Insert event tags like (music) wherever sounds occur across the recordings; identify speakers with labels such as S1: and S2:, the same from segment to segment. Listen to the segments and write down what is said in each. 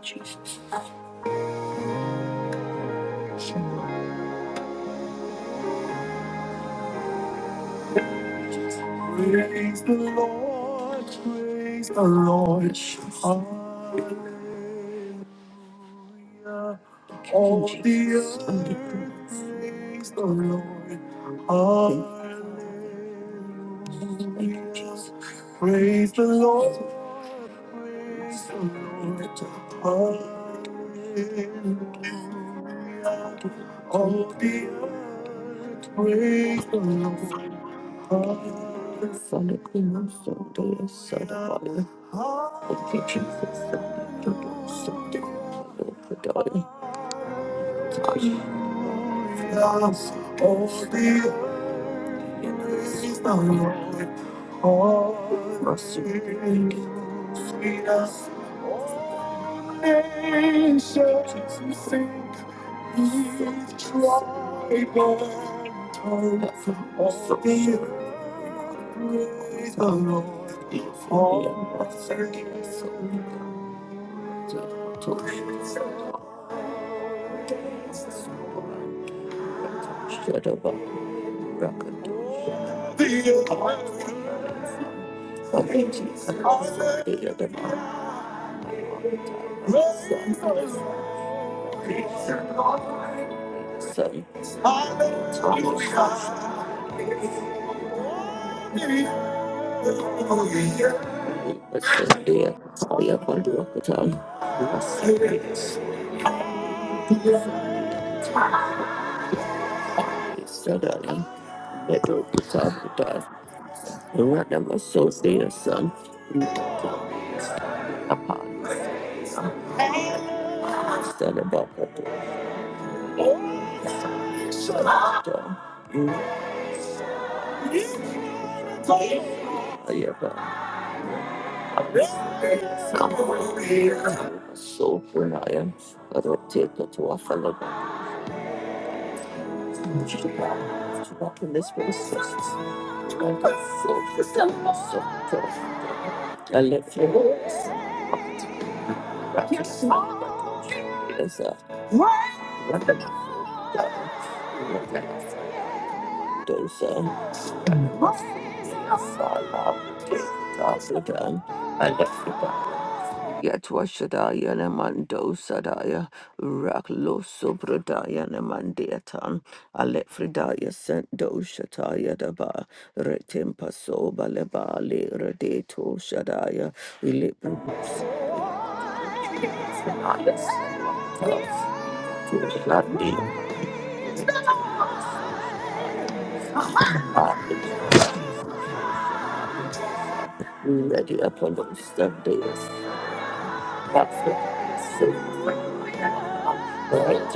S1: Jesus. Praise the Lord, praise the Lord. Hallelujah. All the earth, praise the Lord. Hallelujah. Praise the Lord, praise the Lord. Hallelujah. All the earth, praise the Lord. don't something, to the dolly. lost, Oh, the nations think we've tried but time all the earth, praise the Lord, all things the earth. Son, Basodia, Kaya Panduakata, Masakas, Sadana, Meadow Kusabata, Ranama Sodia, son, upon Sadabaka, Sadata, Ayaba, so when I am, I don't take it to a fellow. to walk in this place. Like a fool, this time I'm so tough. I live for this. Yes, sir. Yes, sir. Dosa. Yatwashadaya Namando Sadaya Raklo sobrodaya ne Namandiatan Alefridaya sent Sendo Shataya Daba Retimpa Soba Lebali Redeto Shadaya Ilipradaya Ready upon those days. That's it. So Thank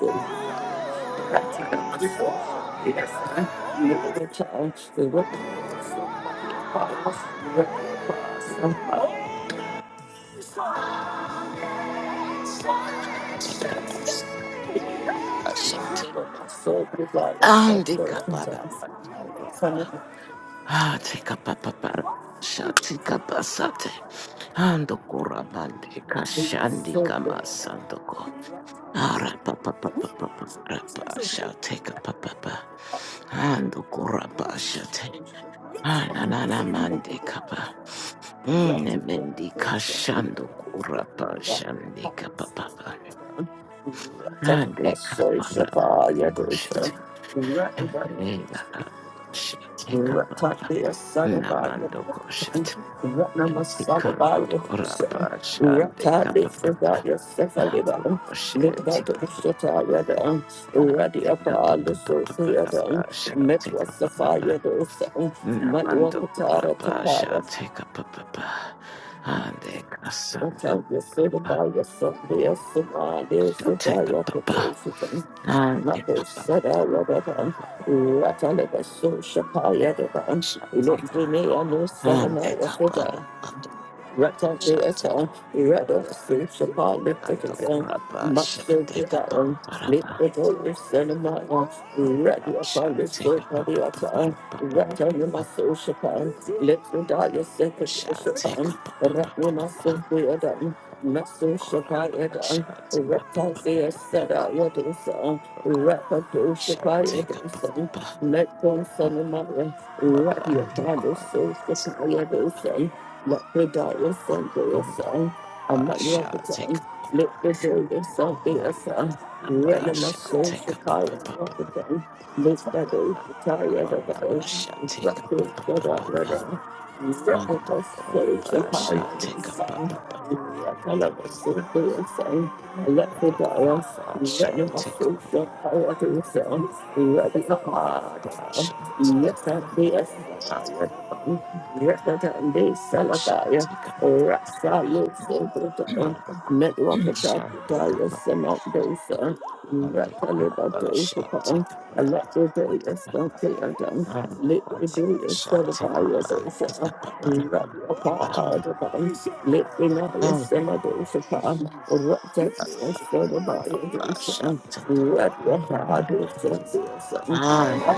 S1: you. Yes, sir. You look at the child, the rock of the
S2: Um,
S1: soul, the light of sun, the
S2: take up
S1: repentance,
S2: a
S1: son of
S2: Ah, take up a papa. Shanti kapasate. Ando kurabande
S1: the
S2: kashandi
S1: soul, the
S2: kama sandoko. Ara papa papa papa papa shate kapa papa. Ando kuraba shate. Ananana mande kapa. Nemendi kashando kuraba shandi kapa papa.
S1: Take a
S2: Ande kapa
S1: social fire, do
S2: raba.
S1: so. Ratande
S2: Namando
S1: Sadabaya,
S2: koshat.
S1: Ratnama
S2: Tikando
S1: Sadabaya,
S2: korapa shande
S1: Ratande
S2: kapapa.
S1: Sadaya,
S2: Ando
S1: Sefaliba,
S2: koshe
S1: Libata
S2: tikapa.
S1: Shataya,
S2: Ande
S1: Radia
S2: kapapa
S1: Pala
S2: shate
S1: Metwa
S2: kapapa.
S1: Safaya, Matwa
S2: Namando
S1: Katara
S2: korapa
S1: Tapara,
S2: shate kapapa. Ande kasando
S1: Rattle of a social
S2: shate kapapa. Ande kapapa
S1: pie, at the bottom. Look,
S2: shate kapapa.
S1: Brunei, I know
S2: Ande
S1: Salama,
S2: kapapa
S1: Rata
S2: mando
S1: Beasa, Rada Susha
S2: Ando
S1: Palificatum,
S2: corapa
S1: Maxa
S2: shanteka papa
S1: Buddha,
S2: parapa
S1: Liquidol Cinema, Radi upon the
S2: shanteka
S1: Sopa
S2: papa
S1: Diata,
S2: papa
S1: Rata
S2: papa papa
S1: Namaso Shapan, Liquidaya Secret Shapan,
S2: shanteka papa
S1: Ratni
S2: papa
S1: Maso
S2: papa
S1: Beadam,
S2: do
S1: Maso
S2: corapa
S1: Shapayadam,
S2: shanteka
S1: Rata
S2: papa
S1: Zia
S2: papa
S1: Sada Yadusa,
S2: do
S1: Rata
S2: shanteka
S1: Doshapayadusam,
S2: papa
S1: Metcon Cinema, Radi
S2: papa do
S1: upon the
S2: corapa
S1: Sopa Yadusa. Let the darkness and be a
S2: papa
S1: sun. I'm not your appetite.
S2: shanteka
S1: Let the darkness and be a
S2: nam
S1: sun.
S2: papa
S1: Let my soul
S2: shanteka papa
S1: shakaya walk
S2: papa
S1: again. Let the darkness be
S2: do
S1: tired of
S2: corapa
S1: us.
S2: shanteka
S1: Rattle
S2: papa
S1: about
S2: papa
S1: those
S2: mando corapa shanteka papa Shall
S1: upon a lot of days, don't they?
S2: take
S1: Let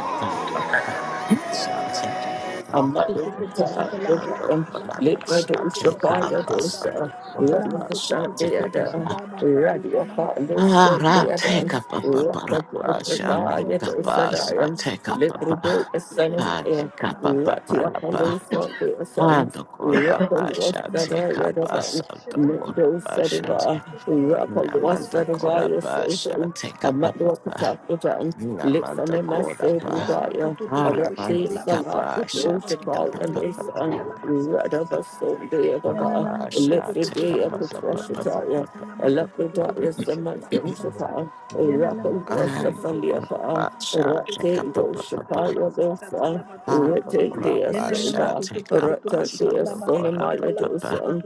S2: a
S3: I
S1: Rock and
S3: repent of my sins. I
S2: Ah,
S3: repent
S2: Take
S3: of my
S2: up a papa,
S3: actions. I repent of my
S2: and the
S3: selfish
S2: pass,
S3: ambition.
S2: I
S3: I
S2: take up
S3: repent, God. I'm
S2: papa,
S3: a to to to to
S2: and the
S3: push it to la
S2: capa
S3: basata.
S2: papa, and the corda basha,
S3: I'm a to to
S2: take up
S3: to to to
S2: us of
S3: push
S2: the
S3: it to la
S2: corda
S3: basata.
S2: basha,
S3: I'm a to to to to to push it to
S2: Namanda
S3: la
S2: corda
S3: basata.
S2: basha, take up papa,
S1: Lips
S2: Namanda
S1: on my
S2: corda
S1: soul,
S3: Yanana
S2: pa,
S1: desire. Arati
S2: Arabandi
S1: Salah
S2: capasha, take up
S1: Pudoshapa and
S2: papa.
S1: Asa Radabaso de Ababa,
S2: Rabasha, Take up
S1: Lifidea
S2: a pa- pa- pa- pa- pa-
S1: Putoshitaya,
S2: pa- pa- pa-
S1: Alapidaya
S2: pa-
S1: Samantoshapa,
S3: Yana nama
S1: Rapal
S3: to to to
S2: I
S3: to to
S2: look
S3: to
S2: for
S3: boshete la
S1: Wasafaliapa,
S3: basata,
S2: Rabasha,
S3: la
S2: Take
S1: Rate
S2: up
S3: bato
S2: a
S3: to
S2: pa-
S3: to
S2: pa- pa-
S1: Doshapaya Dosa,
S2: I look for
S1: Rate Dea
S2: Rabasha,
S1: Soba.
S2: take
S3: to
S2: up
S3: to
S2: a
S1: Ratan dea
S2: Sato Kora
S1: sonamaya
S2: Papa.
S1: dosan,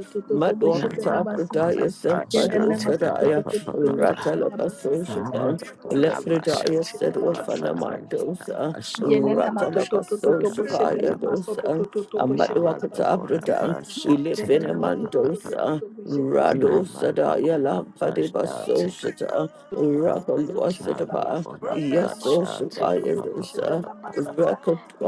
S3: boshete
S1: Madwakata
S2: Namando Kora
S1: Pradaya
S2: Basha,
S1: Sampado
S2: take up a
S1: Sadaya,
S2: Papa Papa.
S1: Ratalabaso
S2: I
S1: Shapan,
S2: look for Namasha,
S1: Lefridaya
S2: take up
S3: la
S1: Sedwa
S2: a
S3: basata.
S2: Papa.
S1: Fanamandosa,
S2: Asho
S3: Yenena
S2: Lokosha,
S3: matoto to to
S1: Ratalabaso
S2: take
S3: to
S2: up a
S3: boshete
S1: Shapaya
S3: la
S2: Papa.
S3: baso to to
S1: dosa,
S3: to to boshete la
S2: Namando
S1: Amadwakata
S3: basa
S2: Kora
S3: ta ta
S1: Abradan,
S3: ta.
S2: Basha, take up
S3: Yenena
S2: a
S3: matoto
S2: Papa.
S3: to to to
S1: Ilifinamandosa,
S3: to boshete la
S1: Rado
S2: Namando
S1: Sadaya
S2: Kora
S1: Lampadiba
S2: Basha, take up.
S1: Soshita, Rakalua
S3: Bushetela
S1: Sitapa,
S3: basata
S2: Nazika
S3: la
S1: Yaso
S3: batutu tu, tu, tu
S1: Shapaya
S3: bushetela basata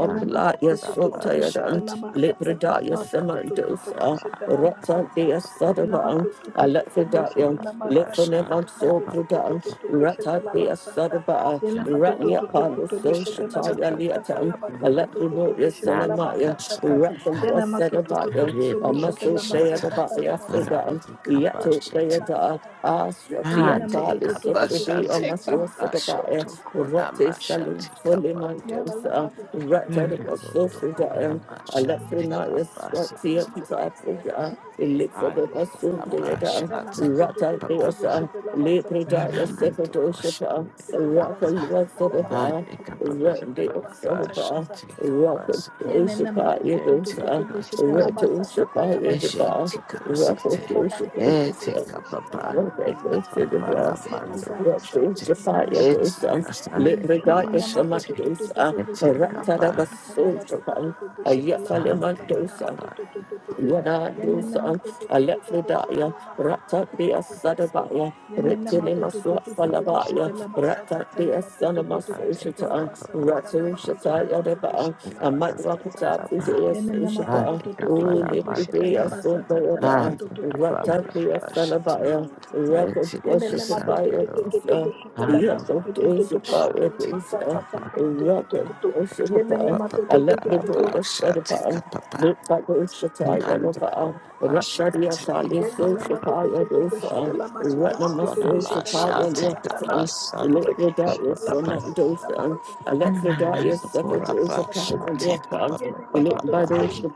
S3: yala matutu tu, tu tu
S1: Sotayadan,
S3: bushetela basata
S1: Libradaya
S3: la batutu tu, tu, tu
S1: Samandosa,
S3: bushetela basata
S1: Ratandea
S3: yala
S1: Sadavan,
S3: matutu tu, tu tu
S1: Alephidaya,
S3: bushetela basata
S1: Liphanevan
S3: la batutu tu, tu,
S1: Sopradan,
S3: tu tu bushetela
S1: Ratandea
S3: basata
S1: Sadaba,
S3: yala matutu tu,
S1: Ratnia
S3: tu tu
S1: Palo
S3: tu bushetela
S1: Soshataya
S3: basata
S1: Liatan,
S3: la batutu tu, tu, tu
S1: Alephinoya
S3: bushetela
S1: Sanamaya,
S3: basata
S2: Santa
S3: yala
S1: Ratandua
S3: matutu tu, tu
S1: Sadavaya,
S3: tu tu
S2: Rebeke
S3: bushetela
S1: Amaso
S3: basata
S2: Shata
S3: la
S1: Deadabaya
S3: batutu tu,
S1: Fidan,
S3: tu, tu
S2: Randika
S3: tu
S1: Yato
S3: bushetela
S2: Bashati
S1: Deada,
S3: basata
S1: Asratia Talis
S2: Randika
S1: Sufridi,
S2: Bashati
S1: Amaso Sadabaya,
S2: Kabashoto
S1: Rati
S2: Kodamashatika
S1: Folimantosa,
S2: Take up
S4: Both
S1: Ratadabasofridaya,
S4: and Venus
S1: Alafrinaya Swatia Pisafrida, Elifadabasundayada,
S4: is
S1: Ratadabasa, Lepridaya
S3: Yala
S1: Sekadoshapa,
S4: the
S1: Rakalwasadaba, Randeosababa,
S3: Yenenema
S1: Rakadoshapa
S3: tu tu tu tu
S1: Yadosa,
S3: de la basa ta
S1: Ratoshapa
S3: la ba tu tu
S1: Yadaba,
S3: de la basa
S1: Rakadoshapa
S3: tu tu de la basa
S1: Yadaba,
S3: ta. I repent, oh God, for selfish
S1: Rakadoshapa
S3: ambition, oh God.
S1: Yadosa,
S3: I repent.
S1: Libradaya
S3: Nenema tu tu tu tu
S1: Samandosa,
S3: de la basa ta la ba tu tu
S1: Ratadabasojapan,
S3: de la basa ta la ba
S1: Ayafalimandosa,
S3: tu tu tu tu tu tu.
S1: Yana Yanadosa,
S3: de
S1: Alephrodaya,
S3: la basa ta
S1: Rata
S3: la
S1: dea
S3: ba tu
S1: Sadabaya,
S2: a
S1: Retilemaswa
S2: Take
S1: Falabaya, Rata dea
S2: a
S1: Sanamasoshita, Ratushata Yadaba, Amadwakata Pizia soshapa uli Ulibria Sundayoda, Rata dea Salabaya, Rakatwashitapaya Pisa, Yakatoshapaya Pisa,
S2: Papa
S1: Rakatwashitapaya,
S3: Yenene
S1: Alephrodaya Sadabaya, Look by those the
S3: Yenele
S2: papa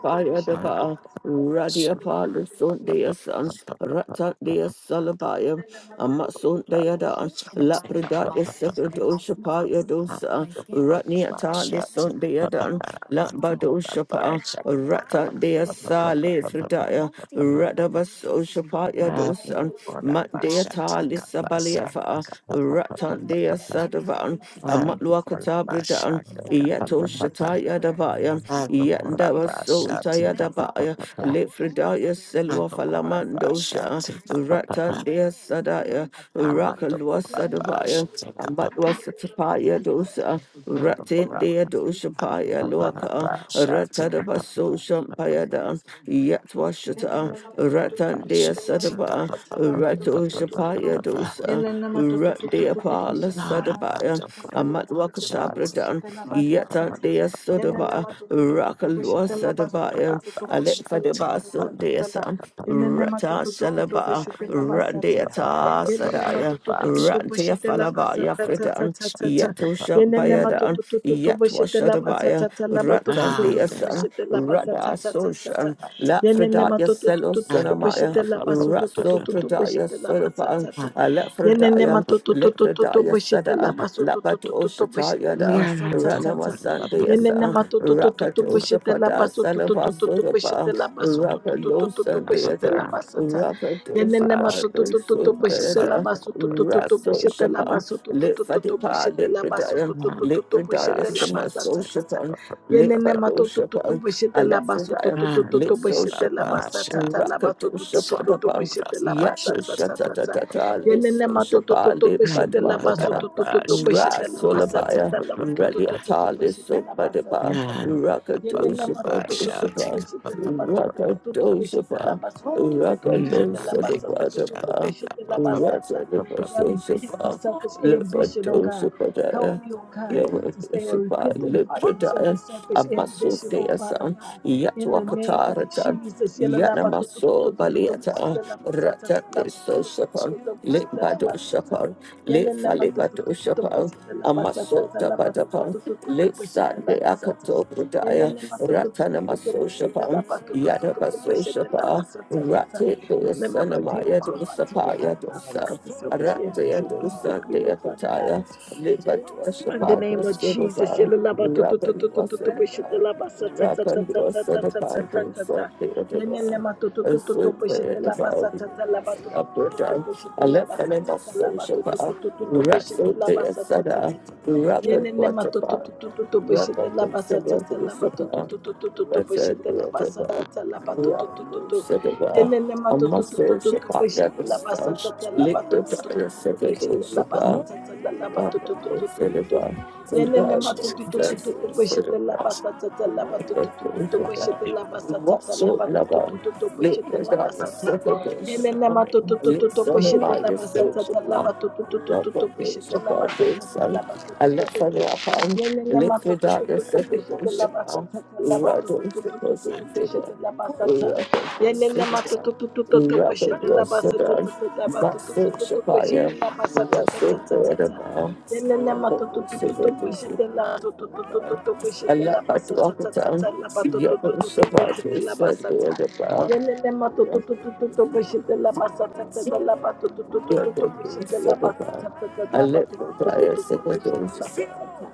S1: fire the bar,
S2: papa
S1: Radia Pala
S2: Ando
S1: Sundaya
S2: con la pasha,
S1: San, Ratatdia Salabaya, Amasundaya Dan, Lapradaya Sekadosha Paya Dosa, Ratnia Tali Sundaya Dan, Lambadosha ratan Ratatdia Sali Fridaya, Radabasosha Paya Dosa, Matdea Tali Sabaliafa, Ratatdia Sadavan, Amatluakata Bridan,
S4: Arabic
S1: Yato Shataya Davaya,
S4: standard.
S1: Manda was so tired about ya. Lefredaya Selwa Falamandosha,
S2: take up a papa.
S1: Ratan dea Sadaya,
S2: Amato
S1: Rakalwa
S2: con la pasha,
S1: Sadabaya,
S2: take up
S1: Amatwa Satapaya dosa,
S2: And
S1: Ratin dea dosha paya loaka, Ratadabaso shampayada, Yatwa shata,
S3: Yelenama to to to to
S1: Ratan dea
S3: kushitela basa
S1: Sadaba,
S3: sa sa la ba to to
S1: Rato
S3: to to to to
S1: shapaya dosa,
S3: Yelenama to to
S1: Rat
S3: to to
S1: dea
S3: to to
S1: pala
S3: kushitela basa
S1: Sadabaya,
S3: sa sa sa la ba
S1: Amatwa
S3: to to to to
S1: katabradan,
S3: kushitela basa sa sa
S1: Daya Sodaba,
S3: Yelenama to to to to to
S1: Rakalua
S3: kushitela basu to to
S1: Sadabaya,
S3: to to
S1: Alexa
S3: kushitela
S1: de
S3: basa
S1: Basu
S3: sa sa la
S1: Desa,
S3: Yelenama to
S1: Rata
S3: to to to to
S1: Shalaba,
S3: kushitela basa sa sa
S1: Randeata
S3: Yelenama to
S1: Sadaya,
S3: to to to to
S1: Rantia
S3: kushitela basa
S1: Falabaya
S3: sa sa sa
S1: Fridan,
S3: sa sa
S1: Yato
S3: Yelenama to
S1: Shampayadan,
S3: to to to to
S1: Yatwa
S3: kushitela basa
S1: Shadabaya,
S3: sa sa la ba to to
S1: Ratan
S3: to to
S1: Deasan,
S3: kushitela basa sa
S1: Rada
S3: sa sa sa
S1: Soshan, La
S3: Yenenema
S1: Fredaya
S3: to to to
S1: Selo
S3: to to to
S1: Sanamaya,
S3: boshete la baso to to to
S1: Raso
S3: to to
S1: Pradaya
S3: boshete la basa
S1: Sodaban,
S3: tsa tsa.
S1: Alefredaya,
S3: to to to to
S1: Lepredaya
S3: boshete la
S1: Sada,
S3: baso to to to to
S1: Labato
S3: boshete la
S1: Yada,
S3: basa tsa tsa
S1: Ranama
S3: tsa.
S1: Sandeasa,
S3: Yenenema to to to to to
S1: Rakatosha
S3: boshete la
S1: Pada,
S3: baso to to to
S1: Sanaba
S3: to to
S1: Sodaba,
S3: boshete la baso to to to
S1: Rakalo
S3: to to to boshete la
S1: Sandeada,
S3: basa tsa.
S1: Rakatosha
S3: Yenenema
S2: Bash,
S3: to to
S1: Pado
S3: to to to
S2: that's
S3: boshete
S2: a
S3: la
S1: Sodada,
S3: baso to
S2: board,
S3: to to
S2: that
S3: to
S1: Raso
S2: thing, that
S3: boshete la
S1: Shapan,
S3: baso to to
S1: Lit
S3: to to to
S1: Fatipa,
S3: boshete
S1: Lit
S3: la baso to
S1: Predayan,
S3: to to to
S1: Lit Predaya
S3: boshete la
S2: bash,
S1: Sima
S3: basa
S2: that's
S1: So
S3: tsa
S2: the
S3: tsa tsa.
S1: Shapan,
S2: board,
S1: Lit
S3: Yenene
S1: Fado
S3: matototo
S1: Shapan,
S3: boshete la baso
S2: a
S1: Alephidaya, Lit
S3: tototo
S2: good
S1: So
S3: boshete la
S1: Shapa,
S3: basa
S2: bash,
S3: tata la
S1: Rakatosha
S2: so
S3: batototo
S1: Padapan,
S3: boshete
S2: that's
S3: la
S2: bash,
S3: basa
S1: Yato
S2: that
S3: tata
S1: Shata
S3: tata.
S1: Tata, Lit
S3: Yenene
S1: So
S3: matototo
S1: Shapa, Lit
S3: boshete la baso
S1: Badwakata.
S3: tototo
S2: bash,
S3: boshete
S2: tick
S3: la
S2: up
S3: basa
S1: Rasolabaya,
S3: tata la batototo
S1: Raliatali
S3: boshete la basa tata
S1: Sopadaba,
S2: yeah,
S3: tata.
S2: pick up a
S3: Yenene
S1: Rakadoshapa
S2: bash,
S3: matototo
S2: tick
S1: Doshapa,
S2: up a
S3: boshete la baso tototo boshete la
S1: Rakadoshapa,
S3: baso tototo boshete la
S2: dick,
S3: basa
S2: a shot,
S3: tototo
S1: Rakalosadabadaba,
S2: tick
S3: boshete la
S2: up
S3: basa tata.
S1: Rasadaba
S3: I repent for
S1: Soshapa,
S3: selfish ambition, oh God. Help
S1: Lepadoshapadaya.
S3: me, oh God. To stay a
S1: Lepadoshapa,
S3: repentant heart,
S1: Lepradaya,
S3: concerning selfish ambition, O Father
S1: Amasodeasa,
S3: God, in the name of
S1: Yatwakatarata,
S3: Jesus.
S1: Yanamaso Baliata, Ratate Soshapan, Limbadoshapa, le faleba to shapa amaso tapa tapa le sande akato budaya ratana maso shapa yada baso shapa rate do sana maya do sapa ya do sa rate ya do sa de akataya leba to
S3: In the
S1: shapa do
S3: name of Jesus,
S1: siroza
S3: yalalaba tu- tu- tu-
S1: rakan
S3: tu- tu- tu- tu-
S1: wasada
S3: bishitalaba sa- sa- sa- sa-
S1: rakan
S3: sa- sa- sa- sa-
S1: wasada
S3: sa-
S1: pa
S3: sa-
S1: do
S3: sa-
S1: sa
S3: sa.
S1: de
S3: Yenelema tu- tu- tu- tu- tu- bishitalaba sa- sa- sa- laba tu- tu- tu-
S1: Upper
S3: tu- tu-
S1: down. I left
S3: bishitalaba
S1: and
S3: sa-
S1: I
S3: sa- sa-
S1: must
S3: laba
S1: social.
S3: tu- tu-
S1: bar.
S3: tu- tu- tu- tu-
S1: Raso de
S3: bishitalaba sa- sa- sa-
S1: Asada,
S3: sa- sa.
S1: Rapid
S3: Yenelema tu- tu-
S1: Watapa,
S3: tu- tu- tu- tu-
S1: Rapid
S3: bishitalaba sa- sa- sa- laba tu- tu-
S1: Sedapa,
S3: tu- tu- tu- tu- tu-
S1: Rapid
S3: bishitalaba sa- sa-
S1: Watapa,
S3: sa- laba tu- tu- tu- tu-
S1: Rapid
S3: tu.
S1: Sedapa,
S3: Yenene
S1: a muscle
S3: matututututu
S1: Shapaya
S3: bishete la basa
S1: Vista,
S3: tata la
S1: Liquid
S3: batututututu
S1: Sedado
S3: bishete la basa
S1: Shapa,
S3: tata la la
S1: Rapid
S3: batututututu.
S1: Sedapa,
S3: Yenene matututututu
S1: Rapid
S3: bishete la
S1: Sedapa,
S3: basa tata la batututututu bishete la basa tata la
S1: Whatsoever,
S3: batututututu
S1: let
S3: bishete
S1: the
S3: la basa
S1: darkness
S3: tata.
S1: set the days
S3: Yenene
S1: on, let
S3: matututututu
S1: some
S3: bishete
S1: light
S3: la
S1: your
S3: basa
S1: search
S3: tata la
S1: upon, let the
S3: batututututu
S1: days
S3: bishete la
S1: upon
S3: basa
S1: the
S3: tata la
S1: sun, and let
S3: batututututu.
S1: fire upon,
S3: Yenene
S1: let the darkness
S3: matututututu
S1: set the
S3: bishete
S1: days
S3: la
S2: Jesus,
S3: basa
S1: upon,
S3: tata la
S1: Welcome to the
S3: batututututu
S1: person figure,
S3: bishete la basa tata.
S1: welcome to the
S3: Yenene
S1: figure,
S3: matututututu
S1: welcome to
S3: pushete la
S1: the
S3: basa
S1: sedan,
S3: tatatata
S1: but search
S3: matututututu
S1: upon you,
S3: pushete la basa
S1: whatsoever,
S3: tatatatata.
S1: welcome
S3: Yenene
S1: to
S3: matututututu
S1: the
S3: pushete la
S1: figure.
S3: matututututu pushete la basa
S1: Alapatuakatan,
S3: tatatata la
S1: Yadu
S3: matututututu pushete
S1: Savati,
S3: la basa ta.
S1: Sadhuraba,
S3: Yenene matututututu pushete la basa tatata la
S1: Yadu
S3: matututututu pushete la basa
S1: Savaba,
S3: tatata la
S1: Alepataya
S3: matututututu
S1: Sakadon
S3: pushete la basa ta.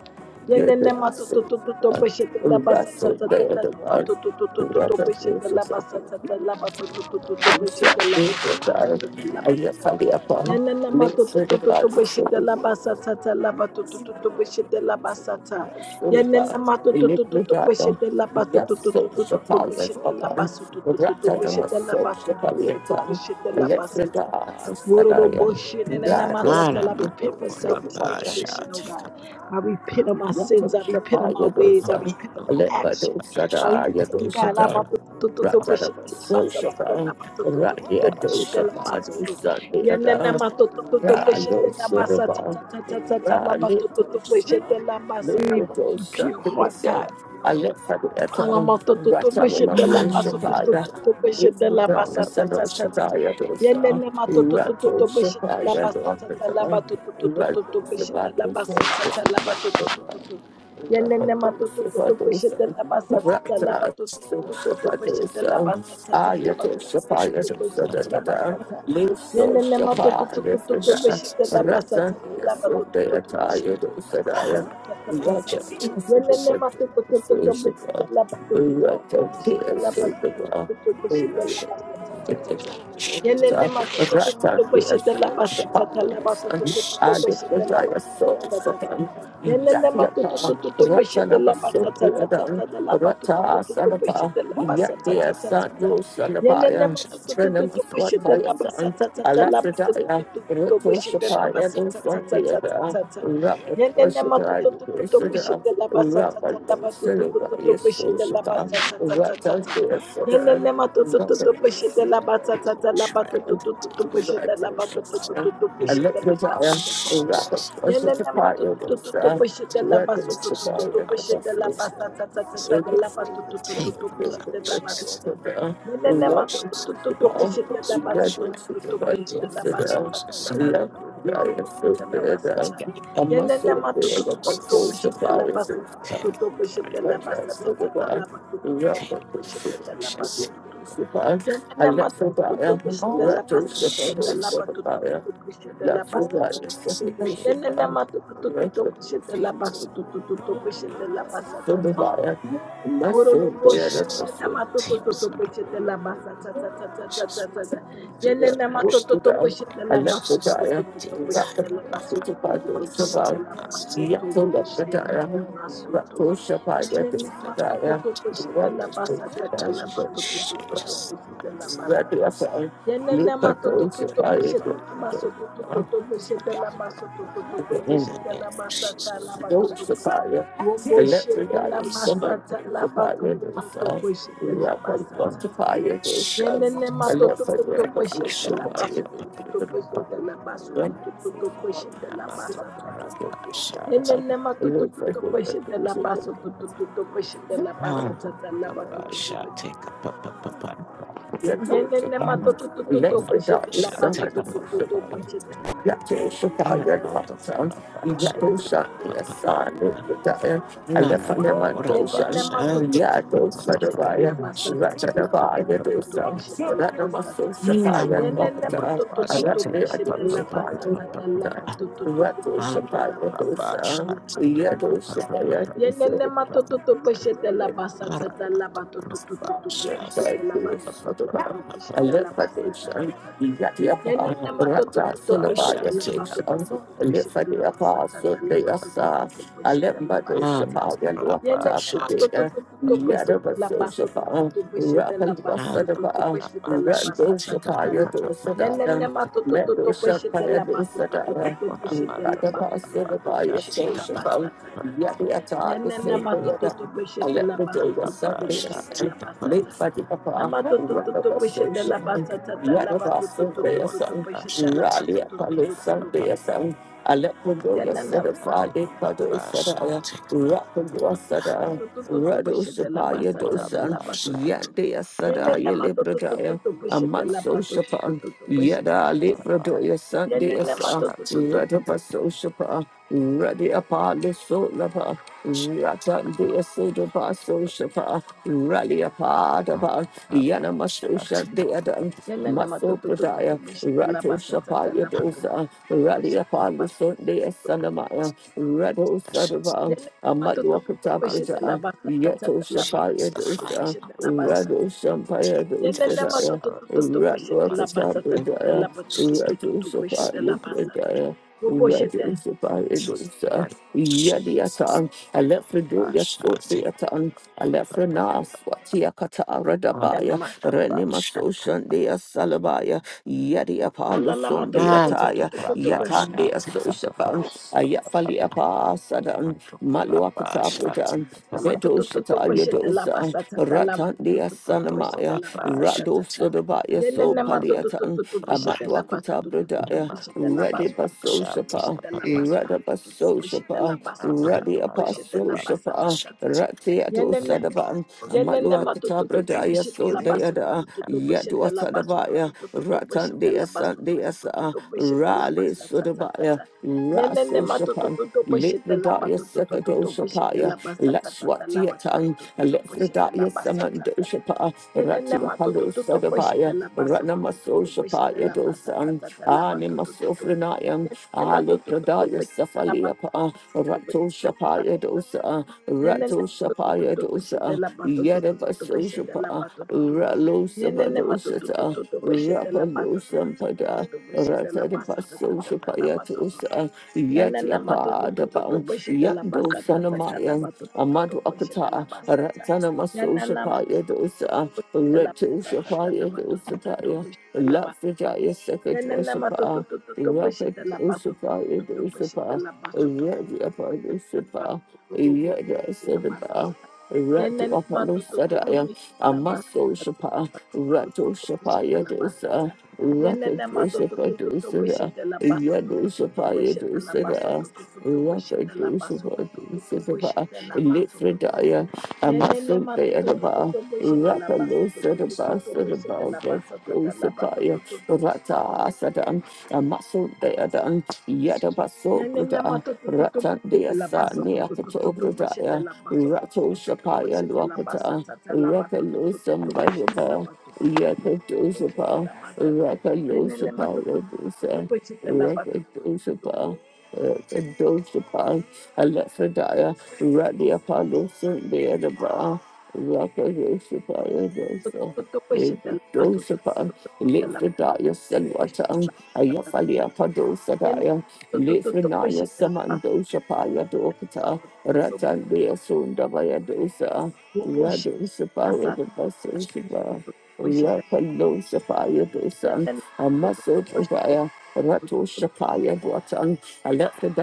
S1: Yadu
S3: Yelele matotototo
S1: Savaba,
S3: boshete laba
S1: Rasu
S3: satatata laba
S1: Dayadavan,
S3: tototototo boshete laba
S1: Rata
S3: satata laba tototototo
S1: Lucia,
S3: boshete laba
S1: Nico, Dara,
S3: satatata laba toto.
S1: Ayafali Apollo,
S3: Yelele
S1: Link
S3: matotototo
S1: Certified,
S3: boshete
S1: Certified,
S3: laba satata laba totototo boshete laba sata. Yelele matotototo
S1: Iniquitado,
S3: boshete laba
S1: Yes, so
S3: tototototo
S1: Shapalia
S3: boshete laba
S1: Upon,
S3: sotototo
S1: Ratanama,
S3: boshete
S1: so
S3: laba
S1: Shapalia
S3: sotototo
S1: Tan,
S3: boshete la basa,
S1: Electrida,
S3: sata. Worolo
S1: Salaya,
S3: bullshit and Wororoboshe
S1: Yado,
S2: I
S3: nenanamatata. I
S2: am not
S3: repent for
S2: gonna
S3: selfish
S1: Shapaya,
S2: bash
S3: ambition, oh
S2: it.
S3: God. I repent of my sins. I
S1: Yato
S3: repent of my
S1: Shapaya
S2: I'm
S3: ways.
S2: not
S3: I
S2: gonna
S1: Dosa,
S3: repent of my
S1: Alepa
S3: action.
S2: bash
S3: I
S2: it.
S3: repent,
S2: I'm
S3: God.
S2: not gonna
S1: Dosa,
S3: Lamatotototoboshe
S1: Ratana Sosha,
S3: delabasata,
S1: Radia
S2: bash
S3: lamatotototoboshe
S1: Dosha
S2: it.
S3: delabasoto.
S1: Padu
S3: Yananamatotototoboshe
S1: Ralo
S3: delabasata,
S1: Sodaba,
S3: ta, ta, ta, ta, ta,
S1: Ralito
S3: lamatototoboshe
S1: Sodaba,
S3: delabasa.
S1: Lito
S3: Pure heart,
S1: Sodaba,
S3: God.
S1: Alephadiata,
S3: Alamatoto
S1: Ratamima
S2: I'm not gonna bash it. I'm not gonna bash it. I'm
S3: beshete
S2: not
S3: la
S2: gonna
S3: baso toto
S1: Soshataya,
S3: toto beshete
S1: Little
S3: la basa
S1: Darkness
S3: ta
S1: and
S3: ta
S2: bash it.
S3: ta ta.
S1: Oshataya Dosa,
S3: Yenene matoto toto
S1: Rato
S3: toto beshete la
S1: Shataya
S3: basa ta ta la
S1: Dokata,
S3: bato toto toto
S1: Rato
S3: toto beshete la
S1: Sabato
S3: basa ta ta la bato toto
S1: Sodaba,
S3: toto. Yenene
S1: Rato
S3: matoto toto beshete
S1: Sabato
S3: la basa ta ta la
S1: Rata
S3: bato toto toto toto beshete la
S1: Soshapadosa,
S3: basa ta ta la
S1: Ayato
S3: bato toto
S1: Shapaya
S3: toto beshete la
S2: I'm
S1: Dosa,
S3: basa ta.
S1: Luso
S3: Yenene
S2: not
S3: matoto
S1: Shafa
S3: toto toto
S1: Yesada
S3: beshete la basa ta
S1: Ratan
S3: ta la bato toto
S1: Yesode
S3: toto
S1: Ataya
S3: beshete la basa ta
S1: Dosadaya
S3: ta ta ta ta.
S1: Ratan Yesada Sosaba Ratan Yesada Ratan Yesada Ayatodaya Sosaba Yakiapan, Ratanamasundadan, Rata Sanapa, Yakia Sandu Sanapaya, Frenamaswataya San, Alafridaya, Ruto Shapaya, Lusandiada,
S3: Yenene Yelele
S1: Rapatoshadaya,
S3: matututututu
S1: Grisada,
S3: bushite labasatata labatututututu
S1: Rapatoshadaya,
S3: bushite
S1: Soshapa,
S3: labasatatatatata.
S1: Ratandia Sada,
S3: Yelele matutututu bushite labasatata
S1: Rapatoshadaya.
S3: labatututututu
S1: I'm
S3: bushite labatututututu
S1: look
S3: bushite
S1: for Jaya,
S3: labasatata.
S1: and a soldier,
S3: Delele ma tu
S1: I'm
S3: tu tu tu tu bishete la basu tu tu tu tu bishete la basa ta ta ta
S2: gonna bash
S3: ta
S2: it.
S3: la ba tu tu tu tu
S2: Take
S3: tu
S2: the blood of
S3: bishete la basa
S2: Jesus.
S3: ta. Delele ma tu tu
S2: Jesus,
S3: tu tu tu bishete la
S2: this
S3: basu
S2: rich
S3: tu
S2: man,
S3: tu tu tu
S2: take the
S3: bishete la
S2: blood of
S3: basa ta ta
S2: Jesus.
S3: la ba tu tu tu tu tu bishete la basa
S2: Get it,
S1: a muscle
S3: tu tu
S1: of
S3: tu tu tu
S1: the
S2: Jesus.
S1: social
S3: bishete la basu tu tu
S1: fire.
S3: tu
S2: Take
S3: tu
S2: the glory.
S3: tu tu tu tu tu
S2: Take
S3: bishete ta la ba tu
S2: Jesus.
S3: tu tu tu. Delele ma tu tu
S2: Jesus. Jesus. Appear.
S3: Nenenema to to to to tu- bushete la basu
S2: Jesus.
S3: to to to tu- bushete la basa ta- ta. Worolo boshi
S2: Jesus.
S1: Let's
S3: nenenema to to to
S2: Teams
S3: tu-
S2: around.
S3: bushete la basa ta- ta- ta- ta- ta- ta-
S2: Jesus. My
S3: ta-
S1: Thank
S3: ta.
S2: tools
S3: Yenenema to
S2: perish.
S3: to tu- bushete la basu to
S2: Jesus.
S3: to to to tu-
S2: Demons
S3: bushete
S2: hiding
S3: la
S2: my
S3: basu
S2: body.
S3: to to to tu-
S2: Faced
S3: bushete la
S2: us.
S3: basu tu- bushi nenenema su tu.
S2: Jesus.
S3: Yenenema to to tu- bushete la basa ta- ta- la ba to to to to tu- bushete la basa Yenene matototo beshete la baso tototo beshete la baso
S1: you.
S3: tototo
S2: In the
S3: beshete
S2: name
S3: la
S2: of
S3: basata la
S2: Jesus.
S3: batototo
S1: Sapphire,
S3: robo
S1: Electric
S3: shete la
S1: Eye,
S2: Is
S1: Summer
S3: masata la
S1: Sapphire,
S3: batototo
S1: Dosa,
S3: beshete la
S1: Rapid
S3: basata
S2: Namando
S3: tata
S1: Sapphire,
S3: yenene
S1: Dosa, Electric
S3: matototo beshete la baso tototo beshete la baso tototo beshete la basata tata
S2: Kurabasha,
S3: yenene
S1: Eye,
S3: matototo
S1: Sapphire,
S3: beshete la
S1: Dosa, Electric
S3: baso tototo beshete la basata tata la bato
S1: Eye,
S3: toto Yenene
S1: Yadoshapan,
S3: matoto to to to beshete
S1: Electrodaya
S3: la matoto to to to
S1: Samadoshapan,
S2: Take
S3: beshete.
S1: Yatoshapaya Dwakatan, Yatoshaya Sadokataya, Alephanamadoshan,
S3: Yenene matoto to to to beshete
S1: Yatoshadavaya,
S3: la basata la
S1: Ratadavaya
S3: matoto to to
S1: Dosam,
S3: beshete la basata.
S1: Ratamasoshapaya
S3: Yelele ma to to
S1: Dwakatan,
S3: to to pushete la basa
S1: Aratmeadoshapaya.
S3: tata la
S2: up
S3: ba to to to to
S2: Take
S3: pushete
S1: Ratoshapaya
S3: la basa tata
S1: Dosam,
S3: la ba to to to to.
S1: Yadoshapaya
S3: Yelele ma to to
S1: Dosam.
S3: to pushete la basa tata la ba to to to to pushete la basa to to to to pushete la basa tata tata. Yelele ma to to to to pushete la ba to to to to pushete la basa tata la ba to to to to pushete la basa tata. Yelele matoto to to to to beshete la baso to to to beshete la baso to to to beshete la basa ta ta ta la. Yelele matoto to to
S1: Metal
S3: to beshete
S1: Shampire
S3: la baso to to to
S1: Dosadaya,
S3: to beshete la baso to to to
S1: Radapasilabaya
S3: beshete la
S1: Social
S3: basa ta ta ta.
S1: Yadiata, the
S3: Yelele
S1: same
S3: matoto to
S1: Yada,
S3: to
S1: I
S3: beshete la
S1: let me do
S3: baso
S1: your
S3: to to to
S1: Sunday and
S3: beshete
S1: Sun,
S3: la basa
S1: late
S3: ta.
S1: by the upper,
S3: Namato to to
S1: rather
S3: to beshete
S1: social,
S3: la basa ta ta la
S1: Yadava
S3: baso to to
S1: Sunday
S3: to
S1: and
S3: to to
S1: Sun,
S3: beshete la
S1: Rally
S3: baso to to
S1: Apollo
S3: to to
S2: up
S1: Sunday son, and Sun, I let me do your
S3: to.
S2: She's
S1: Sada Friday, Pado Sada, Rapidua Sada,
S3: Matototo
S1: Rado
S3: beshete la
S1: Sapaya
S3: basa tata
S1: Dosan,
S3: la batototo.
S1: Yandia Sada,
S3: Yenene
S1: Yelibradaya.
S3: matotototo beshete la
S1: Amatso Shapa,
S3: batototo beshete la
S1: Yada
S3: basa
S1: Libra
S3: tata.
S1: Doya Sunday
S3: Yenene
S1: Asa,
S3: matototo.
S1: Radaba So Shapa, Radi Apali So Lapa, Rata Dea Sodaba So Shapa, Rally Apadaba, Yana Maso Shandia Dan,
S3: Yenene
S1: Matso
S3: matototo
S1: Pradaya,
S3: beshete la
S1: Rato
S3: basa
S1: Shapa
S3: tata la batototo
S1: Yadosa, Rally
S3: beshete la
S1: Apalo
S3: basa.
S1: Sunday Sanamaya, Rado Sadaba,
S3: Yenene
S1: Amadua
S3: matototo beshete la
S1: Pratabrata,
S3: basa
S1: Yato
S3: tata la
S1: Shapa
S2: the
S3: batototo
S2: fire
S1: Yadosa,
S2: of
S3: beshete la
S2: those
S3: basa
S1: Rado
S3: tata.
S1: Shampaya
S3: Yenene
S2: deaths
S1: Dosadaya,
S2: are
S3: matototo beshete la
S2: what's
S1: Ratwakata
S3: basa
S2: in
S3: tata la
S1: Bradaya,
S2: Jesus.
S1: Ratu
S3: batototo
S1: Safari
S3: beshete la basa tata.
S1: Bradaya,
S3: Robo shete.
S1: Ratu
S2: with
S1: Safari
S2: the
S1: Dosa,
S2: Lord. Jesus.
S1: Yadiatan, Alephredoya
S2: Basha, take
S1: Sotiatan, Alefrena Swatiakata
S2: on
S1: Radabaya, Renima
S2: Rabasha.
S1: Soshandea Salabaya, Yadiapalu
S2: And
S1: Sundeataya,
S2: Rabasha,
S1: Yatandea
S2: take
S1: Sosapan,
S2: up.
S1: Ayafaliapa Sadan,
S2: Ando papa
S1: Maluakata
S2: shati
S1: Bradan,
S2: papa papa papa
S1: Zedoshataya Ratan Ratandea
S2: ando
S1: Sanamaya.
S2: papa
S1: Rado
S2: shati
S1: Sodabaya So
S2: papa papa
S1: Paliatan, Amadwakata Bradaya,
S2: ando
S1: Ready
S2: papa
S1: Baso
S2: shati
S1: Shapa,
S2: papa papa
S1: Rada Baso Shapa, Radi
S2: ando
S1: Apaso
S2: papa
S1: Shapa,
S2: shati
S3: Yenene
S1: Rati Ato Sadaban,
S3: Yenene
S1: Amadwakata
S3: matutututu
S1: Bradaya
S3: bishete
S1: So
S3: la basu
S1: Deada,
S2: papa
S3: tutututu bishete
S1: Yadwa
S3: la basu
S1: Sadabaya,
S3: tutututu
S1: Ratan
S3: bishete la
S1: Dea San
S3: basu
S1: Dea Sa,
S3: tutututu bishete la
S1: Rale
S3: basa ta ta ta
S1: Sodabaya,
S3: ta. Yenene
S1: Raso Shapa.
S3: matutututu bishete la
S1: Libradaya
S3: basu tutututu bishete
S1: Sakadoshapaya,
S3: la basa ta ta ta la basu
S1: Laswatiatan,
S3: tutututu bishete la
S1: Lefredaya
S3: basa ta ta ta.
S1: Samandoshapa,
S3: Yenene
S1: Ratia
S3: matutututu bishete
S1: Palosadavaya,
S3: la basu tutututu bishete
S1: Ranamasoshapaya
S3: la basa ta
S1: Dosan,
S3: ta ta la basu tutututu.
S1: Animasofrenayam,
S3: Yenene matutututu
S1: Alipradaya
S3: bishete la basu
S1: Safaliapa,
S3: tutututu
S1: Ratoshapaya Dosa,
S3: Yanana
S1: Ratoshapaya Dosa, Yedavasoshapa, Ralosavadosata, Rapalosampada, Ratadapasosapaya Dosa, Yeti apa daban, Yando Sanamaya, Amadu Akata, Ratana Maso Shapaya dosa, Retu Shapaya dosataya, La Frijaya Second
S3: Yanana to to
S1: Washapa,
S3: to to to
S1: Rakat
S3: boshete la ba to to to
S1: Ushapaya
S3: to to boshete
S1: dosapa,
S3: la ba so to to
S1: Yeti apa
S3: boshete la ba to
S1: dosapa,
S3: to to
S1: Yada
S3: boshete la mas.
S1: Sedaba, Ratu
S3: Yanana
S1: Apalo
S3: to to to
S1: Sadaya,
S3: boshete la ba
S1: Amaso
S3: to
S1: Shapa,
S3: to
S1: Ratu
S3: boshete
S1: Shapaya
S3: la ba
S1: dosa,
S3: sata.
S1: Rakat
S3: Yanana to to to
S1: dosa
S3: boshete la ba to to to to
S1: Yadusapaya
S3: boshete la ba
S1: Dusada,
S3: so to to to to
S1: Raka
S3: boshete la ba so to
S1: Dusapa
S3: to to to
S1: Dusapa,
S3: boshete la mas to to to.
S1: Litfredaya, Amasun
S3: Yanana to to to to
S1: Deadaba,
S3: boshete la
S1: Raka
S3: ba so to to
S1: Lusada
S3: to to boshete la ba
S1: Basadaba.
S3: la ba to
S1: Dosapaya,
S3: to to
S1: Rata Sadan, Amasun Deadan, Yadabaso
S3: Nenene
S1: Bruda,
S3: mato tu tu tu
S1: Ratan
S3: boshete la
S1: Deasa,
S3: baso tu tu tu tu
S1: Neakato
S3: tu boshete
S1: Brudaya,
S3: la baso tu tu
S1: Rato
S3: tu tu tu
S1: Shapaya
S3: boshete la basa
S1: Luakata,
S3: ta ta la
S1: Raka
S3: bato tu tu tu
S1: Lusam
S3: tu boshete la
S1: Baba,
S3: bato tu tu tu
S1: Yaka
S3: tu tu boshete
S1: Dosapa,
S3: la basa.
S1: Raka
S3: Nenene mato
S1: Lusapa
S3: tu tu tu tu tu
S1: Rodusa.
S3: boshete la bato tu
S1: Rakadosapa, Rakadosapa, Alephadiah, Radia Palosan Deadaba, Rakadosapa,
S3: tu tu
S1: Yadosa.
S3: tu tu boshete la baso tu tu
S1: Dosapa,
S3: tu boshete la bato tu
S1: Lefredaya
S3: boshete
S1: Selwatang,
S3: la basa.
S1: Ayafalia
S3: Nenene
S1: Padosadaya,
S3: tu tu tu tu
S1: Lefrenaya
S3: boshete la baso tu
S1: Samandoshapaya
S3: boshete la
S1: Dokata,
S3: baso tu tu boshete la basa tu
S1: Ratandea Sundabaya Dosa,
S3: tu tu
S1: Radosapaya Dosapa,
S3: boshete.
S1: Rapalosapaya Dosa,
S3: Nenene tu tu tu boshete la
S1: Amasodrubaya,
S3: baso
S1: Ratu
S3: tu
S1: Shapaya Dwatan,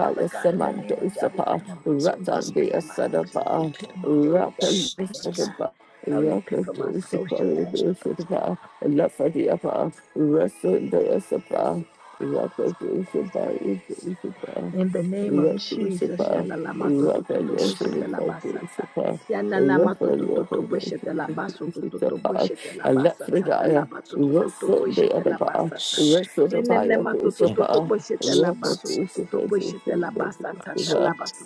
S3: Father God, in the
S1: Semando
S3: name of Jesus, I
S1: Sapa,
S3: repent of my
S2: shati
S3: sins. I
S2: papa
S1: Ratan
S2: shati
S1: Dea
S3: repent of my actions. I
S1: Sadaba,
S3: repent of my ways. I
S1: Rakan
S3: repent, God.
S1: Sadaba,
S3: I repent for my
S1: Rakatu
S3: social.
S1: Shapaya Sadaba, Lafadiapa, Rasun Dea Sapa, Rakatu Shapaya Sapa,
S3: In the name of
S1: Ratu
S3: Jesus,
S1: Sapa, Rakan
S3: Yalalamato-to-to-to-boshete-la-basata.
S1: Sadaba,
S3: Yananamato-to-to-to-boshete-la-baso-to-to-to-boshete-la-basata-la-bato-to-to-to-boshete-la-basata.
S1: Sapa, Rakan Sadaba, Sapa, Alephridaya, Russell the other bar, Russell the Baya Bishapa, Rapper Bishapa,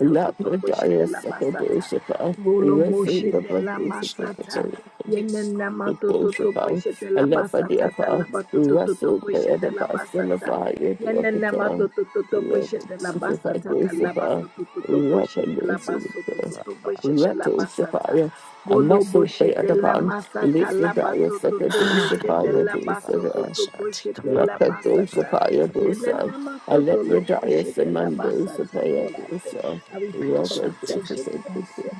S1: Lapradaya Second Bishapa, Russell the
S3: Volomoshete-la-masata. Yenenama to to to
S1: Bishapa,
S3: boishet la basata ta
S1: Alephridiapa,
S3: to to to to
S1: Russell the
S3: boishet
S1: other
S3: la
S1: bar,
S3: basata.
S1: Silafaya the
S3: Yenene
S1: other
S3: matototo boshete la
S1: bar, Rapper
S3: basata ta la
S1: Bishapa,
S3: batototo
S1: Rapper
S3: boshete la
S1: Bishapa,
S3: basototo boshete la
S1: Rattle
S3: basata.
S1: Sapphire, a
S3: Volo
S1: muscle they are
S3: boshete
S1: the
S3: la
S1: other
S3: masata la
S1: Lifridaya
S3: batototo boshete
S1: Sakadoshapaya
S3: la
S1: Dosada,
S3: basototo boshete la masata.
S1: Rakadoshapaya Dosa,
S3: Yenene matoto lo
S1: Alepradaya
S3: boshete la basata.
S1: Samandosapaya
S3: Lord, I thank-
S1: Dosa,
S3: I repent for my selfish, uh,
S1: Rakadosha
S3: so-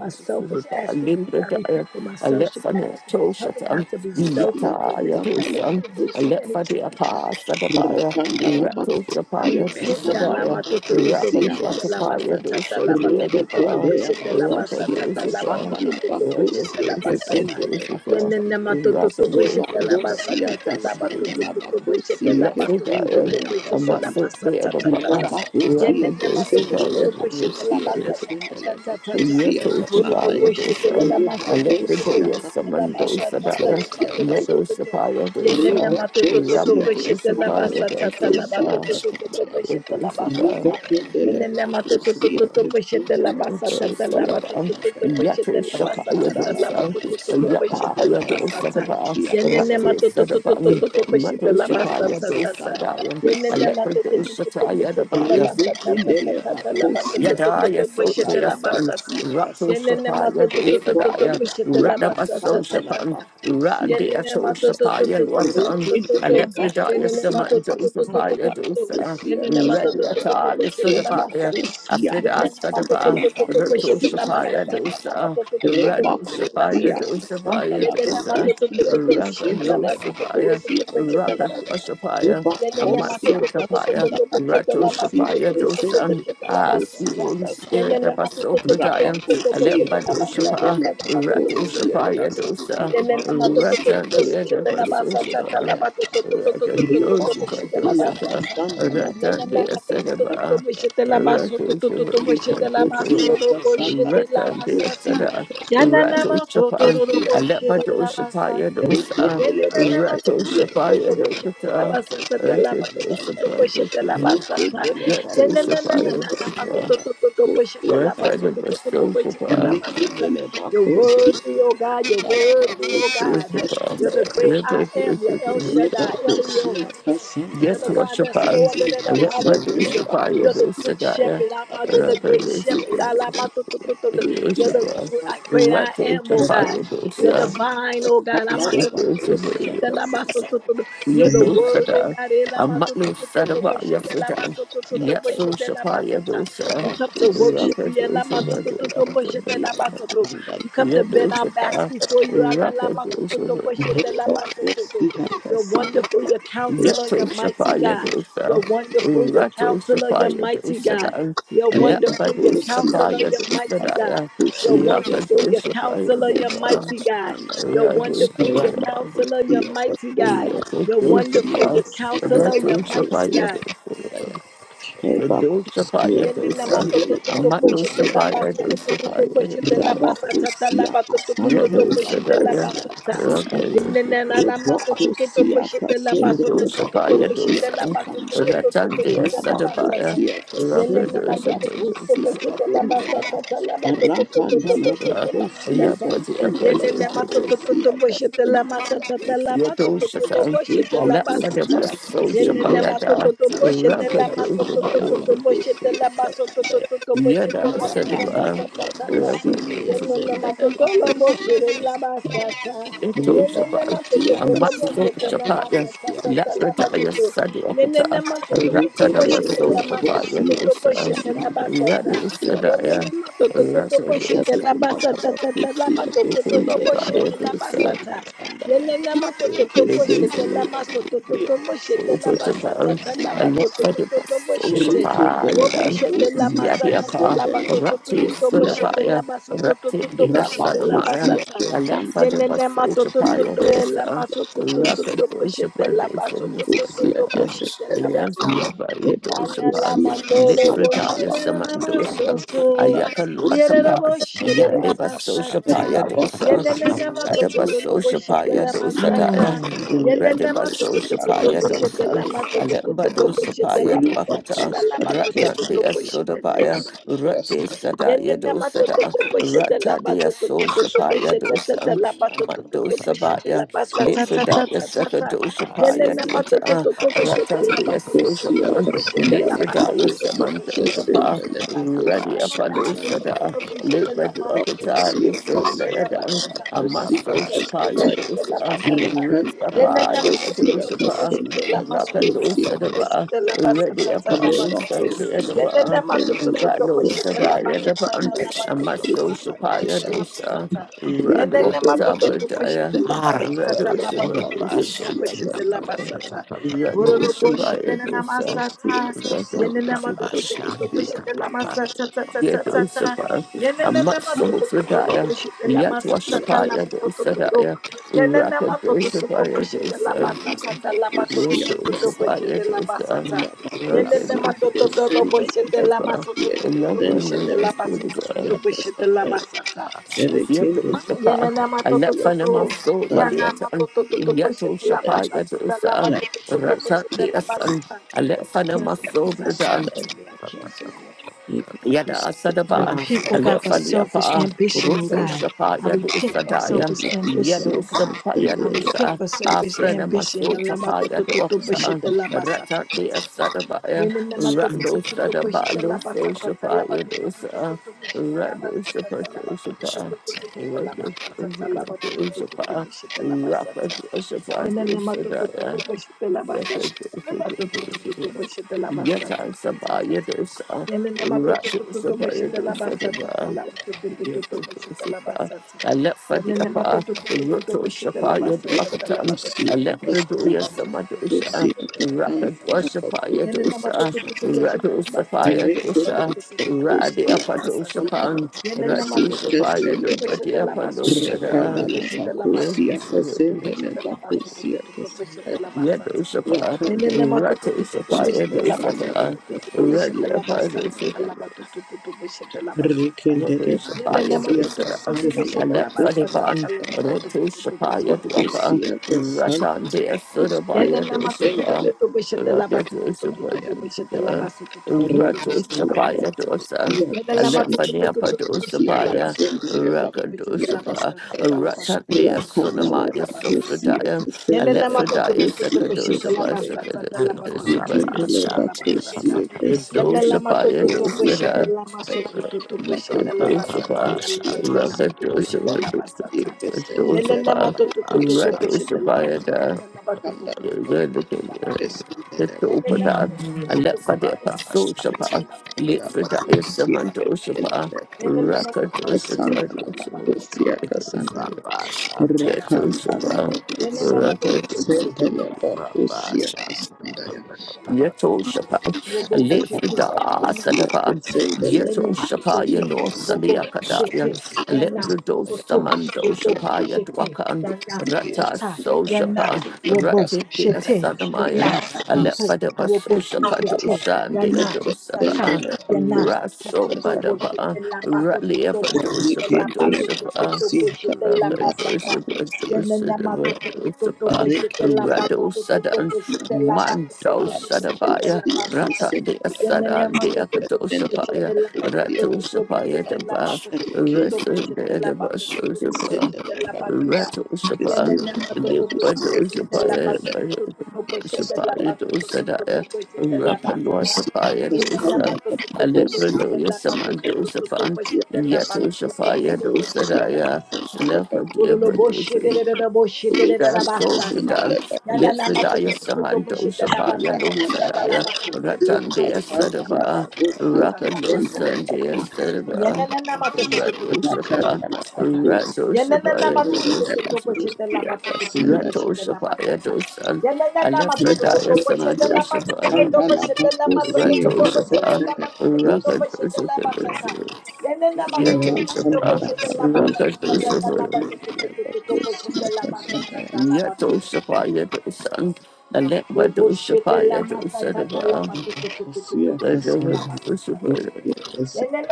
S3: my selfish attributes. I
S1: Libretaya,
S3: repent for my selfish
S1: Alephane
S3: attributes. Help me
S1: Toshatan,
S3: not to be selfish. So
S1: Yata
S3: just my attribute
S1: Yadusan,
S3: and do anything
S1: Alephade Apa Sadabaya,
S5: Rakanda
S1: Rato
S3: I
S5: Rabakusia
S1: Sapaya
S3: repent, God. Lama
S1: Sadaya,
S3: to to to to
S5: Kesendele
S1: Rapal
S3: boshete laba
S1: Watapaya
S5: Bakusia
S3: satata
S1: Dusan
S3: laba to to to to
S1: Deadaba,
S3: boshete laba
S1: Rata
S3: satata laba
S1: Dusapa,
S3: to to to to
S1: Rata
S3: boshete laba
S1: Dusapa
S3: sata.
S5: Kesendele
S1: Dusapa,
S3: Yene nama to to
S1: Rata
S3: to boshete laba
S1: Dusapa
S5: Bakusia
S3: satata laba to to
S5: Kasandaya
S3: to to
S1: Dusapa,
S3: boshete laba to to to
S1: Lapsadaya,
S3: to boshete
S1: Amatsa
S3: laba satata
S1: Deadaba,
S3: tata.
S1: Rata
S3: Yene
S5: Rebakusia
S3: nama to to to
S1: Dusapa
S3: to boshete laba
S1: Dusapa.
S3: satata
S5: Kasanda
S3: tata tata. Volo no
S1: Yatoshapaya
S3: boshete
S1: dosa,
S3: laba so to to to to
S1: Alepredoya
S3: boshete laba
S1: samandosa
S3: satata
S1: daya,
S3: laba
S5: Bakusia
S3: to to to
S5: Sandaya.
S3: to to
S1: Medoshapaya
S3: Yenene
S1: dosa,
S3: matoto
S5: Rebecca
S3: toto
S5: Sia
S3: beshete la
S1: Rapadoshapaya
S5: Casandala,
S3: basata ta la
S1: dosa
S5: Lucia
S1: daya,
S3: batoto toto toto
S5: Casandaya,
S3: beshete la
S1: Yadoshapaya
S3: basata.
S5: Rebecca Dele,
S3: Yenene matoto toto
S5: Lucia
S3: toto beshete la
S5: Casandala,
S3: basata ta la
S5: Lucia
S1: Yadosalaba,
S3: batoto toto
S5: Casandaya,
S3: beshete la
S1: Yatoshapaya
S3: basata ta
S5: Rakandala
S3: la
S1: dosa,
S3: batoto toto
S5: Bacusia
S3: beshete la
S1: Yapaya dosa
S5: Casandala
S3: basata.
S5: Bacusia
S1: daya,
S3: Yenene
S5: Casandala,
S1: Rati
S3: matoto toto toto
S1: sadaban,
S3: toto beshete la
S1: Medoshapaya
S3: basata ta
S1: dosa
S3: ta.
S5: Casandala
S1: daya,
S3: Yenene
S5: Bacusia,
S3: matoto toto toto
S1: Alepredoshapaya
S3: beshete la
S1: daya,
S5: Rebecca
S3: basata ta ta
S5: Dele
S3: ta ta la batoto
S5: Bacusia
S3: toto
S1: Yadaya
S3: toto
S5: Casandala
S3: beshete
S1: Sotia
S3: la
S1: sun,
S3: basata.
S5: Bacusia
S1: Rato
S3: Yenene
S5: Casandaya,
S1: Shapaya
S3: matoto toto toto
S1: Dufadaya,
S3: beshete
S5: Ebocusia
S3: la
S1: Radabaso
S3: basata ta ta
S1: Shapan,
S3: ta.
S5: Casandala
S3: Yenene
S1: Radiato
S3: mato to to
S1: Shapaya
S3: to to to to
S1: Luatan,
S5: Thank
S3: to to to.
S1: Alepridaya
S3: Yenene mato to
S1: Samando
S3: to to to to to
S1: Shapaya
S3: to to.
S1: Dusa,
S3: Yenene mato to to to to
S1: Radiata
S3: boshete la
S1: Lisudabaya,
S3: basata.
S1: Afrida
S3: Yenene mato to
S1: Sadaba,
S3: to to to
S1: Rato
S3: boshete la
S1: Shapaya
S5: you.
S3: basata. Tana
S1: Dusa,
S3: mato to to to to
S1: Rado
S3: boshete la
S1: Shapaya
S5: Rabakosia
S3: basata.
S1: Dusa Baya
S5: Sandala
S3: Yenene mato
S1: Dusa,
S3: to to to to
S5: Bakosia
S3: boshete la
S1: Rakano
S5: Sindele
S3: basata. To to
S1: Sabaya,
S3: to to
S5: Bakosia
S3: boshete la
S5: Sandala
S3: basata.
S1: Rakatwa
S3: Yenene mato
S5: Bakosia
S1: Amatsu
S3: to to to to
S1: Tapaya,
S3: to
S5: Sandala
S3: to boshete
S1: Rato
S3: la basata.
S5: Bakosia
S1: Shapaya
S3: To to to to to
S1: Dosan,
S5: Sindele
S3: boshete la
S1: Ah, sweet
S5: Bakosia
S3: basata.
S1: Holy Spirit,
S3: Yenene
S5: Sandala
S3: mato to
S1: Abaso
S3: to to to to
S1: Pradaya,
S3: to to
S5: Rabakosia
S3: boshete
S1: Alemba
S3: la basata.
S1: Doshapa,
S5: Sindele
S3: Tana mato to to
S1: Rato
S3: to
S5: Bakosia
S3: to to
S1: Shapaya
S3: to.
S5: Sandala Bakosia
S1: Dosa,
S3: Yenene
S1: Rata
S3: matotototo
S5: Sindele
S1: Dea
S3: bishete la
S1: Devaso
S3: basatata la
S1: Shapa,
S5: Sandala
S1: Rata
S3: batotototototototo
S1: Doshapa
S3: bishete la
S1: Dosaka,
S3: basata.
S5: Sandala
S1: Rata
S3: Yenene
S1: Dea
S5: Bakosia
S3: matototototo
S1: Sedaba.
S3: bishete la baso
S1: Ratu
S3: basototototo
S1: Shahun,
S5: Thank
S3: bishete la
S1: Ratu
S3: maso
S1: Shahun,
S3: masoro bishete la
S1: Ratan Dea
S3: masata.
S1: Sada,
S3: Yenene
S1: Ratu
S3: maso to
S1: Shapan,
S3: ro masotororo bishete
S1: Alepado
S3: la
S1: Shapaya
S3: basata.
S1: Dosa,
S3: Yenene
S1: Ratu Shapaya
S3: matototototo bishete la
S1: Dokata,
S3: basatata la
S1: Ratu
S3: batotototo
S1: Shapaya
S3: bishete la
S1: Dosa,
S3: basata.
S1: Yetu
S3: Yenene
S1: Shapaya Dosa,
S3: matototototo bishete la baso
S1: Ratan
S3: basototototo
S1: Basto
S3: bishete la
S1: Shapa,
S3: basata. You're worthy, oh God. You're worthy, oh God.
S1: Dosa,
S3: You're the great I
S1: Alepado
S3: am. You're El Shaddai,
S1: Shapaya,
S3: Elion. You're the
S1: Yetu
S3: God that's
S1: Shapan,
S3: more than enough.
S1: Alepado
S3: Hallelujah.
S1: Shapaya
S3: You're the
S1: Dosa
S3: good
S1: Daya,
S3: shepherd. I'm out. You're the great
S1: Ratu
S3: shepherd.
S1: Shapaya
S3: Alamato-to-to-to-to. you are the
S1: Jerusalem,
S5: you.
S3: gr- great I am, oh
S1: Rajosapha
S5: Thank
S3: God. You're the
S1: Yadosa,
S3: vine, oh God. amato to to to bo she
S1: Rajosapha
S3: lamaso to to to you are the word, oh
S1: Yadosada,
S3: God. elamato to
S1: Amatno
S3: to to to bo
S1: Sadaba
S3: she
S1: Yafidan,
S3: lamaso to to to bo she
S1: Yatso Shapa
S3: te
S1: Yadosa,
S3: We come to
S5: you.
S3: worship you. elamato
S1: Rakadosapa
S3: to to to bo she lamato to We come to bend our backs
S1: Yadosapa,
S3: before you. analamato to to
S1: Rakadosapa
S3: bo she lamaso to to you're wonderful, your counselor,
S1: Yato
S3: your mighty
S1: Shapaya
S3: God. You're
S1: Dosa,
S3: wonderful, your
S1: Rato
S3: counselor, your
S1: Shapaya
S3: mighty
S1: Dosa
S3: God.
S1: Dan,
S3: You're wonderful,
S1: Lambado
S3: your counselor,
S1: Sapaya
S3: your
S1: Dosa
S3: mighty God.
S1: Daya,
S3: You're
S1: Raka
S3: wonderful, your
S1: Dosa Paya
S3: counselor, your
S1: Dada,
S3: mighty God. You're
S1: Rato
S3: wonderful, your
S1: Shapaya,
S3: counselor, your mighty God.
S1: Yato
S3: You're wonderful, your
S1: Shapaya,
S3: counselor, your
S1: Rato
S2: papa
S3: mighty
S2: shati
S1: Shapaya
S3: God.
S1: Dosa,
S2: shati
S1: Dosa Paya
S3: Yenena
S1: Dosa,
S3: mato to to to
S1: Amato
S3: boshi de la
S1: Shapaya
S3: baso to to
S1: Dosa
S3: to to
S1: Paya
S3: boshi de la
S1: Dada,
S3: basa ta ta la
S5: Rabakosia
S3: bato to to to
S5: Cassandra
S3: to boshi de la
S1: Yato
S5: Rabakosia
S3: basa ta.
S2: Shut
S5: Cassandra
S3: Yenena na na mato to to to
S5: Rabakosia
S3: boshi de la
S5: Cassandra
S3: baso to to to to
S1: Yadosapaya
S3: boshi
S5: Rabakosia
S3: de la
S1: dosan,
S3: baso to
S5: Cassandra
S3: to to to
S1: Ratandea
S3: boshi de la basa ta.
S1: sadabaya,
S5: Rabakosia Cassandra
S3: Yenena mato
S1: Rapadosa
S3: to to to to
S5: Rabakosia
S1: Padosa,
S3: boshi de la
S5: Cassandra
S3: basa ta ta la bato to to to
S5: Rakanda
S3: to boshi de la basa
S5: Rabakosia
S1: Yapadia
S3: ta.
S5: Cassandra
S3: Yenena mato to
S1: Padosa,
S3: to to
S5: Rabakosia Cassandra Cassandra
S3: boshi de la
S5: Rabakosia
S3: basa ta ta la mato to
S5: Cassandra
S3: to to
S1: Yadosakan,
S3: boshi de la basa ta.
S1: Alasadabas,
S5: Rabakosia
S3: Yenene matoto
S1: Sosapayada,
S3: to boshete la
S1: Rapadosa
S3: masoto to to to
S1: Payada,
S3: boshete la
S5: Cassandra Rabacosia
S3: basoto to
S5: Cassandra
S3: to to
S1: Yada
S3: boshete la
S5: Bakusia senda
S3: masata
S1: Sadaba,
S3: ta
S5: bakusia
S3: ta ta ta ta.
S1: Rapadosa,
S3: Yenene matoto
S5: kasanda
S3: lo boshete la basata
S5: re
S1: Ito
S3: Yenene
S1: Shabbat,
S3: matoto
S5: bakusia
S1: a
S3: to lo
S1: Matso
S5: kasanda
S3: boshete la
S1: Shabbat,
S3: masata ta
S5: bakusia
S3: ta ta la
S5: kasanda
S1: Laprataya
S3: batoto. Yenene
S1: Saduakata,
S3: matoto
S5: re
S3: to to
S5: kende re
S3: boshete
S1: Ratanabaso
S3: la masoto
S1: Shapaya
S3: to
S5: bakusia
S3: to
S1: dosa.
S3: boshete
S5: kasanda
S3: la
S5: la
S3: basata ta.
S1: Yadosa,
S5: bakusia
S3: Yenene
S1: Yadosadaya,
S5: kasanda
S3: matoto to to
S1: Rasa
S3: boshete la
S5: kasanda la
S3: basata ta ta ta la
S5: bakusia
S3: batoto to to
S5: kasanda la
S3: boshete la
S5: bakusia
S3: basa
S1: Shabbat,
S5: kasanda ya
S3: Yenenema
S5: re
S3: tototobo
S5: kesende la
S3: shete lama
S1: dosa.
S3: sotototobo shete lama
S1: Uputa bhagavat,
S3: satata lama
S1: lephate
S3: totototobo
S1: vasu
S3: shete.
S1: shapa
S3: Robo
S1: yadam
S3: shete lama satata
S1: yadipa
S3: lama
S1: rati
S3: totototobo shete
S1: sadaaya
S3: lama
S1: rati deta
S3: sotototobo shete
S1: sama
S3: lama sata.
S1: yadphate
S3: Yenenema
S1: vasu shapa
S3: totototobo
S1: dosa
S3: lama sotototobo
S1: rapi
S3: shete
S1: shapa
S3: lama
S1: dosa
S5: Kusia
S3: sotototobo
S1: niseta
S3: shete
S5: kesendelea
S3: lama sata.
S1: yadphate
S5: leba
S3: Yana
S1: dosa
S5: kusia
S3: lama torobo
S1: lephate
S5: sandalaba
S3: shete
S1: sama
S3: lama
S5: kusia
S1: dosa.
S3: soto.
S5: kasalaba
S1: Ayakal
S5: kusia
S3: Yererebo
S1: Watapas,
S3: shete
S5: sandaya
S1: Yandeva
S3: lama
S1: Social
S3: sata.
S1: Paya
S5: laba
S1: Dosa,
S5: kusia
S3: Yenene matoto
S1: Radaba
S3: lo
S1: Social
S5: kasalaba
S3: boshete
S1: Paya
S3: la
S1: Dosa
S5: kusia
S3: masata.
S1: Daya,
S5: kasendeleba
S3: Yenene
S1: Radaba
S3: matoto
S1: Social
S3: toto
S1: Paya
S5: kusia
S3: boshete la
S1: Dosa,
S3: masoto
S5: kasalaba
S1: Alemba
S3: toto
S1: Dosa
S3: boshete
S1: Paya
S3: la
S5: riba
S1: Duakata,
S3: masata la
S5: kusia
S3: batoto
S1: Rata
S3: toto
S1: Dea Soda
S3: boshete la
S5: kesendeleba
S1: Paya,
S3: batoto.
S1: Rate
S5: kasalaba
S1: Sadaya
S3: Yenene
S1: Dosa Da,
S3: matototo boshete la
S1: Rata Dea Social
S3: masotototo
S1: Paya
S3: boshete
S1: Dosa, Amando
S3: la
S1: Sabaya, Lefredaya Seka Dosa Paya Dieta, Rata Dea Social
S5: kusia
S1: Pan,
S5: kasalaba
S1: Lefredaya
S5: kusia
S1: Samantosha Pa.
S5: kesendeleba
S1: Ready up on those
S5: kusia
S1: sada, live by the
S5: Thank
S1: Akata, listen, Layada,
S3: basatata
S1: a maso shapa yadosa, ready up on the Madosapa, Rapando Sadaba, ready up on
S3: la
S1: those
S3: batoto.
S1: Sandaba,
S3: Lelelema to to to to
S1: Rado
S3: boshete la
S1: Sada Yadaba,
S3: basata ta satata lama
S1: a
S3: to to to
S1: maso
S3: to to
S1: shapa
S3: boshete lama
S1: yadosa,
S3: sata.
S1: Rando
S3: Lelelema
S1: Akata
S3: to to to boshete
S1: Bradaya,
S3: lama satata
S1: Rado
S3: lama to to to to to boshete lama
S1: Sabadosapa,
S3: sata.
S1: Rado
S3: Urolo
S1: Shapa
S3: boshete la
S1: Yadosa,
S3: sata.
S1: Rado
S3: Lelelema to
S1: Shapa
S3: to to to to
S1: Yadosa.
S3: boshete lama sata ta ta ta ta ta.
S1: Yadusapa,
S3: Lelelema to to to to to
S1: Amatsofredaya,
S3: boshete lama satata
S1: Yatwashapaya
S3: lama to to to to.
S1: dosadaya,
S3: Lelelema to to to to
S5: you.
S1: Rakadosapaya
S3: boshete lama
S1: dosa,
S3: satata lama to to
S5: Bakusia,
S3: to to to
S1: Yadusapaya
S3: boshete lama
S1: dosa,
S3: sata.
S5: Kasina
S3: Yelele
S5: Bakusi,
S1: Rakadosapa,
S3: matototo
S5: Descend and
S3: boshete la
S5: Bakusia,
S3: masotototo
S5: Descend and
S3: boshete la basotototo
S1: Elephanimasulva,
S5: Bakusia,
S3: boshete la
S5: Kasai,
S3: basata.
S5: Erekende Bakusia,
S1: Yadusapa,
S3: Yelele matototo.
S1: Alephanimaso
S5: Tapia,
S3: Yana
S1: Baliatan,
S3: matototo boshete la
S1: Yatosapaya
S3: basata la
S1: dosa,
S3: matototo
S5: Rakusia,
S1: Ratan
S3: boshete la
S1: deasan,
S3: basata. I cancel every assignment of
S1: Alephanimaso
S5: Kasata,
S3: the enemy. I cancel it.
S1: Yada
S5: Rebakusia,
S3: I
S1: Sadaba,
S3: repent,
S2: Shanti
S3: O God, for selfish
S1: Alefaliapa,
S3: ambition. O
S1: Rutu
S5: Kasata,
S3: God,
S1: Shapa,
S3: I
S1: Yadu
S3: repent for
S1: Sadaya,
S3: selfish ambition.
S5: Rabakusia,
S3: O
S1: Yadu
S3: God,
S1: Sapa,
S5: Descend and
S3: I
S1: Yadu
S5: Bakusia, Kasata,
S3: repent
S1: Sa,
S3: for selfish
S1: Afrena
S3: ambition.
S1: Maso Chapa, Yadu Okata, Rata de Sadabaya, Rando Sadaba, Luso Shapa, Yadu Sa, Rando Shapa, Shapa, Rapa Shapa, Rapa Shapa,
S3: Enene
S1: Sadaya.
S3: matototo beshete la basata. Matototo beshete la basata.
S1: Yatan Sabaya Dosa,
S3: Enene
S1: Ratu
S3: matototo
S1: Sabaya
S3: beshete la
S1: Dosa
S3: basata.
S1: Daba,
S3: Matototo beshete la basata.
S1: di
S3: Enene
S1: apa,
S3: matototo
S1: Roto
S3: beshete la
S1: Shapaya
S3: basata.
S1: Duapitan,
S5: Rebakusia,
S3: Matototo beshete la
S1: Alepredoya
S5: Kasanda,
S3: basata. Matototo
S1: Samadosa,
S5: Bakusia,
S3: beshete la
S1: Rakadwa
S5: Kasanda,
S3: basata.
S1: Shapaya
S3: Enene
S1: Dosa,
S3: matototo
S5: Bakusia,
S3: beshete
S1: Rato
S3: la basata.
S1: Sapaya
S5: Rakandalia
S1: Dosa,
S3: Matototo beshete la
S1: Radiapa
S3: basata.
S1: Dosapan,
S3: Yenene
S1: Rato
S3: matoto toto
S1: Shapaya
S3: toto
S1: Dosa,
S3: beshete
S1: Radiapa
S3: labaso toto
S1: Dosa, da,
S3: toto beshete labaso toto toto
S1: Yes,
S3: beshete labaso toto toto beshete labasata.
S1: Yadusapa,
S3: Yenene matoto
S1: Rati
S3: toto
S1: Sapa
S3: beshete labaso
S1: Yadusapa,
S3: toto toto beshete
S1: Radia
S3: labasata
S1: Pada
S3: labato toto beshete labasata. Yenene
S1: Yadushapaya
S3: matoto
S1: dosadas,
S3: toto beshete labasata
S1: Alepfanipan,
S3: labato toto
S1: Rotushapaya
S3: beshete
S1: dwaka,
S3: labasata.
S1: Ratan dea sudabaya
S3: Yenene matoto
S1: doshapa,
S3: toto beshete labaso toto toto beshete
S1: Rakadoshapa,
S3: labaso toto toto beshete
S1: Ratoshapaya
S3: labasata.
S1: dosa,
S3: Yadalama to to to to
S1: Alepfaniapa
S3: to to bishata
S1: dosapaya,
S3: labaso to to to to to bishata
S1: Rakadoshapa,
S3: labasa tata labato
S1: Ratan
S3: to to
S1: dea
S3: to to bishata
S1: sunamaya
S3: labaso
S1: sufradaya,
S3: Yenene matoto
S1: Alepfradaya
S3: toto bishete la
S1: sekadoshapa,
S3: basata ta la batoto toto
S1: Sekadakadoshapa
S3: to
S1: dosa,
S3: bishete la basata Yenene
S1: Doshapaya
S3: matoto to bishete
S1: dosada.
S3: la masoto to to bishete la basata
S1: Rakadosapa,
S3: ta la batoto to to bishete
S1: Rakadosapa,
S3: la basata. Yenene
S5: Rakandala
S1: Rakadosapa,
S3: matoto to to to bishete la basata
S1: Rakadosapayada,
S3: ta la batoto to to bishete la basata.
S2: Take
S3: Yenene
S1: Rakadosapa,
S3: matoto to to to
S1: Alephadapa,
S3: bishete la basata ta
S1: Sosapa,
S3: la batoto to to
S1: Lithridaya
S3: bishete
S5: Yabakusia
S3: la basata.
S1: Samantosapa,
S3: Yenene
S5: Kepus
S3: matoto to to to
S5: Santa
S1: Rakadosapa,
S3: bishete la basata
S5: Labacusia
S3: ta la batoto
S5: Casanta
S1: Rakadosapa,
S3: to to bishete la
S5: Rakanta
S3: basata.
S1: Yatosapa,
S5: Labacusia
S1: Rakadosapa,
S5: Santa Labacusia Casanta
S1: Yeto Shapa,
S3: Robo
S5: Santa
S3: shete
S1: Lefrida
S3: yana
S5: Labacusia
S1: Sadaba,
S3: tata
S5: Santa
S1: Yeto
S3: nene
S1: Shapa,
S3: sete
S5: Labacusia
S1: Yano Salia
S3: robo
S1: Kadaya,
S3: shete
S5: Labacusia
S3: yana
S1: Lembrido
S3: soto
S1: Samando
S3: robo
S1: Shapa,
S3: shete
S1: dwakan.
S3: yana
S1: Rata
S3: tata
S1: So
S3: yana
S1: Shapa,
S3: robo
S1: Rati de
S3: shete yana
S1: Sadamayan,
S3: soto
S1: Alefadaba
S3: robo
S1: So Shapa
S3: shete
S1: Dosha, and the
S3: yana tata
S1: Adosapa,
S3: yana soto
S1: Rasom
S5: Casanta
S3: robo
S1: Badaba,
S3: shete la bato
S1: Rally
S3: toto
S1: of
S3: robo shete
S1: Adosapa
S3: la
S5: Rekindele
S3: bato toto
S1: Dosapa.
S5: Sih
S3: robo shete la
S5: Katanda
S1: Rakadosa,
S3: basata
S5: Kapusia
S1: Radosa,
S3: Yenena mato to to to to boshete la
S5: Rekindele
S3: bato to to
S1: Radosa,
S3: to boshete la
S5: Kasia
S3: bato to
S1: Manso
S3: to to boshete
S1: Sadabaya,
S3: la
S5: Kapusia
S3: basata.
S1: Ratande
S5: Kisendele
S3: Yenena
S1: Sadande
S3: mato to to to
S5: Kisendele
S3: boshete
S1: Akadoshapaya,
S3: la bato
S5: Kapusia
S3: to to to
S1: Ratoshapaya
S3: boshete la
S1: Daba,
S3: bato
S5: Rekindele
S3: to to to to
S5: Kapusia
S3: boshete
S1: Resende
S3: la
S1: Daba
S3: bato to to to
S1: Sosapa,
S3: boshete
S5: Kisendele
S3: la batata.
S5: Kapusia
S1: Ratoshapa,
S3: Yenena mato
S5: Kisendele
S3: to to to boshete la
S1: Lipadoshapaya,
S3: bato to to to to boshete la
S5: Kasandele
S1: Shapaya
S3: bato to to to to
S1: Dosadaya,
S3: boshete la basata.
S5: Kapusia Kasandele
S1: Rakanwatapaya
S3: Yenena
S5: Kapusia Kasandele
S1: Dosa,
S3: mato to
S5: Kapusia
S3: to to
S5: Kasandele
S3: boshete
S1: Alepradoya
S3: la bato to to to to
S1: Samandosapan,
S3: boshete
S1: Yatoshapaya
S3: la Yenenema
S1: Dosadaya,
S3: Yenenema Bololo
S1: Lepadia
S3: boshete de de de boshete de de
S1: da
S3: boshedededede
S5: Kapusia
S3: basata.
S1: sobridan
S5: Kisendele
S3: Yana nama to
S1: lefridaya
S3: to
S5: Kapusia
S3: to to to boshete
S1: samandosha
S3: la
S1: paya
S3: basata ta
S5: Akunda
S3: ta ta la
S1: lusadaya
S3: ba to
S5: abakozi
S3: to to to to to
S1: ratandaya
S3: boshete
S5: asanga
S3: la
S1: sadava
S3: basata ta
S5: n'abakozi
S3: ta ta ta ta.
S5: yagendera
S1: rakalusandaya
S3: Yenenenemato-to-to-to-to-boshete-la-basata.
S5: abakozi
S1: sadava ratoshapa
S5: akazana
S3: Yenenenemato-to-to-to-to-boshete-la-bato-to-to-to-boshete-la-basata.
S5: abakozi
S1: ratoshapaya
S5: yongera
S1: dosan rato
S5: abakozi agasinda
S1: ratoshapaya dosan alefradaya
S5: n'abakozi
S1: samando sapaya
S5: agasanga n'abakozi
S1: rato alefridaya
S5: yagendera abakozi akazana n'abakozi
S1: samadoshapa alava ratoshapa
S5: yagendera abakozi
S1: rakadoshapa
S3: Yenenenemato-to-to-to-boshete-la-mato-to-to-to-boshete-la-mato-to-to-to-boshete-la-mato-to-to-to-boshete-la-basata. Yenenenemato-to-to-to-to-boshete-la-bato-to-to-to-to-boshete-la-basata-la-bato-to-to-to.
S1: ratoshapa
S5: agasinda abakozi
S3: ta ta ta
S5: akazana
S1: rakadoshapa
S5: n'abakozi
S3: ta ta la ba
S1: Yatosapayatosan, Alekvadosapayatosadava,
S3: Boshete-la-masata-la-bato-to-to-to-to-boshete-la-basata.
S1: Vadavadosapaya,
S5: yagendera abakozi akasanda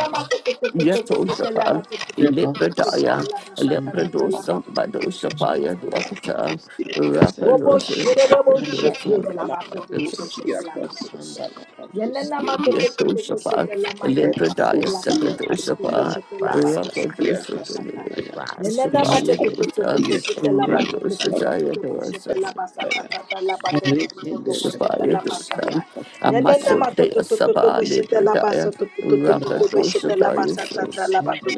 S1: Yatosapa, Ilepradaya, Alepradosam, Badosapaya, Dwakata,
S5: Thank
S3: Robo shere shete
S1: Rakalosavakadosava,
S3: de la bato to to bo la maso to to. mato to to to
S1: Yatosapa,
S3: la masa ta ta
S1: Alepradaya,
S3: la bato to to to
S1: Sakadosapa,
S3: la bato ta ta
S1: Rakadosapaya,
S3: mato
S1: Sapaya
S3: to to to
S1: dosa,
S3: la bato to to to
S1: Radosataya
S3: la basa ta ta la bato to to to
S1: Shabaya
S3: la basa
S1: Dosan,
S3: ta.
S1: a
S3: Yene
S1: muscle
S3: mato
S1: de
S3: to
S1: a
S3: to to
S1: Saba Libra
S3: la
S1: Dia,
S3: baso to to to
S1: Raka
S3: la
S1: Dosabaya
S3: basa ta la
S1: Sosaba,
S3: bato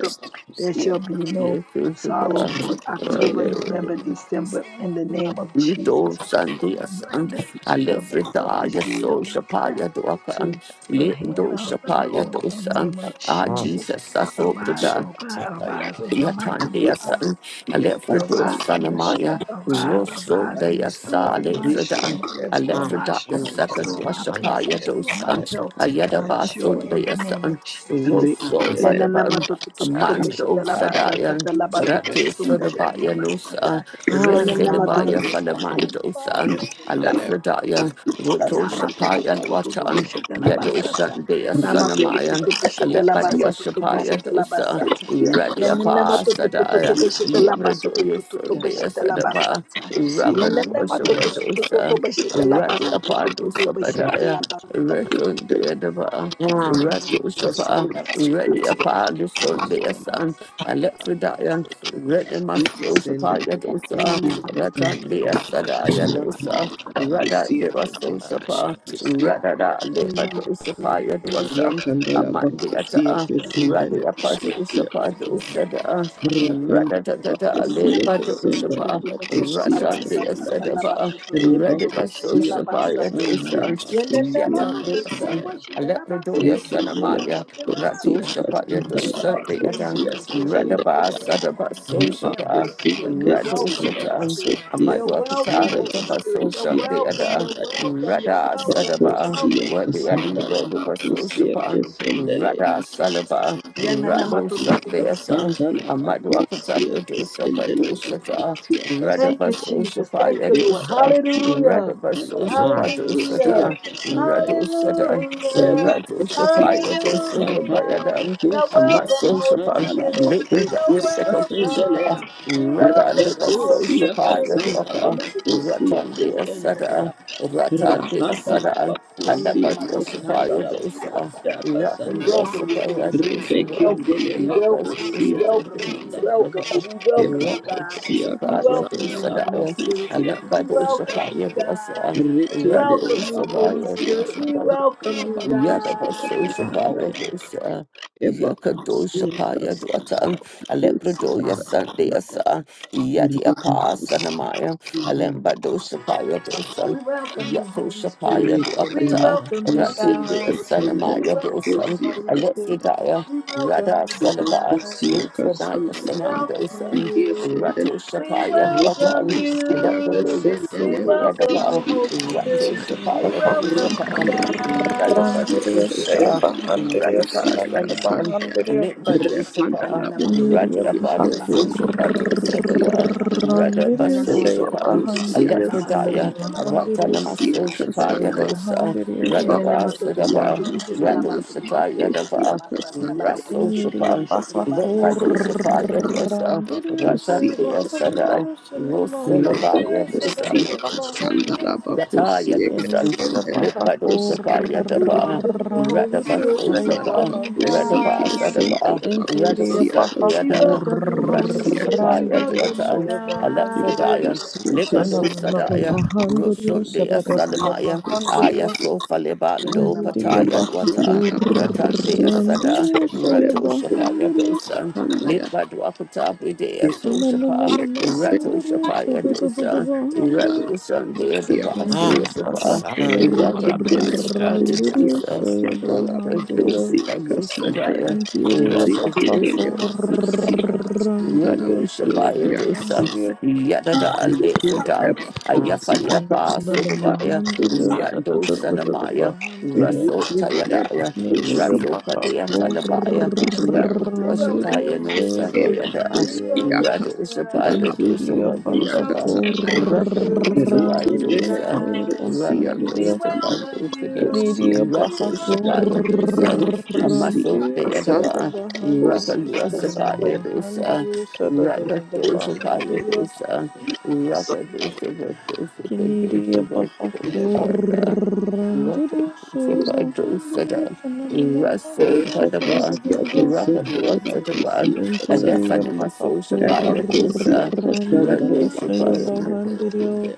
S3: There shall be no sorrow for October, November, December in the name of
S1: Yido
S3: Jesus. I
S1: Sandia San,
S3: render
S1: a
S3: the rest of
S1: Lefridaya
S3: this year back
S1: Sosapaya Doakan,
S3: to the
S1: Lindo
S3: hand of the
S1: Shapaya
S3: Lord in the
S1: Dosan,
S3: name of
S1: Ah
S3: Jesus.
S1: Jesus Saso
S3: Arise, O God, arise in your mighty power.
S1: Yatandiasan, Alephridos
S3: Arise in your
S1: Sanamaya,
S3: strength, arise, arise, and
S1: Rosundaya
S3: restore
S1: Sale
S3: my
S1: Fredan,
S3: strength, restore my
S1: Alephridaya
S3: strength,
S1: Second
S3: restore my peace,
S1: Washapaya
S3: restore my
S1: Dosan,
S5: you.
S3: health, my
S5: Saya
S1: Ayadaba
S3: joy in the name
S1: Sundayasan,
S3: of Jesus.
S5: re
S1: Rosso
S5: andele
S3: Yananama
S1: Badaban,
S3: to to to to
S5: aka
S1: Amando
S5: aka
S3: basata
S1: Sadayan,
S3: talaba to to
S1: Rati
S3: to to
S5: kesindele
S1: Sudabaya
S3: basata.
S1: Nusa,
S5: saya
S3: Yananama to that
S1: Residabaya
S3: This is
S5: aku
S3: the God's
S1: Falamandosan,
S3: great
S5: kesindele
S3: day.
S1: Alafradaya,
S3: Yanama
S5: kas
S1: Roto
S5: rike
S1: Shapaya Watan, Yedo Sandaya Sanamayan,
S5: aku
S1: Alepadwa
S5: siak aku
S1: Shapaya Dosa.
S5: siak
S1: Ready apa sadaya, Libra do you Sunday
S5: aku
S1: sadaba, Raka do
S5: siak
S1: shapadosa, Ready apa do
S5: ra
S1: sabadaya,
S5: aku
S1: Retunda
S5: siak
S1: daba,
S3: Thank
S2: Yeah.
S1: Rato shapa,
S5: kesindele
S1: Ready apa do Sunday sun, Alephidaya, Ready
S5: aku
S1: maso shapa
S5: kesindele aku
S1: yadosa,
S5: siak
S1: Ratandi
S5: kesindele ra
S1: sadaya dosa,
S5: aku
S1: Rada de
S5: siak
S1: raso
S5: kesindele
S1: shapa,
S5: aku siak
S1: Rada da liba do shapa yadosa,
S5: Rakandala
S1: Amandi
S5: Bakusia
S1: ata. Radi
S5: Kesindele
S1: Apasa
S5: Bakusia
S1: Usapa Dosada
S3: you.
S5: Rakandala
S1: Radadada
S3: Yanana
S5: Bakusia
S1: Aleba
S3: matoto toto to
S5: Kesindele
S1: Dosapa
S3: to basheta la
S5: Bakusia
S1: Rasan de
S3: basata
S5: Kesindele
S3: tala
S1: Asadaba
S3: batoto toto to
S5: Reba
S1: Radi
S3: to
S1: Baso
S3: basheta
S5: Kusia
S3: la
S1: Shapa
S3: basata.
S5: Kesindele
S1: Yadosa
S3: Yanana
S5: Bakusia
S1: Yata
S3: matoto toto
S1: Dosan
S5: Kesindele
S3: basheta la basoto
S1: Alepradoya
S3: toto to to
S5: Rekindele
S1: Sanamaya
S3: basheta la
S5: Bakusia
S1: Rato
S3: basata.
S1: Shapa
S5: Kesindele
S3: We
S1: Yadosa
S3: invite you in,
S1: Beata
S5: Bakusia
S3: Holy Spirit. We
S1: Radaba
S3: invite
S5: Kesindele
S3: you in,
S1: Sadaba
S3: Holy
S1: So
S3: Spirit.
S5: Reba
S3: We
S1: Shapa
S3: invite you
S5: Kusia Kesindele Bakusia
S3: in. You're
S1: Rado
S3: welcome,
S5: Kesindele
S3: Holy
S1: Shata
S3: Spirit.
S5: Bakusia Kesindele
S3: You're
S1: Amadwa
S3: welcome,
S1: Patara
S3: Holy Spirit.
S1: Tabaso
S3: You're
S1: Shapa
S5: Bakusia Kesindele Bakusia
S3: welcome.
S1: Beata
S3: You're welcome. You're
S1: Rada
S3: welcome. You're
S1: Sadaba
S3: welcome. You're
S1: Wadi
S3: welcome.
S1: Alibo Dubaso Shapa
S5: Kesindele
S1: Rada Salaba,
S3: Yanana
S1: Rado
S3: matoto to to
S1: Sandeasan,
S5: Sandala
S1: Amadu
S5: Bakosia,
S1: Akatapa Dosa
S5: Sendele
S1: Padosata,
S5: Bakosia,
S1: Rada
S3: Thank you,
S1: Basosa
S3: Jesus. Thank
S1: Paya
S3: you,
S5: Sandala
S3: Lord.
S1: Dosa, Rada
S3: Hallelujah.
S1: Basosa
S5: Bakosia, Sandala
S3: Hallelujah.
S1: Padosata,
S5: Bakosia,
S1: Rado Sada,
S3: Hallelujah.
S5: Rebecca
S1: Rado Shafaya Dosa
S3: Hallelujah.
S1: Bayadam,
S3: You're welcome,
S1: Amaso
S3: Holy
S1: Shapan,
S3: Spirit.
S1: Labrida
S3: You're
S1: seko Dosapa,
S3: welcome. We
S1: Rada and
S3: welcome
S1: the
S3: you, Holy
S1: Basosa Paya
S3: Spirit.
S1: Dosa, Ratan Dea Sada, Ratan Dea Sada,
S3: We
S1: Alapa
S3: welcome
S1: Dosa Paya Dosa. Rock and worship
S3: you,
S1: and
S3: Holy Spirit. We
S1: adoration, God.
S3: welcome you. We
S1: Look at
S3: welcome you. We
S1: worship and
S3: welcome you. We
S1: worship, God.
S3: welcome you. We
S1: Rock
S3: welcome you, God.
S1: and worship
S3: We
S1: and
S3: welcome you,
S1: adoration,
S3: Holy
S1: God.
S3: Spirit.
S1: And let by
S3: We
S1: the worship
S3: welcome
S1: and
S3: you, God.
S1: adoration,
S3: We
S1: rock
S5: Rekede
S1: and
S3: welcome you,
S1: worship
S3: Holy
S1: and
S5: bakusia
S3: Spirit.
S1: adoration,
S3: We
S1: God.
S5: kasanda
S3: welcome you,
S5: bakusia
S1: Yadabasol
S3: God.
S5: kasanda
S1: Shapaya
S5: ya
S1: Dosa, Yakado
S5: ebakusia
S1: Shapaya
S5: kasanda ya
S1: Dwatan, Aleprodo
S5: bakusia
S1: Yasande
S5: kasanda ya
S1: Asa, Yadiapa
S5: rebakusia
S1: Sanamaya,
S5: kasanda
S1: Alembado Shapaya Dosan,
S3: We welcome you,
S1: Yato
S3: Holy
S5: ya
S3: Spirit.
S5: rekede
S3: We
S1: Shapaya
S3: welcome you,
S1: Ratid
S5: bakusia
S1: be a
S3: God.
S1: son of
S5: kasanda ya bakusia kasanda ya
S3: We
S5: bakusia kasanda ya
S1: Maya
S3: welcome you,
S1: Dosan,
S5: bakusia
S3: Holy Spirit.
S5: kasanda ya
S1: Alexidaya,
S3: We
S1: Rada
S3: welcome you,
S1: Salaba,
S3: God.
S5: rebakusia
S1: Litranaya
S5: kasanda
S3: We welcome
S1: Sanandosan,
S3: you.
S1: Rato
S3: We
S1: Shapaya
S3: welcome
S1: Bratan,
S3: you.
S1: Alexa
S3: We
S5: ya
S1: Sundi
S5: bakusia
S3: welcome you,
S1: Adaba,
S3: Holy
S1: Rato
S3: Spirit.
S5: kasanda
S3: We
S1: Shapaya
S3: welcome you,
S1: Dosapa,
S5: Rapanda
S1: Radaba
S5: Labacosia
S3: God.
S6: Bahakurandirio saya
S1: Sosada,
S5: Casendela
S6: bahandirio
S1: Radaba
S5: Bacosia
S6: sananana
S1: Salaban,
S5: Casandaya
S6: mahandirio
S1: Litba
S5: Rapanda
S1: Dosapa,
S6: kinirio
S5: Labacosia
S1: Radiapa Dosapa
S5: Casendela Bacosia
S1: Dosada,
S3: Yananamatotototoboshetelabasototototoboshetelabasata.
S5: Casandaya
S1: Radaba
S6: bahakurandirio
S5: Reba
S6: saya
S1: Sosapan,
S5: Cosia
S6: bahandirio sananana
S1: Alexidaya,
S3: Yananamatototototoboshetelabasata.
S5: Casandela
S6: mahandirio
S1: Ratanama
S5: Bacosia
S6: saya
S1: Sosapaya
S5: Casandaya
S1: Dosa,
S6: bahandirio
S5: Reba
S1: Radaba
S6: sananana
S5: Cosia
S1: Sedaba,
S3: Yananamatototototoboshetelabasata.
S6: mahandirio
S1: Radu
S5: Casandela
S1: Shata
S5: Bacosia
S1: Yadaba,
S5: Casandaya
S1: Raso
S6: kinirio
S1: Shapa,
S3: Labatototototoboshetelabasata.
S1: Levado
S5: Sia
S1: Shapa
S5: Casandela
S1: Yadosa,
S6: bahakurandirio
S1: Ratan
S6: saya
S5: Bacosia
S1: Dea
S5: Casandaya
S1: Sada,
S6: bahandirio sananana
S5: Reba
S6: mahandirio
S1: Rosalaba
S6: sananana
S5: Cosia Casandela
S6: mahandirio
S1: Yata
S5: Bacosia
S1: Yadosan,
S6: Kennedy Abahako
S1: Lukbado
S5: Casandela
S1: Sapa
S3: We
S1: Yadaba,
S3: welcome you, Holy
S1: Radaba
S6: Randirio
S3: Spirit. We
S6: Shaya
S5: Rakandala
S1: Sosapa,
S3: welcome you,
S5: bakusi
S6: Bahandirio
S1: Radaba
S3: God.
S1: Sadaba,
S5: kilesendele
S6: Injiri
S1: Radu
S5: bakusi
S3: We
S6: Abahako
S5: akasanda
S1: Satyada,
S3: welcome you, Holy
S5: bakusi
S1: Ratu
S3: Spirit.
S1: Sapa
S3: We
S5: akasanda
S6: Randirio
S3: welcome you,
S1: Yaduata,
S6: Shaya
S3: God.
S5: bakusi akasendele bakusi
S1: Alexadaya, Limando
S6: Sananana
S5: akasandala
S1: Sadaya,
S6: mahandirio,
S1: Rusundia
S6: Sadadada
S1: Salamaya, Aya
S6: Bahandirio
S1: Sofa Lebando
S6: Injiri
S1: Pataya
S6: Abahako
S1: Luata,
S5: bakusi
S1: Ratandia Sada,
S6: Randirio
S5: akasendele
S6: Shaya
S1: Ratu Sapa
S5: bakusanda
S1: Yadosan,
S5: ya
S1: Limbadwapata Bidea
S5: bakusi
S1: Sosapa,
S6: Sananana
S5: akasendele
S1: Ratu
S6: mahandirio,
S1: Sapa
S6: Sadadada
S1: Yadosan.
S5: bakusi
S6: Bahandirio
S1: Revolution Day of the
S5: akasandala
S6: Canadian
S1: Vassals of our
S5: Leketele
S1: Revolution
S6: Bahakurandirio
S5: bakosia
S1: Day,
S6: Shaya
S5: kasanda la
S6: Bahandirio
S1: Revolution by
S5: bakosia kasanda ya.
S1: Lucidia,
S6: Injiria
S1: Revolution
S5: Leketele
S1: by
S5: bakosia
S1: Lucidia.
S5: kasanda la
S6: Bahakurandirio Shaya
S1: Yadushapaya
S5: bakosia
S1: dosan,
S5: kasanda ya.
S6: Bahandirio
S1: Yadada Lefoda,
S5: Leketele bakosia
S1: Ayafalia
S5: kasanda
S6: Sananana
S5: la
S1: Pasodabaya,
S6: Mahandirio
S5: bakosia.
S1: Rando
S6: Satatata
S1: Sanamaya,
S5: Leketele
S6: Bahandirio
S1: Raso Tayadaya,
S5: bakosia
S6: Canadian
S5: kasanda
S1: Raso
S5: la
S1: Padea Talabaya,
S5: bakosia
S3: We
S5: kasanda
S3: welcome
S1: Rakudrashapaya
S6: Bahakurandirio
S3: you,
S1: no
S5: ya.
S3: Holy
S6: Shaya
S3: Spirit.
S5: Eba
S1: Sandeada,
S3: We
S6: Bahandirio
S5: kosia
S3: welcome you,
S5: kasanda la
S1: Radushapaya
S3: God.
S6: Injiria
S3: We
S5: bakosia
S1: dosaba
S3: welcome you,
S5: kasanda ya.
S3: Holy Spirit. We welcome you,
S6: Bahakurandirio
S5: Rekindele
S1: Rakadosapandosa,
S6: Shaya
S3: God.
S5: papusia
S3: We
S6: Bahandirio
S5: santa
S3: welcome
S1: Rakadosapandosa,
S3: you.
S5: papusia
S6: Kennedy
S3: We
S5: santa
S3: welcome
S5: le
S1: Rakadosapayadosa,
S3: you.
S1: Amaso
S5: papusia
S6: Bahakurandir Sega
S5: santa
S1: Deadaba,
S6: Bahandirio
S5: papusia
S6: Sanana
S5: santa
S1: Rakadosapayadosa,
S6: Mahandirio Sada Bahandirio
S1: Rakadosapayadosa,
S6: Kennedy
S1: Rakadosapayadosa,
S5: le
S6: Bahakurandirio Sega Bahandirio
S1: Rakadosapayadosa,
S6: Sanana
S1: Raso
S6: Mahandirio
S1: Badaba,
S6: Sada
S5: papusia santa
S6: Bahandirio
S5: le
S1: Rakadosapayadosa,
S5: papusia
S1: and that's
S5: santa
S6: Interior
S1: an Amaso
S5: le
S1: Shapayadosa.
S5: papusia santa le
S6: Bahakurandirio Sega
S1: Radoshapaya
S5: papusia santa
S6: Bahandirio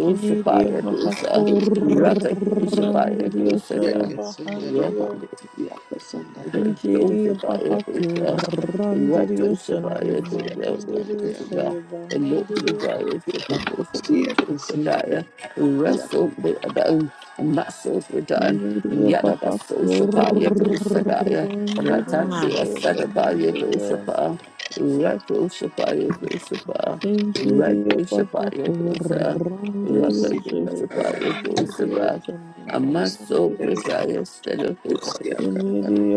S6: Kennedy
S1: Dosa
S5: ya
S1: Rakadosapaya
S6: Bahakurandirio
S5: ya
S6: Sega
S1: Dosada
S5: que santa le
S6: Bahandirio
S5: papusia santa le
S6: Injiri
S1: Dulcify yourself. and Let
S6: Bahakurandiri
S1: dulcify
S5: papusia santa le
S1: your
S6: Sanan
S5: papusia que santa le papusia santa
S6: Mahandiri
S1: dulcify.
S6: Saya
S1: And look to
S6: Bahandiri
S1: Darius to condition it to Darius. Wrestle the other. and Muscles were done.
S6: Injiri
S1: Yet of a social power dulcify. Ratan
S6: Bahakurandiri
S1: be a
S6: Saya
S1: set of by your
S6: Bahandiri
S1: dulcify. Let dulcify your dulcify. Let
S6: Injiri
S1: dulcify your dulcify. Let
S6: Bahakurandiri Saya
S1: dulcify your
S6: Bahandiri
S1: dulcify.
S6: Sanan
S1: A muscle
S5: le
S1: for
S6: Mahandiri
S1: Darius to look
S5: papusia santa
S6: Injiri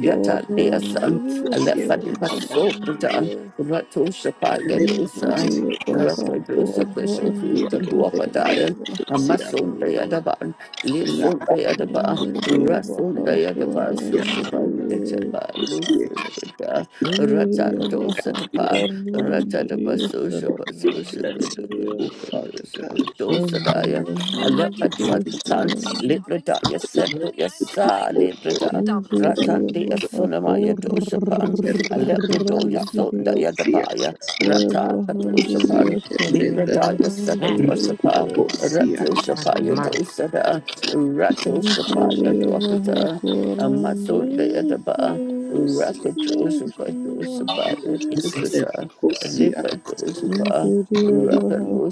S5: ya
S1: dea san,
S5: kusia
S1: alefa
S6: Saya
S1: de
S5: kwamba
S1: baso
S5: ya
S1: prata,
S6: Bahandiri
S1: rato shapa
S5: kulepa
S1: yadosa,
S6: Interior
S5: kusia kasi
S1: rato
S6: Baja
S1: dosa kesha
S5: ya
S1: futa
S6: Corranderia
S5: kitendo
S1: duapadaya,
S5: kusia
S1: amason dea
S6: Bajanderia
S1: daban,
S5: kuna
S1: litson dea daba,
S6: Interior
S1: rason
S6: Baja
S1: dea daba,
S5: ya
S1: sushaban
S6: Corranderia
S1: etaba,
S5: kusia
S1: lusun
S5: kasi
S1: prata, ratan
S6: Interior
S1: dosa
S6: Baja
S1: tapa, rata daba
S6: Corranderia
S1: susha
S6: San
S1: basusha
S5: Bless
S1: kudu
S6: Mahanderia
S5: you,
S1: kudu kudu
S5: Father God.
S1: suba
S5: We
S1: dosa
S6: San
S1: daya, Lepa
S6: Mahanderia
S1: Duakatan,
S6: San
S1: Librada, Yasendu
S5: worship you,
S1: Yasa,
S5: O Lord,
S1: Librada,
S6: Interior
S1: Ratandi
S6: Baja
S1: Yasunamaya Doshapan,
S5: Rakanda
S1: Aleprado
S5: Baba,
S1: Yasunda
S6: Corranderia
S5: Kusia,
S1: Yadabaya,
S5: Kasanda,
S6: San
S1: Rata
S6: Mahanderia
S5: Kusia,
S1: Kadoshapan,
S6: San
S5: Kasanda,
S1: Librada
S6: Mahanderia
S5: Ruku,
S1: Yasakadoshapa,
S6: San
S5: Kusia,
S1: Ratoshapaya
S5: Kasanda,
S1: Dosada, Ratoshapaya
S6: Anjiriya Baha
S1: Dwakata, Amasunda
S6: Korandese
S1: Yadaba,
S5: Kusia,
S6: Anjiriya
S1: Rakadosapa Dosabaya
S6: Chanmahandiriya
S2: Jesus,
S5: Kandele,
S1: Dosata,
S5: Kusia, Kasanda,
S1: Lipa
S6: Anjiriya Baha
S1: Labrador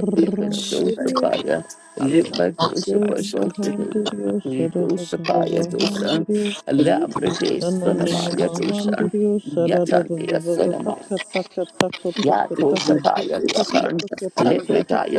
S5: Kusia,
S2: shit,
S5: Kasanda,
S2: take up a sandal,
S5: Eba,
S2: I
S6: Saya
S2: shall take up a
S6: Bahandiriya Sadadadada Bahandiriya Sananana
S2: shall
S1: Sonamaya
S2: take up.
S1: Doshan,
S6: Mahandiriya Sadadadada
S1: Yatandia Sonamaya.
S6: Taka Taka Taka
S1: Ya
S6: Taka Taka
S1: Toshapaya
S6: Taka Taka Taka
S5: Rebakusia
S1: Dwapan,
S6: Taka Taka
S5: kasanda
S1: Lepreta
S6: Taka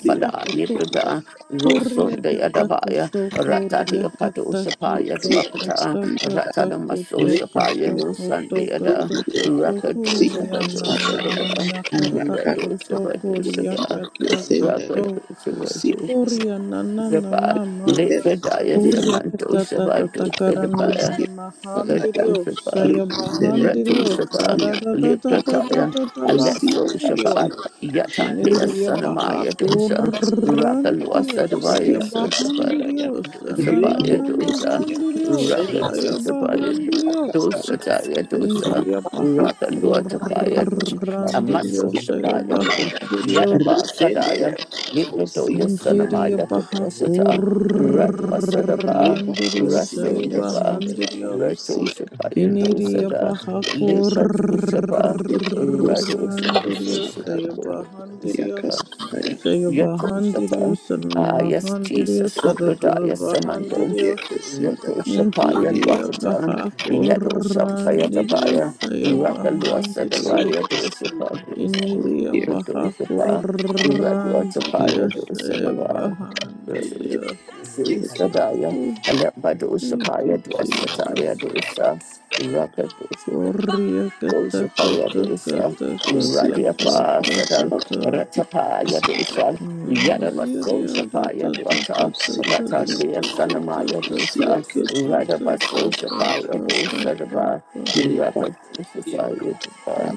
S5: dia kasanda
S1: Lepreta, Rosun
S6: Kuria
S1: de Adabaya,
S6: katakoto,
S1: Rata de
S6: kuria
S1: Apato Sapaya
S6: katakoto,
S5: kusia
S1: Dwapata,
S5: kasanda
S1: Rata de Maso
S6: katakatakoto,
S1: Sapaya, no
S5: rebakusenda
S6: katakoto
S1: Sunday Ada,
S6: katakoto
S1: Raka
S5: rebakusia
S6: konia
S1: Doshapato
S5: kasanda ya
S1: Sadava,
S6: namania
S5: araka
S1: Rato
S6: katakoto,
S1: Sapato
S6: kuria
S1: Sada,
S5: kusenda
S1: Raka
S6: katakoto.
S5: rebakusia
S1: Doshapato
S6: Kuria na na na
S1: Sadava,
S6: mama.
S5: kasanda
S1: Lepreta
S5: rebakusia
S6: Kuria
S1: Yasamanto
S6: kata ta ta
S1: Sapato
S6: ta kara na na
S1: Sadabaya.
S6: na
S5: kasanda ya
S1: Kato
S6: mahandiriyo.
S1: Shapa,
S6: Saya
S5: rikindele
S1: Reto
S6: mahandiriyo.
S1: Shapa,
S6: Sara
S5: bukusia
S6: da da da da da
S1: Liprataya,
S6: da da
S5: kusia
S1: Alesso Shapa,
S6: mahandiriyo.
S5: kasanda
S1: Yata Dea
S6: Kineria baha
S1: Sanamaya Dosa, Rakalwa
S6: kurandiriyo.
S1: Sadavaya
S6: Saya
S5: kusia
S1: Soshapa,
S5: kasanda ya
S6: mahandiriyo. Sana na
S1: Dosapaya
S6: na
S1: Dosa,
S5: rebakusia
S6: mahandiriyo.
S5: kasanda
S6: Saya
S2: Jesus.
S1: Rakadosapaya
S5: kusia
S6: mahandiriyo.
S5: kasanda
S1: Dosa
S2: Jesus.
S1: Taya Dosa.
S6: Kineria baha
S7: Thank
S1: Rakaloatapayadum,
S2: Shall I take up
S6: kurandiriyo.
S1: Amaso
S5: rebakusia
S6: Saya
S1: Shapayadum,
S6: mahandiriyo.
S1: Yadaba
S5: rikindele
S1: Sadaya, Lipidoya
S6: Injiriyo
S1: Sanamaya
S6: baha
S1: Padwasata, Radwasadaba,
S6: kurandiriyo
S5: Rebakusia
S6: shaya
S1: Rasundaba,
S5: kasete
S6: bahandiriyo
S1: Rato
S5: rebakusia kasanda
S1: Shapayadu
S6: kiniriyo
S1: Sada,
S6: baha
S5: kasia
S1: Lipato Shapa, Rado
S6: kurandiriyo
S5: kasanda
S6: shaya
S1: Shapa
S5: rebakusia kasanda ya
S6: bahandiriyo
S1: Shapa.
S5: kasanda
S6: shaya
S1: Yato
S6: bahandiriyo
S1: Shatan. Ah, yes,
S6: sanmahandiriyo
S1: Jesus,
S6: sarara
S1: Sobradaya Samando,
S6: bahandiriyo
S1: Yato Shapaya
S5: rebakusia
S6: injiriyo
S1: Luatatan,
S6: baha
S1: Yato Shampaya
S6: kurandiriyo
S1: Dabaya,
S6: shaya
S1: Rakalua
S6: bahandirio.
S5: kasia
S1: Sadabaya
S5: kasanda
S1: Dosapa,
S6: Iniria
S5: kusia
S6: baja
S5: kasanda
S1: Dosapa, Radua Tapaya
S6: corandiria se
S1: Dosadavaya.
S6: bajandiria.
S5: kusia
S1: Sadaya,
S6: Oh,
S1: Alepa
S6: thank
S1: Dosapaya
S6: you,
S1: Dosataya
S6: Jesus.
S1: Dosa, Raka
S6: Corria
S1: Doshapaya
S6: katakota
S1: Dosa,
S5: kasanda
S7: you.
S5: kusia kasanda kasanda rebakusia
S6: katakota
S1: Radiapa
S7: Thank you.
S1: Sada,
S5: kala
S6: katakota.
S5: rebakusia
S1: Ratapaya
S5: kasanda rebakusia
S1: Dosa, Yadaba
S6: Iniria
S1: Soshapaya Dwata, Ratandia Sanamaya Dosa, Radaba Soshapaya Dosa, Daba, Rakatosapaya Daba,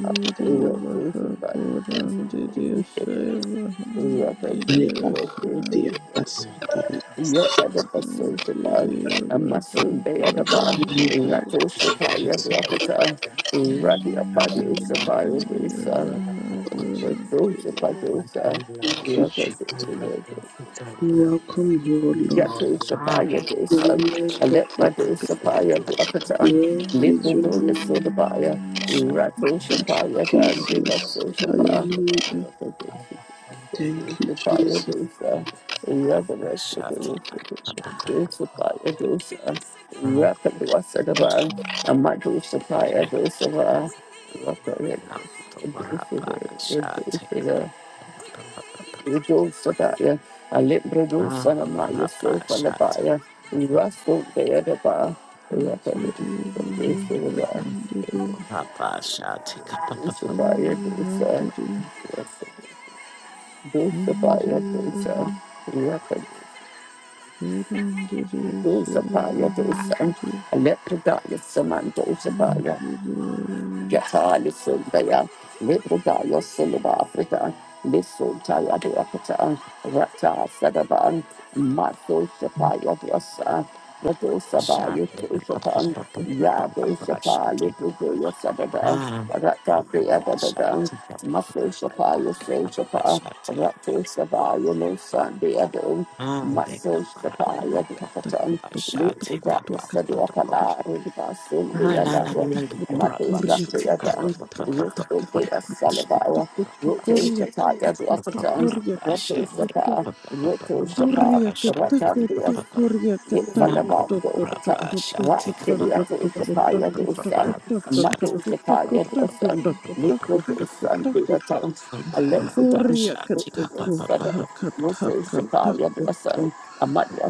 S6: baja
S1: Rakatosapaya
S6: corandiria se
S1: Dosa,
S6: bajandiria
S1: Rakatosapaya
S6: se.
S1: Dosa, Yatadabaso Shapa,
S6: Chidiya
S1: a masun
S6: Bahakaran
S1: Yatadabasoshapan, Amasundayadaba,
S6: Didiya
S1: Ratoshapaya Dwakata, Radiapadosapaya
S6: Chidiya
S1: Dosa,
S6: Bahakaran Didiya
S1: Patoshapadosa,
S5: Thank you, Jesus. We welcome you, O Lord.
S2: my
S1: Yatoshapaya Dosa,
S5: Worthy
S2: Rabash?
S5: of our God.
S1: Aletmadosapaya Dwakata,
S5: Worthy is your
S6: Chidiya
S1: Litmudoya
S5: name,
S1: Sodabaya,
S2: Shall
S6: Bahakaran
S1: Ratoshapaya
S5: Jesus. Hallelujah.
S1: Gandhivasoshapa,
S5: Thank you,
S1: Dulcify your
S5: Jesus.
S1: dosa,
S2: I
S1: Rakadasa
S2: shall I take up my
S1: Dulcify your dosa, Rakadasa Dava, Amadusapaya
S7: And the
S1: dosava,
S7: Greek
S1: Rakadasa
S7: word
S2: Rabash? Shall I take up
S7: means
S2: my
S7: "well"
S1: Dulcifaya,
S2: Rabash? Shall
S1: Alibradusa
S2: I take up my
S1: Namaya
S2: Rabash? Shall I take
S1: Sopalabaya,
S2: up
S1: Rasul Deadaba,
S6: Chidiya
S1: Rakadasa
S7: in and has
S1: Dulcifaya
S6: Bahakaran Didiya
S1: dosa,
S2: my Rabash? Shall I
S7: two
S2: take up my Rabash?
S6: Say Bahan Didiya
S1: Dulcifaya
S6: Indiya
S1: dosa, Rakadasa.
S6: Bahakaran Didiya
S1: dosa
S6: Say
S1: paya dosa,
S6: Bahan Didiya
S1: lepra daya saman dosa paya,
S6: Chidiya
S1: Yatali Sundaya, Nibudaya Silva Africa, Nisutaya Duakata, Rata Sadaban, Mato Shapaya Vasa, Rato
S2: Shall I
S1: Sabaya
S7: meanings.
S2: take up
S1: Tushapan,
S2: my Rabash? Shall I take up my Rabash? Shall
S1: Yabo Shapaya Dukuya Sadada, Rata Deadadada, Mato Shapaya Sejapa, Rato Sabaya Nusan Deadum,
S2: I take
S1: Mato
S2: up my Rabash?
S6: Koriya
S1: Shapaya Duakatan,
S2: I
S6: Katakoto
S2: shall take up
S6: Katakoto
S1: Nibudaya
S2: up and
S1: Sadua
S2: the go.
S6: Katakoto
S1: Pala, Rivasin
S2: Ah, la la
S1: Beadaya.
S2: la, the
S6: Kuriakataku
S2: go up. I shall take up
S6: takataka
S1: Matoshatriyadan,
S2: up up up up up. up.
S1: Rusotea
S2: I shall
S1: Salabaya,
S2: take up up. I
S1: Roto
S2: shall
S1: Shataya
S2: up up
S1: Dwakatan,
S2: up up. I
S1: Rato
S2: shall
S1: Shapa, Roto Shapa,
S2: take up up
S1: Ratandias,
S2: up up up up up. I shall take up up up up. Na man the
S1: Lifalabando
S2: go up.
S1: Kata,
S2: I shall take up up up
S1: Rakiliato
S2: up up up
S1: Shapaya
S2: up up up.
S1: Dosan,
S2: up. I shall
S1: Mato
S2: take up
S1: Shapaya
S2: up up up up up
S1: Dosan,
S2: up up up.
S1: Liquid Sunday Atan,
S2: And the go up. I
S1: Alenfutan,
S2: shall
S1: Yes,
S2: take up up up up up up up up. up, up,
S6: takuto.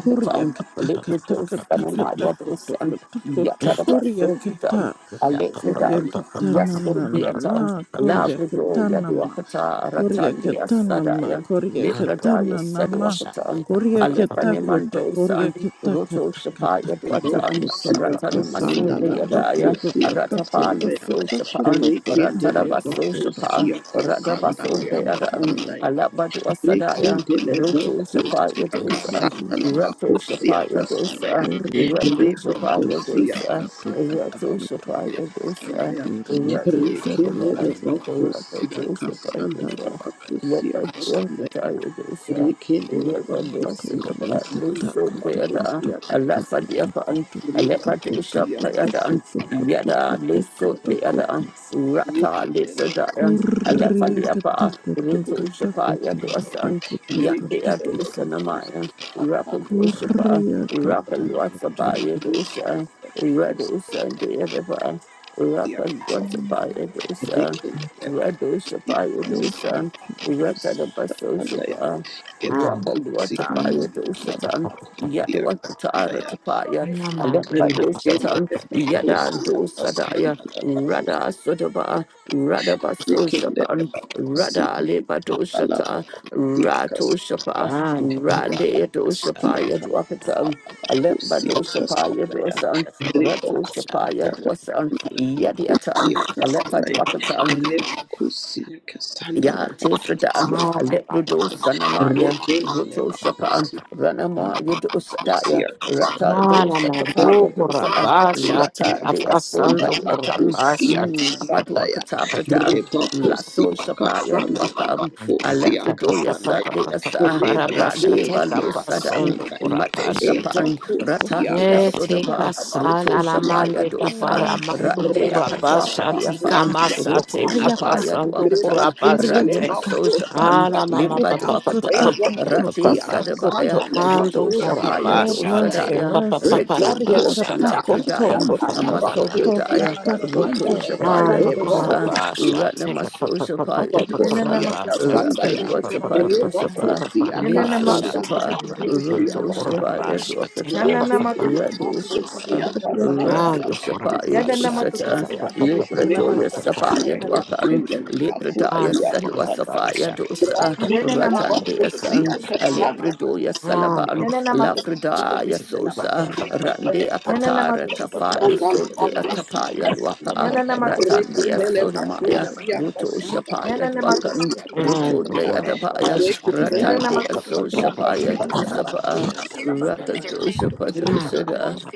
S6: Korea kata
S2: up,
S6: kata
S2: up, up,
S6: kata
S2: up, up.
S6: kata koto koto koto Korea kata
S2: Rabasha,
S6: Korea kata na
S1: for the
S6: na na ma
S1: theater,
S6: Korea
S1: Labrador,
S6: kata na ma
S1: Yaduakata,
S6: Korea
S1: Ratandia
S6: kata na ma
S1: Sadaya,
S6: Korea kata
S1: Lepradaya
S6: na na ma
S1: Sadwakatan,
S6: Korea kata koto Korea
S1: Alephanimandosan,
S6: kata
S1: Roto
S6: kata kata
S1: Shapaya
S6: kata
S1: Dwatan,
S6: koto
S5: Bokusiya
S6: koto
S1: Ratanamaso
S6: koto
S5: kasanda la
S6: kata
S1: Payadaya,
S6: koto
S5: bakusiya
S6: kata
S5: kasanda
S6: koto
S1: Ratapalu
S5: ya.
S1: So
S6: koto
S1: Shapan,
S6: koto kata
S5: Rekende le
S6: kata
S1: Ratanabaso
S6: koto
S1: Shapan,
S5: bakusiya kasanda la
S1: Radabaso
S5: ya
S6: Thank you
S1: Deadan,
S6: Lord
S5: kasanda
S1: Alabadua Sadaya,
S5: Rekindele
S1: Roto Shapaya
S5: bakosia
S6: Thank you
S1: Dosa,
S5: kasanda la
S6: Jesus
S1: Rato
S5: bakosia
S1: Shapaya
S5: kasanda ya.
S1: Dosa, Rato
S5: Rebo
S1: Shapaya
S5: kosia
S1: Dosa,
S5: kasanda la
S1: Rato
S6: Kuriakatakotokotakotokoto.
S5: bakosia
S1: Shapaya
S5: kasanda
S1: Dosa, Rato
S5: ya. Rekindele
S1: Shapaya Dosa,
S5: bakosia
S1: Rato Shapaya
S5: kasanda la
S1: Dosa, Rapa
S5: bakosia kasanda ya. Rekindele
S6: Kuriakatakoto.
S5: bakosia kasanda la bakosia. Reba kosia kasanda.
S6: Kuriakatakotokotokotokotokotokotokotokotokotokotokotokotokoto.
S5: Rekindele bakosia kasanda. Rekindele bakosia kasanda. Rekindele
S6: Kuriakatakotokotokotokotokotokotokoto. Kuriakatakoto.
S5: dia
S6: Mm,
S5: reken eba
S1: Radosha
S5: kusi
S6: Thank
S5: asus
S6: you,
S1: Payadosan,
S6: Jesus.
S5: anda
S1: Ratadabasosha,
S5: eba kusi
S1: Rakadwata
S6: Thank you, Lord.
S1: Payadosatan,
S5: dia anda
S1: Yadwatara
S5: ya
S1: Tapaya,
S5: Rikin
S1: Alambadoshatan,
S5: Ebakusi Kasakus Andaya Ebakusi Kasakusia Kasandaya Rikin Ebakusi
S1: Yadandosadaya,
S5: Kasandala
S1: Rada
S5: Bakus
S1: Sodaba,
S5: Rikin
S1: Radabasoshapan,
S5: Ebakusi
S1: Rada Lebadoshata,
S5: Alabakusi
S1: Ratoshapa,
S5: Kasandaya Ribakusi
S1: Randeadoshapaya Dwakatan,
S5: Kasakusi
S1: Alambadoshapaya
S5: Kasandaya
S1: Dwasan,
S5: Ribokusi
S1: Ratoshapaya Dwasan,
S5: Kasandala
S1: Yadiatan,
S5: Bakusi Kasandaya
S1: Alepadwakatan,
S5: Ribakusi
S1: Ya Tifridan,
S5: Kasandala
S1: Lepidosanamatya,
S5: Rekele
S1: Ruto Shapan,
S5: bakusi
S1: Ranama Yudosadaya,
S5: kusia kasanda.
S1: Ratan Dosatapaya Dosa,
S2: take
S5: Kusia
S1: Ratan
S2: up
S1: de
S2: a
S1: Aso
S2: son to
S5: kasanda
S1: Badi Atan,
S5: bakusia
S2: Rabasha.
S5: kasanda ya
S1: Maduakatabradan,
S5: reba kusia
S1: Lasso Shapaya
S5: kasanda
S1: Duakam,
S2: And take a
S5: bakusia
S2: pa- pa- pa-
S1: Alepridoya
S2: pa-
S5: kasanda
S2: pa-
S1: Sande
S5: ya
S2: pa- pa- pa-
S1: Asa,
S2: pa- ra-
S5: reba
S2: pa- sha-
S1: Rade
S2: take a
S5: kusia
S2: pa-
S1: Balosadan,
S2: sondo
S5: kasanda ya
S2: kura pa-
S1: Mato
S2: sha- te.
S5: eba
S1: Shapan, Ratan
S5: kusia
S1: de
S2: Eh,
S6: Kuriakatakotokotokotokotokotokoto.
S2: take a
S1: Asodapa,
S5: kasanda
S2: sa-
S1: Ruto
S2: la- la-
S5: bakusia
S2: man-
S1: Shapaya
S2: de- ka-
S6: Oh,
S5: kasanda
S2: pa-
S1: Dosa,
S5: ya
S2: ra-
S6: mercy,
S2: man- do-
S1: Rande
S6: Lord.
S2: kura pa-
S1: Akatwapa
S5: rakanda
S2: sha-
S1: de
S2: ti- ka-
S1: Afan,
S2: ma-
S6: Taco,
S5: bakusia
S2: sa- te-
S6: toco,
S1: Roto
S2: ka-
S5: kasanda
S2: pa-
S5: ya
S6: riata,
S1: Shapaya
S2: sondo
S5: reba
S2: kura
S1: Duakata,
S2: pa- sha-
S5: kendele
S1: Rani
S6: curiata,
S2: te.
S1: Maso
S6: taco,
S5: bakusia
S2: Ah,
S1: Shapan,
S6: taco,
S2: la- ma- ma-
S6: taco,
S5: kasanda
S1: Limba
S2: pa-
S5: ya
S2: pa- pa-
S6: toco,
S2: pa- pa-
S1: Duakata,
S5: eba
S2: pa-
S6: taco,
S2: pa- pa-
S1: Rati
S6: toco,
S2: pa-
S5: kusia
S2: pa.
S6: taco,
S1: Sadabaya,
S5: kasanda
S6: to.
S5: le
S2: Ando
S1: Roto
S2: kura
S5: bakusia
S6: Oh,
S1: Shapaya
S2: pa-
S6: Lord,
S2: sha-
S5: kasanda
S2: te-
S5: ya
S6: mercy,
S2: ka-
S1: Dosadaya,
S2: pa- pa- pa-
S6: mercy.
S5: Thank
S2: pa- ra-
S1: Retin
S2: pa-
S6: Coriaca,
S2: sha- te-
S1: Duakala
S2: ka-
S6: taco,
S2: pa- pa-
S1: Pradayan,
S2: pa-
S6: toco,
S2: pa- pa- pa-
S3: Tutu
S6: taco,
S2: pa.
S1: Amaso
S3: beshe dala
S6: toca,
S1: Pradaya,
S3: basa
S6: taco,
S3: cha.
S1: Roto
S6: toca,
S3: Ya na
S1: Shapaya
S3: ma
S2: Ando
S6: taco, to.
S1: Dosa,
S2: corabasha,
S1: Rana
S2: tinga pa
S1: Maso
S2: pa pa pa pa
S1: Shapaya
S2: pa
S3: ya na na
S1: Dosa,
S3: ma tutu tutu
S2: corabasha,
S3: tutu
S2: tinga
S3: beshe
S1: Rakalua
S2: pa pa
S3: dala
S1: Shapa
S2: pa pa
S3: basa
S2: pa
S3: cha.
S2: pa
S1: Dosapa,
S2: pa
S3: Ya na na ma
S1: Leso
S2: corabasha,
S3: tutu tutu
S2: tinga
S1: Shapa,
S2: pa.
S3: tutu beshe
S6: Mercy,
S2: Ando
S3: dala
S1: Roto
S6: Coriaca,
S3: basa
S1: Shapaya
S3: cha.
S2: corabasha,
S3: Ya
S2: tinga
S3: na
S1: Duakata,
S2: pa
S3: na
S2: pa
S3: ma
S2: pa.
S3: tutu
S1: Radu
S3: tutu tutu beshe
S1: Shapa.
S3: dala
S6: coriaca,
S3: basa
S1: Rado
S3: cha.
S2: Ando
S6: taco,
S1: Shapaya
S3: Ya na na ma
S2: corabasha,
S3: tutu
S2: tinga
S1: Dosata,
S6: toco,
S3: tutu
S2: pa
S3: tutu
S2: pa pa
S3: beshe
S2: pa
S3: dala
S2: pa pa pa
S1: Lepradoya
S2: pa
S3: basa cha cha
S2: pa
S1: Sapaya
S3: cha la
S2: pa.
S3: ma
S1: Dwapan,
S3: tutu tutu tutu beshe
S1: Lepradaya
S3: dala
S2: Ando
S3: basa
S1: Salwa
S3: cha.
S1: Safaya
S2: corabasha, tinga
S1: Dosa,
S2: pa pa
S3: Ya na
S2: pa pa
S3: na ma
S2: pa
S3: tutu
S1: Ratandea
S3: tutu
S2: pa pa
S1: San,
S3: tutu
S2: pa.
S3: beshe dala basa
S1: Alepradoya
S3: cha.
S2: Ando
S1: Salaban,
S3: Ya na na ma tutu tutu tutu
S2: corabasha,
S1: Lafredaya
S3: beshe
S2: tinga pa
S3: dala
S2: pa pa pa pa
S1: Sosa,
S3: basa
S2: pa
S3: cha.
S1: Randea
S5: you.
S3: Yana nama
S1: Katara
S3: tu tu tu tu tu
S1: Tafali
S3: tu
S5: Andala bakusi
S3: bishete la
S1: Sordea Tapaya
S3: basata.
S1: Lwaka,
S5: kasandala.
S3: Yana
S6: coriaca,
S3: nama tu tu tu tu
S1: Ratandea
S2: pa pa
S3: tu tu
S5: Rekendele
S2: pa
S3: tu
S2: pa pa.
S3: bishete
S1: Sunamaya,
S3: la
S5: bakusi ya
S3: basata.
S1: Ruto
S5: kasandala
S1: Shapaya
S3: Yana nama tu
S5: bakusi
S3: tu
S1: Dwakan,
S3: tu
S5: ya
S3: tu tu tu
S2: And
S5: kasandala.
S3: bishete
S1: Rutondea
S3: la
S1: Dabaya,
S3: basata.
S2: Ukurabas and they
S5: Rekendele
S3: Yana
S2: got
S3: nama
S2: pa-
S1: Ratandea
S3: tu
S2: pa-
S3: tu
S2: pa-
S1: Son
S3: tu
S2: pa-
S3: tu tu
S2: pa-
S3: tu tu
S1: Shapaya
S2: pa-
S3: bishete
S2: pa- pa-
S3: la
S1: Dosapa.
S3: basata. La bato tu
S5: bakandala
S3: tu tu tu
S1: Rakadosha
S3: tu bishete
S2: and
S3: la
S1: Padosada,
S3: basata.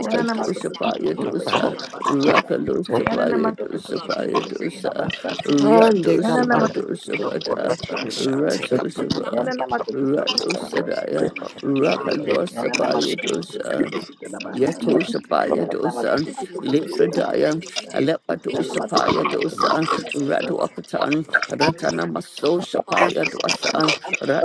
S3: Yana nama tu
S2: Okorabas,
S3: tu tu tu tu
S2: and
S3: tu
S2: pa- pa-
S1: Payadosa,
S3: bishete la basata.
S1: Rakadosa
S3: Yana nama tu tu tu
S1: Payadosa
S3: tu tu tu bishete la
S1: Payadosa,
S3: basata.
S2: and they
S3: Yana
S1: Radosha
S2: come
S3: nama
S2: back.
S3: tu tu tu
S1: Padosha
S3: tu tu tu
S1: Pada,
S3: bishete la
S2: Take
S3: basata.
S2: up,
S1: Ratosava,
S3: Yana nama tu tu tu tu tu tu tu bishete
S1: Radosadaya,
S3: la
S6: mercy, Lord.
S3: basata.
S6: Oh, Lord,
S3: Yana
S1: Rakalosa
S3: nama tu tu tu tu tu tu
S1: Payadosa.
S3: bishete la basata.
S1: Yatosha
S6: mercy,
S1: Paya
S3: Yana
S6: Lord.
S3: nama tu
S1: Dosa,
S3: tu tu tu tu bishete la
S1: Lifredaya,
S3: basata. Yana
S1: Alepadosha
S3: nama tu tu
S1: Paya
S3: tu tu tu
S1: Dosa,
S3: bishete la basata.
S1: Raduakatan, Ratana maso Paya Dosa,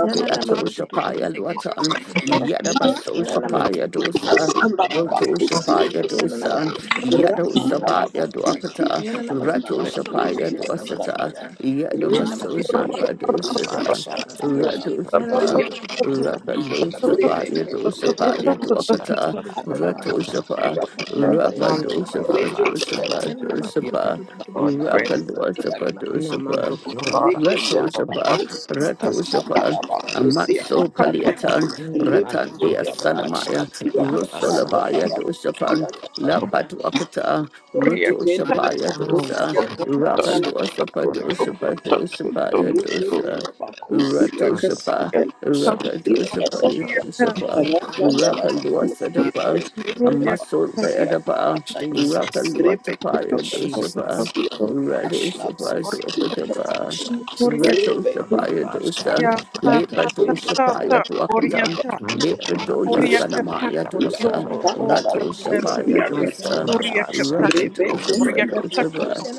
S3: Yana nama tu tu tu tu tu
S1: Paya
S3: tu bushita
S1: Luatan,
S3: na basata. Yana
S1: Yadabasosha
S3: nama tu
S1: Paya
S3: tu tu tu tu tu
S1: Dosa,
S3: bushita
S5: kasandala
S3: na
S1: Rotosha
S3: basata.
S5: bakusi ya
S1: Paya
S3: Yana nama
S1: Dosa,
S5: kasandala.
S3: tu tu tu tu tu bushita
S1: Yadosa
S3: na
S5: Rakandala
S1: Paya
S3: basata.
S5: bakusi ya
S1: Duakata,
S3: Yana nama tu tu
S5: kasandala
S3: tu
S1: Ratosha
S3: tu tu tu
S5: bakusi
S1: Paya
S5: ya
S3: bushita na
S1: Dosata,
S5: kasandala.
S3: basata. Yana nama
S5: Rekendele
S3: tu tu tu
S1: Yadabasosha
S3: tu tu tu
S5: ya
S1: Padosa.
S5: kasandala
S1: Radu
S5: bakusi
S1: Radosapa,
S5: ya Rekendele
S6: Mercy,
S5: bakusi
S6: Lord.
S5: ya
S3: bushita na
S5: kasandala. Rekendele
S1: Rakadosapa,
S3: basata.
S1: Yadosapa,
S3: Yana nama tu tu tu tu tu
S1: Yaduakata,
S3: tu bushita na basata. Yana nama
S1: Ratosapa,
S3: tu tu tu tu tu bushita na basata. Lama tu tu tu tu tu bushita
S2: Mando
S3: na
S1: Rakadosapa,
S3: basata.
S2: Kurabasha,
S1: Dosapa,
S3: Yana nama tu tu tu
S1: Dosapa,
S3: tu tu tu
S6: God
S3: bushita na
S6: grace
S3: basata.
S1: Rakadosapa,
S3: Lama tu tu tu tu
S2: Namando
S1: Dosapa,
S3: tu
S6: God
S3: bushita
S2: Kurapa
S3: na
S5: Rekindele
S1: Rato
S3: basata.
S2: Shatika.
S1: Japa, Rato Japa, Amatso Paliatan,
S2: Namando
S1: Ratandia
S2: Kurapa
S1: Sanamaya,
S2: Shatika.
S6: brothers
S1: Rusolabaya Doshapan, La
S6: to
S1: Patuapata,
S6: Korea
S1: Ruto Shapaya
S2: Namando
S1: Dosa,
S2: Kurapa
S6: Kota
S1: Rapalosa
S6: Koto
S1: Padosa
S6: Koto
S1: Padosa
S6: Koto
S1: Paya
S6: Korea
S1: Dosa, Rato Shapa,
S6: Kota
S2: Shatika.
S1: Rakadosa Paya
S6: Korea Kota
S1: Dosapa, Rapalosa Dapa,
S6: Korea
S1: Amaso
S6: Kota
S1: Dayadapa,
S2: Jesus,
S1: Rapalota Paya
S6: Koto Koto
S1: Dosapa.
S2: Jesus,
S6: Koto
S1: Rado Shapaya
S2: Jesus,
S1: Dwakatapa,
S2: Jesus.
S6: Korea
S1: Rato Shapaya
S3: Rabasa,
S2: Kurapa
S1: Dosan,
S6: Korea
S3: Kutanabasa,
S2: Shatika.
S6: Ta Ta Ta
S1: Lepato
S3: Kutubushi,
S6: Ta
S1: Shapaya
S6: Ta Korea
S1: Dwakatan,
S6: Ta
S3: Matatutubushi,
S2: Namando
S1: Lepratoya
S2: Kurapa
S3: Rabasa,
S6: Korea
S2: Shatika.
S6: Kota
S1: Sanamaya
S3: Yana
S1: Dosa,
S6: Koto O
S3: matututututu
S1: Rato Shapaya
S2: Namando
S3: bushitanabasata,
S1: Dosa,
S6: Korea
S2: Kurapa
S6: Kota
S2: Shatika.
S1: Rakato
S6: Korea Kota
S1: Shapaya
S6: Koto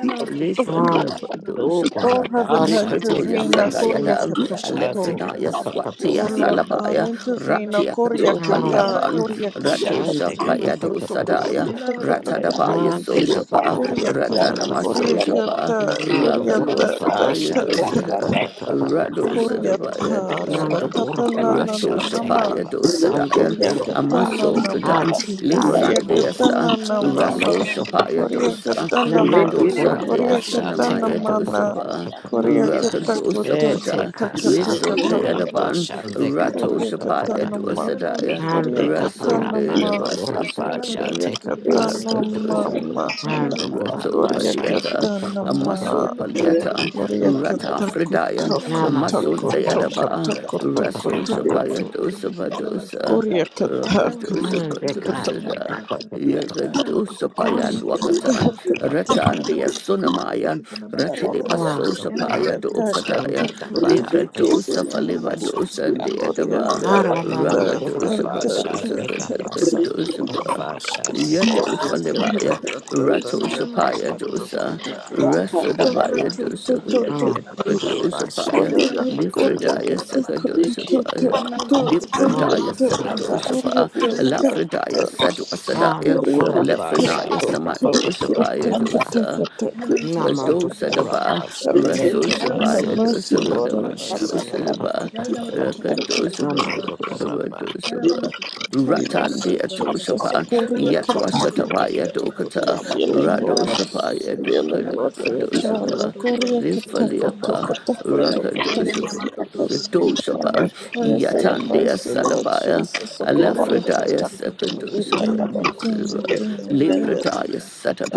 S6: Koto
S1: Lefalia
S2: Ana
S1: Pado
S2: do
S6: Oh,
S1: Shapa,
S6: heaven,
S2: korabasha take
S1: Lepratoya
S2: a
S6: intervene,
S2: bason
S6: Korea
S2: do
S1: Sandayadan,
S6: kata
S2: bosha
S6: koto.
S2: take a
S1: Alefrenaya
S2: pa pa pa pa
S6: Oh,
S2: pa.
S1: Swatia
S6: Lord God,
S1: Salabaya,
S6: intervene,
S1: Ratia
S6: Korea
S2: Ana
S5: Rebecca,
S6: kata,
S2: do
S1: Katopaliapan,
S6: Korea kata
S1: Rato
S2: korabasha
S6: kata
S2: take a pa
S6: kata
S1: Shapaya
S2: pa pa
S6: koto
S2: pa pa
S6: koto
S1: Dosadaya,
S2: pa.
S3: yana
S6: koto koto
S3: matututututu
S6: koto.
S1: Ratadabaya
S2: Ana take a pa
S1: Sojapa,
S2: pa pa
S6: Korea
S2: pa pa
S6: ka,
S2: pa
S1: Ratana
S2: pa pa.
S6: Korea
S1: Masosapa,
S6: kata,
S2: Namando
S6: Korea ta ta
S1: Rakaluasapaya
S6: ta
S2: korabasha take
S6: ta
S2: a
S6: ta.
S2: pa
S1: dosada,
S2: pa pa pa pa pa.
S1: Radosadabaya
S6: Koryatara da
S2: Mando
S1: dosa.
S2: Kurapa
S1: Rato
S6: tatanananama.
S2: Shateka
S1: Shapaya
S2: Sando
S1: dosadaya,
S3: bushitanabasata,
S2: Kurapa
S3: Yanama tu
S1: Amaso
S3: tu tu
S6: Koryaketananama.
S3: tu
S1: Bratan,
S3: tu tu bishidana
S2: Atikando
S3: basata.
S2: Kurapa
S1: Lisandeasa,
S3: Yanama tu
S2: Shateka
S6: Koryaketananamama.
S3: tu
S1: Raso
S3: tu tu tu
S1: Shapaya
S3: bishidana
S1: dosa,
S3: basata.
S6: Koryaketanama.
S2: Namando
S1: Redo
S3: Yanama tu tu tu
S2: Kurapa
S3: tu
S1: Sandeasa
S3: tu
S2: Shateka
S3: bishidana
S1: Namaya
S6: Koryaketamanana.
S3: basata.
S1: dosapa,
S3: Yanama tu tu tu tu tu
S1: Rakadosa
S6: Koryaketakutu
S3: bishidana
S1: Prada,
S2: Eteka
S3: basata.
S2: Sando
S3: Yanama tu
S6: kutakatakakutu.
S2: Kurapa
S3: tu tu
S1: Lisondeadaban,
S3: tu tu
S2: Shandeka
S3: bishidana
S1: Rato
S3: basata.
S1: Shapaya
S6: Koryaketanama.
S3: Yanama
S1: dosadaya,
S2: Andeka
S6: Koryaketanama.
S2: Parapando Kurapa
S3: tu
S1: Rasundeadabasosakada,
S3: tu tu tu
S2: Shateka
S3: tu bishidana
S2: Sando
S3: basata.
S6: Koryaketanamama.
S1: Rakadosapa.
S3: Yanama
S2: Mando
S3: tu tu tu tu tu
S1: Rato
S2: Kurapa
S3: bishidana
S2: Shandeka
S1: Padiata,
S3: basata.
S1: Amaso
S6: Koryaketanama.
S3: Yanama tu tu tu tu
S1: Paliata,
S3: bishidana
S6: Gloria que
S1: Rata
S3: basata.
S6: taco
S1: Fridayan,
S3: Yanama
S6: taco
S3: tu tu tu tu
S2: Namando
S1: Amason
S6: taco
S3: bishidana
S6: toco
S2: papasha
S1: Dayadaba,
S6: toco
S3: basata.
S2: beka
S6: toco
S2: papa
S1: Raso
S2: papa
S3: Yanama
S6: toco
S3: tu tu
S2: pas.
S1: Shapaya
S3: tu tu tu bishidana basata. Yanama tu tu tu
S6: to.
S3: tu tu
S1: Dosa
S3: bishidana
S1: Badosa,
S3: basata.
S6: Gloria que
S3: Yanana
S6: taco
S1: Rakadosa
S3: matututu
S6: taco taco to.
S2: Beka
S3: bishitana
S1: Badosada.
S2: beka
S3: basata.
S2: papa papa
S3: Yanana
S1: Yagadosa
S3: matututu
S2: papa.
S1: paya
S6: Gloria que
S3: bishitana
S1: luakatan,
S6: taco
S3: basata.
S6: taco.
S1: ratan
S3: Yanana
S1: dia
S3: matututu
S1: sunamayan,
S3: bishitana
S5: Thank you.
S1: ratide
S3: basata.
S6: Gloria
S1: baso
S6: que
S2: Namando
S3: Yanana
S2: kura.
S1: sapaya
S6: taco
S3: matututu
S6: taco taco
S1: dokadaya,
S2: Sangita
S3: bishitana
S2: para
S1: likra
S6: toco
S5: Thank
S3: basata.
S6: toco
S1: dosa
S6: to.
S3: Yanana
S1: faliba
S2: papasha.
S1: dosa
S3: matututu
S1: and dia
S3: bishitana
S6: Gloria
S1: dava,
S6: que
S3: basata.
S2: Aramando
S6: ta
S2: kura
S6: ta
S1: rakadosa
S6: ta
S2: pasha
S1: badosa
S6: ta
S2: beka
S6: ta ta.
S2: pasha
S1: kadakadosa
S2: kura
S1: pa,
S2: pasha beka
S1: yato
S2: papa
S6: Gloria
S2: papa.
S6: que
S2: papa.
S1: falibaya,
S6: ta ta ta ta
S1: Rato
S6: que
S3: Yanana
S1: Sapaya
S3: matututu
S6: taco
S1: Dosa,
S3: bishitana
S6: toco toco
S3: basata.
S6: toco
S3: Yanana
S6: toco
S1: Rasadabaya
S6: to
S1: Dosa
S3: matututu bishitana
S2: Namando kura
S3: basata.
S2: pasha
S1: Gadosapaya,
S3: Yanana
S6: Korea,
S2: papa papa
S3: matututu
S6: Korea,
S2: papa.
S1: Lifradaya
S6: get
S3: bishitana
S6: the ta ta
S3: basata.
S6: ta
S1: Sakadosapaya.
S3: Yanana
S6: ta.
S3: matututu
S6: Korea,
S1: Lipradaya
S2: Namando
S3: bishitana
S6: ta
S2: kura
S3: basata.
S2: pasha.
S6: Korea,
S1: Sakadosapa,
S6: ta
S3: Yanana matututu
S6: ta ta.
S1: Alafradaya
S3: bishitana
S1: Sadu
S3: basata.
S1: Asadaya,
S2: Namando
S6: Korea,
S2: kura
S6: get the
S2: pasha
S1: Alafranaya
S6: ta
S2: beka papa
S6: ta ta
S2: papa
S1: Samandosapaya
S6: ta
S2: papa.
S6: ta
S1: Dosa,
S6: ta
S3: Yana
S6: ta
S3: nama to
S6: ta ta.
S2: Namanto
S3: to
S1: Kadosa
S3: wish it
S1: daba
S3: another
S2: Kurabasha,
S3: sata.
S6: Heaven
S2: take a
S1: raso
S6: intervene,
S3: Yanana
S2: bus,
S6: have
S3: to
S1: shapaya
S6: mercy,
S3: to
S1: dosa
S3: wish
S6: Lord,
S3: it
S6: have
S1: kadaba
S3: another
S2: Kurabasha,
S6: mercy,
S2: take
S1: dosa
S3: sata.
S2: a
S6: Lord.
S2: papa,
S1: daba
S6: Yakata
S3: Yanana
S2: papa
S3: to
S6: koto koto
S1: rakadosa
S6: koto.
S2: Namando
S1: paduka daba
S2: Kuraba,
S1: dosa ba
S3: to
S6: Have
S3: boishete la
S1: ratandi
S6: mercy,
S3: baso
S1: atosha
S6: Jesus.
S1: pa
S6: Korea,
S3: to
S1: yatwa
S6: kata
S3: to
S6: koto
S3: wish
S1: shatabaya
S3: it
S6: koto
S3: another
S6: koto.
S1: dokata
S3: sata.
S6: Healing, Lord,
S3: Yanana
S1: radosa
S3: to to
S1: paya
S3: wish it
S6: healing,
S1: dokata
S3: another
S6: Lord, for
S3: sata.
S6: your
S1: kadosa
S3: Yanana
S1: pa
S6: child.
S3: to to
S6: Korea,
S3: wish
S6: kata
S3: it
S1: lifalia
S3: another
S6: koto
S1: pa
S6: koto
S3: sata.
S6: koto koto
S1: rakadosa pa
S3: Lama
S6: koto.
S3: to to wish it
S1: kadosa pa
S6: Lord,
S3: another sata. Yanana to to wish
S6: I
S3: it another sata.
S6: pray for your
S3: to wish
S1: yatandi
S3: it
S6: mercy,
S3: another
S6: Lord
S3: sata.
S1: asalabaya
S6: Jesus. Sokoria
S3: Yanana
S5: you.
S3: to
S1: alafradaya
S3: to
S6: katakoto.
S3: wish it
S1: sakadosa
S5: Yeah,
S1: pa
S3: another
S6: Redeem,
S3: sata.
S1: dosa
S3: to
S6: redeem,
S1: ba
S6: redeem,
S3: boishete la
S6: redeem.
S1: lipradaya
S3: masata.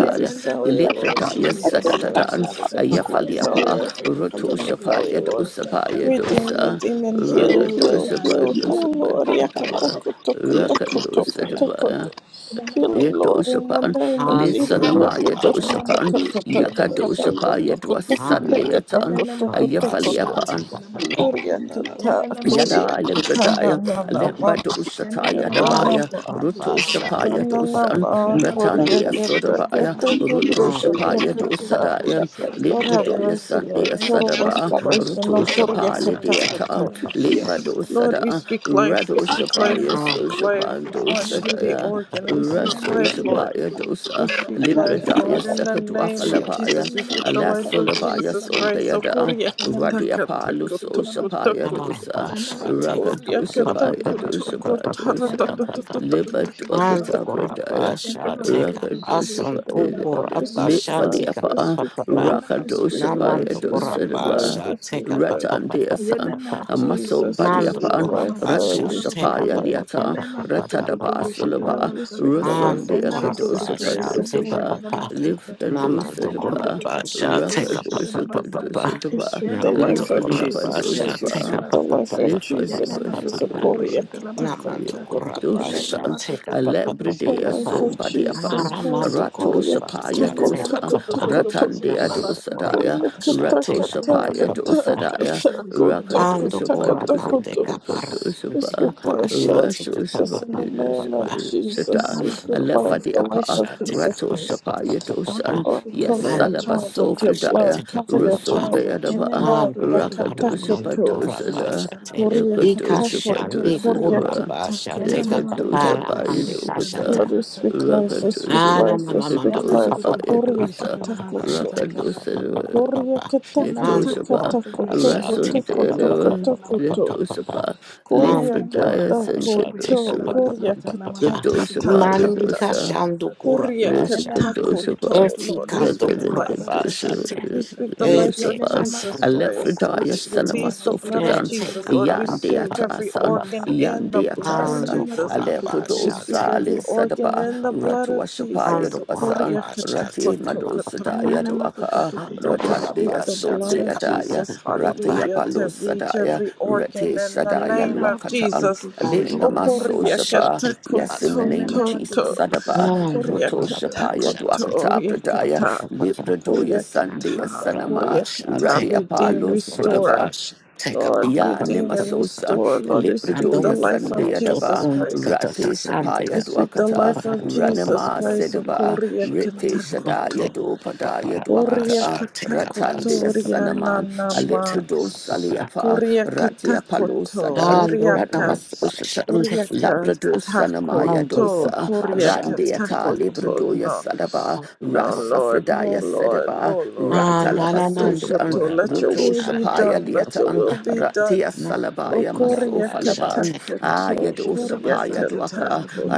S3: The
S6: failure, Lord
S1: Ilekrataya
S6: Jesus, Lord
S1: Sadadadaan
S6: Jesus. Every heart
S1: Ayafaliapa
S6: failure, every
S1: Roto
S6: kidney
S1: Shapaya
S6: failure, Lord.
S1: Dosa Paya
S6: Redeem,
S1: Dosa
S6: redeem, and heal,
S3: world is
S6: heal,
S1: Rakadosa
S3: God, the
S6: heal,
S1: Badosa
S3: world
S6: heal, Lord.
S1: Badaba
S6: Yakatakoto, kotoko,
S1: Rakadosa
S6: toko, toko, to.
S1: Dabaya
S3: is
S6: Healing, Lord, in the
S1: Yetosapan
S6: name of
S2: Nando
S6: Jesus.
S1: Lisanamaya
S3: Yana
S2: Kurabasha,
S1: Dosapan
S6: Tatatatatatatatatatakatoko,
S1: Yakadosapaya
S6: toko, toko,
S2: Nara
S6: toko, toko,
S1: Dwasandeatan
S6: toko, toko, toko.
S2: Kurabasha,
S1: Ayafaliapan
S2: take a papa,
S6: Korea kata, Korea
S1: Yada
S6: kata na
S1: Libradaya,
S6: na na ma,
S1: Limbado Shataya
S6: kata na
S2: Nando
S1: Dabaya,
S6: ma,
S1: Ruto
S2: Kurabasha,
S6: kata
S1: Shapaya
S2: take
S6: na
S2: a
S6: na
S2: papa,
S1: Dosan,
S2: papa
S6: ma, Korea
S1: Ratandia
S6: kata
S1: Sodabaya,
S6: kata
S1: Ruto
S6: koto
S2: Nando
S6: kata
S2: Kurabasha,
S1: Shapaya
S2: take a
S6: kata.
S2: papa,
S1: Dosadaya,
S6: Lord have
S1: Libradoya
S6: mercy, Lord.
S1: Sandia
S6: Total
S1: Sadaba,
S2: Nando
S6: restoration
S1: Ruto
S6: of Korea
S1: Shapali
S2: Kurabasha,
S6: kata
S1: Diata,
S6: koto.
S1: Limbado
S6: Lord, we
S1: Sada,
S6: speak life, we
S1: Rado
S6: speak life,
S1: Shapaya
S6: we speak life
S1: Soshapando
S6: onto the
S2: take
S1: Sadaya,
S2: a
S6: organ.
S2: papa
S6: We
S3: Yana
S6: speak
S1: Raso
S3: nama
S6: life,
S3: to
S5: and
S3: to
S6: Lord.
S3: to
S1: Shapaya
S3: to boishe
S6: We
S3: to
S1: Dosa,
S3: nama
S6: speak
S5: that
S2: papa,
S3: sata
S6: life,
S3: nama
S1: Libradaya
S6: Lord.
S5: kind
S3: to
S5: of
S6: In
S3: to
S6: the
S3: to to.
S6: name of
S3: Yana
S1: Sakadwafalabaya,
S6: Jesus, we
S3: nama
S6: speak
S3: to
S6: the
S3: to
S5: yeah,
S3: to
S6: life
S3: to
S6: of
S3: boishe
S1: Alasolabaya
S3: to
S6: Jesus
S3: nama
S6: Christ. O
S3: sata.
S1: Sondayada,
S6: Korea
S3: Yana nama
S6: kata
S3: to
S1: Radia
S3: to to to
S6: kata
S3: boishe to
S1: Paluso
S6: koto
S3: nama
S6: koto
S1: Shapaya
S3: sata.
S6: koto.
S1: Dosa.
S3: Yana nama
S2: Rabasha,
S3: to to
S2: take
S3: to
S2: a
S3: to
S6: Korea
S3: to to
S1: Rakatosha
S6: kata
S3: boishe to
S1: Paya
S3: nama
S6: kutu
S1: dosa
S3: sata.
S6: kotara
S3: Yana
S1: Badosha
S6: tata
S3: nama to to
S6: tata
S3: to
S6: taka
S3: to
S6: taka
S3: boishe to
S6: taka
S2: And
S3: nama
S1: Libatuakata
S6: taka
S3: sata.
S6: tuku
S1: Pradaya
S6: tuku
S3: Yana
S2: Kurabasha
S3: nama
S6: taka
S3: to
S2: take
S3: to
S2: a
S3: to to
S2: pass
S1: Rakadosha
S2: on
S3: boishe to nama
S1: Paya
S6: Lord, we
S3: sata nama
S6: speak
S1: Lit
S3: to
S2: Ukurabasha
S3: to to
S2: take
S6: life,
S2: a
S3: to
S6: we
S3: to.
S1: Faliapa
S6: speak
S2: papa.
S3: Yana
S6: life,
S3: nama
S6: we
S3: to to
S1: Rakadosha
S6: speak
S3: to to
S1: Paya
S2: Namando
S6: life,
S3: boishe
S6: we
S3: to
S1: Dosha
S3: nama
S6: speak
S3: sata
S1: Daba
S6: life,
S2: Kurabasha
S3: ta
S6: we
S3: ta
S6: speak
S2: take a
S3: ta.
S6: life.
S2: papa.
S1: Ratandiasan
S3: Yelena
S1: Amaso
S6: Jesus, we
S3: matututututu
S2: Mando
S6: speak
S3: bushete
S1: Badiapan
S3: la
S6: life, Lord,
S3: basata
S2: Kurabasha
S6: we
S3: na
S1: Ratosha
S2: take
S6: speak
S2: a
S3: matutu.
S1: Paya
S6: life.
S1: Liata
S3: Yelena matutututu
S1: Ratadaba
S3: bushete
S2: papa.
S3: la
S1: Sulaba
S6: Lord, we speak
S3: basata.
S6: the
S2: And
S1: Rusun
S6: life of
S3: Yelena
S6: Jesus
S1: Deakadosha
S2: Kurabasha
S6: Christ.
S3: matutututu
S6: of
S1: Padosha
S2: take a
S3: bushete
S1: Ba
S6: Korea
S3: la
S6: kata
S3: basata.
S6: kutu kutu
S1: Liftadosa
S6: kutu
S3: Yelena
S1: Daba
S6: kutu
S2: Namazokorabasha,
S3: matutututu
S2: take
S6: kutu.
S2: up a
S3: bushete la
S1: Rakadosha
S2: papa papa.
S1: Kadosha
S3: basata.
S6: We
S1: Daba
S6: speak the
S3: Yelena
S6: life of
S1: Lifaniapa
S6: Jesus
S3: matutututu
S6: Christ.
S2: Namazokorabasha,
S6: We
S3: bushete la
S2: take
S1: Dosha
S2: up
S6: speak
S2: a
S6: the life
S2: papa
S3: basata.
S6: of
S1: Lift
S2: papa
S1: the
S2: papa
S6: Jesus
S3: Yelena
S1: bus,
S6: Christ. of
S1: okay,
S2: papa.
S3: matutututu
S1: the
S6: Korea
S3: bushete la
S6: kata kutu
S3: basata.
S6: kutu kutu.
S3: Yelena
S2: Namazokorabasha,
S1: Dushatan,
S2: take
S1: a
S2: up a
S3: matutututu
S2: papa
S6: The
S3: bushete
S1: lebridea
S3: la
S6: life
S2: papa.
S6: of
S1: somebody
S3: basata. Ta
S1: upon
S6: Jesus
S3: ta ta
S6: Christ,
S3: ta
S6: O
S3: ta
S1: Rato
S3: ta.
S6: Korea
S1: Shapaya
S2: Aramanzokorabasha,
S6: Katako
S3: Yelena
S2: take
S1: dosa,
S2: up
S6: Toko
S2: a papa.
S6: Toko
S3: matutututu
S6: Toko
S3: bushete
S1: Ratandea
S3: la basata.
S1: dosadaya,
S3: Ta
S6: Korea
S3: ta ta.
S2: Namazokorabasha,
S1: Rato
S6: Kataka
S2: take up
S3: I
S2: a
S1: Shapaya
S6: Taka
S2: papa
S3: want to
S2: papa.
S6: Taka
S1: dosadaya,
S6: Tako Toko
S1: Rakadoshapa
S6: Taka Toko
S1: dosapa,
S6: Toko
S2: Andokorabandekapara.
S6: We
S1: Lukadoshapa,
S6: speak life,
S2: Mandekapasha,
S6: Lord
S2: take up a
S6: Jesus, in
S2: papa
S6: the
S1: Rato
S6: name of
S2: papa.
S6: Jesus.
S1: Shapa,
S6: We
S1: a
S6: speak life, the life
S1: lefadiapa,
S6: of
S2: Namandokorabasha, take up
S6: Jesus
S1: Rato
S2: a
S6: Christ.
S2: papa
S1: Shapaya
S2: papa.
S1: dosan,
S6: Lord,
S1: yes,
S6: cover
S3: push it
S6: your
S2: Mando
S1: Salaba
S6: child with
S2: corapa
S6: your blood.
S1: sofridaya,
S2: shate
S6: Cover your
S3: Bullshit
S2: kapapa.
S6: child
S1: Rasundaya
S6: with your
S3: Yenene
S1: daba,
S3: wa
S6: blood.
S3: tu
S2: Ave
S3: tu tu tu tu
S2: kapara mando
S3: bishita
S1: Rakadoshapa
S3: la
S6: Yakatakoto.
S3: basa
S2: corapa
S3: cha
S1: dosada,
S3: tsa la
S2: shate.
S3: wa tu
S6: Korea
S3: tu tu tu
S2: Ika
S3: tu
S1: Lukadoshapa
S3: bishita
S6: Katakoto.
S3: la
S2: shande
S3: basa
S6: Korea
S3: tsa.
S1: dosada.
S2: corapa
S6: Kataka
S2: shate
S3: Yenene wa tu tu
S1: Yakatosa
S6: Takoto.
S3: tu
S2: kapapara
S3: tu tu
S1: Paya
S2: mande
S3: bishita la
S1: Dokata,
S6: Lord,
S3: basa
S6: we
S3: cha tsa
S6: speak
S3: la wa
S6: life, we
S3: tu tu tu
S1: Rakatosa
S6: speak
S2: Ah,
S3: tu.
S2: na,
S6: life,
S2: na,
S6: we
S2: na, na, na,
S6: speak
S3: Yenene
S2: pa,
S3: wa
S1: Rakatosa
S2: pa,
S3: tu
S6: life.
S2: pa, pa,
S3: tu
S2: pa,
S3: tu
S1: Paya
S3: tu
S6: Korea
S2: pa, pa,
S1: Dosa,
S3: bishita
S2: pa,
S3: la
S2: pa, pa,
S3: basa
S2: shall
S6: katakoto.
S3: cha
S2: take
S3: cha
S2: up,
S3: la
S2: pa,
S3: wa
S2: pa,
S3: tu
S2: pa,
S3: tu tu
S1: Rakatosa
S2: pa,
S3: tu.
S2: pa,
S6: Korea
S2: pa.
S3: Yenene wa
S2: And
S3: tu
S2: the
S1: Yatosa
S3: tu tu
S2: world
S1: Pa,
S3: tu
S2: uh,
S6: katakatakakoto,
S3: bishita
S2: shall
S3: la
S1: Rasun
S2: take
S3: basa
S2: up, pa,
S3: cha
S6: kotakoto,
S2: pa,
S3: cha
S2: pa,
S3: cha
S1: Dayadava
S2: pa,
S3: la
S2: pa,
S3: wa
S2: pa,
S3: tu
S6: katakoto.
S2: pa,
S3: tu
S2: pa,
S3: tu
S1: Yatosa
S3: tu.
S2: pa.
S1: Pa,
S2: And
S6: Korea
S2: the
S3: Yenene wa tu
S2: world
S1: Lifredaya
S3: tu tu
S2: uh,
S3: tu tu
S2: shall take
S3: bishita
S2: up,
S6: katakoto,
S1: Sankadosa,
S3: la
S2: pa, pa,
S3: basa
S2: pa,
S6: Korea
S3: tsa
S2: pa,
S3: la
S2: pa,
S3: wa tu
S2: pa.
S3: tu tu
S1: Gatosa
S3: tu tu tu
S6: katatatata.
S2: Mandika
S3: bishita
S1: Paya
S3: la basa
S2: shandu
S3: tsa.
S6: Korea
S2: kurapa
S3: Yenene wa
S2: shate.
S3: tu tu tu
S6: ketakoto.
S3: tu
S1: Rusakatosapa,
S3: tu tu
S2: Eti
S6: Lord, we
S2: kandu
S3: bishita
S6: speak
S3: la basa
S6: life.
S2: kurapa
S3: cha cha tsa
S2: shate.
S3: tsa
S6: We
S3: tsa.
S6: speak the life
S2: Eti
S6: of
S3: Yanana
S1: Rusapa,
S6: Jesus
S2: kasandu
S6: Christ.
S2: kurapa
S6: We
S1: Alefridaya
S3: Amatutututubushitarabasata.
S2: shate.
S6: release the blood of
S1: Salamasofridan,
S2: Eti
S6: Jesus.
S2: pa,
S6: Lord,
S2: pa,
S6: we
S2: pa, pa, pa,
S6: soak every
S2: pa,
S1: Yandeatasan,
S2: pa,
S6: organ
S2: pa.
S6: in the blood of
S2: Mandu
S1: Yandeatasan,
S6: Jesus.
S2: kurapa
S6: We
S2: shall
S6: speak
S2: take
S1: Aleprodosali
S6: every organ
S1: Sadapa,
S6: in the
S2: up,
S6: blood of Jesus.
S1: Ratuashapaya
S2: Ando
S6: So
S1: Dwasan,
S6: Korea
S2: coraba
S1: Rati
S2: shati
S6: ketakoto,
S2: kapa papa papa.
S1: Madosadaya
S6: ketakoto.
S1: Dwaka,
S2: Ando
S6: Lord, we
S1: Ratandea
S6: speak
S2: coraba
S6: the blood
S2: shati
S1: Sundea
S6: of
S2: kapa
S1: Daya,
S6: Jesus,
S2: papa
S1: Ratia
S2: papa.
S6: hallelujah, to reach
S1: Palosadaya,
S6: every
S1: Rati
S6: organ in the
S1: Sadaya
S6: name of
S1: Luakatan,
S6: Jesus.
S1: Ale
S2: Ando
S1: Namaso
S2: coraba
S1: Sapa,
S2: shati kapa.
S1: yes, in the name of Jesus,
S6: Okoriakatakotototo,
S1: Sadapa.
S2: Ando
S1: Roto
S2: coraba
S1: Shapaya
S2: shati
S1: Dwakata
S2: kapa papa
S1: Pradaya
S6: koriakatakotoriakata,
S2: papa papa.
S1: Libradoya Sandia
S6: koriakata,
S1: Sanama
S2: Coraba shati
S6: koriakata,
S1: Radia
S2: kapa.
S6: Redeem,
S1: Palo
S2: Ando
S6: restore.
S2: coraba
S1: Sodaba
S2: shati kapa
S6: Lord,
S2: papa
S1: Ya
S6: redeem
S2: papa
S6: and
S2: papa.
S1: Nimasosa
S6: restore. Lord, we speak the
S2: Ando
S1: Libradoya
S6: life of
S2: coraba
S1: Sandia
S2: tot
S6: Jesus
S1: Daba
S2: on
S6: Christ.
S2: kata
S1: Rate
S2: tasande
S6: We
S1: Shapaya
S2: kapa
S6: speak the
S2: papa
S1: Dwakata
S6: life of
S2: papa
S6: Jesus
S2: papa
S1: Ranama
S2: papa.
S6: Christ.
S1: Sedaba Rete
S2: Ande
S6: Okoriakatakoto.
S1: Shadaya do
S2: kapa
S1: Padaya
S2: papa papa
S1: Dwakata
S6: Korea
S1: uh,
S2: shati
S1: Ratandi
S6: katakoto
S2: kapa.
S6: ria
S1: Sanaman
S6: nanama.
S2: Take
S1: Alephredo Saliapa
S6: Korea
S1: Ratia Palo Sadan
S6: katakoto riaka.
S1: Ranamasoshatan
S6: Korea
S1: Labrado Sanamaya
S6: katakoto.
S1: Dosa
S6: Korea
S1: Randiata
S6: katakoto.
S1: Libredoya
S6: No.
S1: Sadaba
S6: No, Lord, no,
S1: Rasafredaya
S6: Lord,
S1: Sedaba
S6: no, Lord.
S1: Ratalabasoshan
S6: Yakatakoto. Let your
S1: Ruto
S6: will be
S1: Shapaya
S6: done. Let your
S1: Liatan
S6: will be done.
S1: Ratia
S6: O
S1: Salabaya
S6: Korea
S1: Masofalaban
S6: katakoto.
S1: Ayadosa
S6: Korea
S1: Paya Dwaka
S6: katakoto.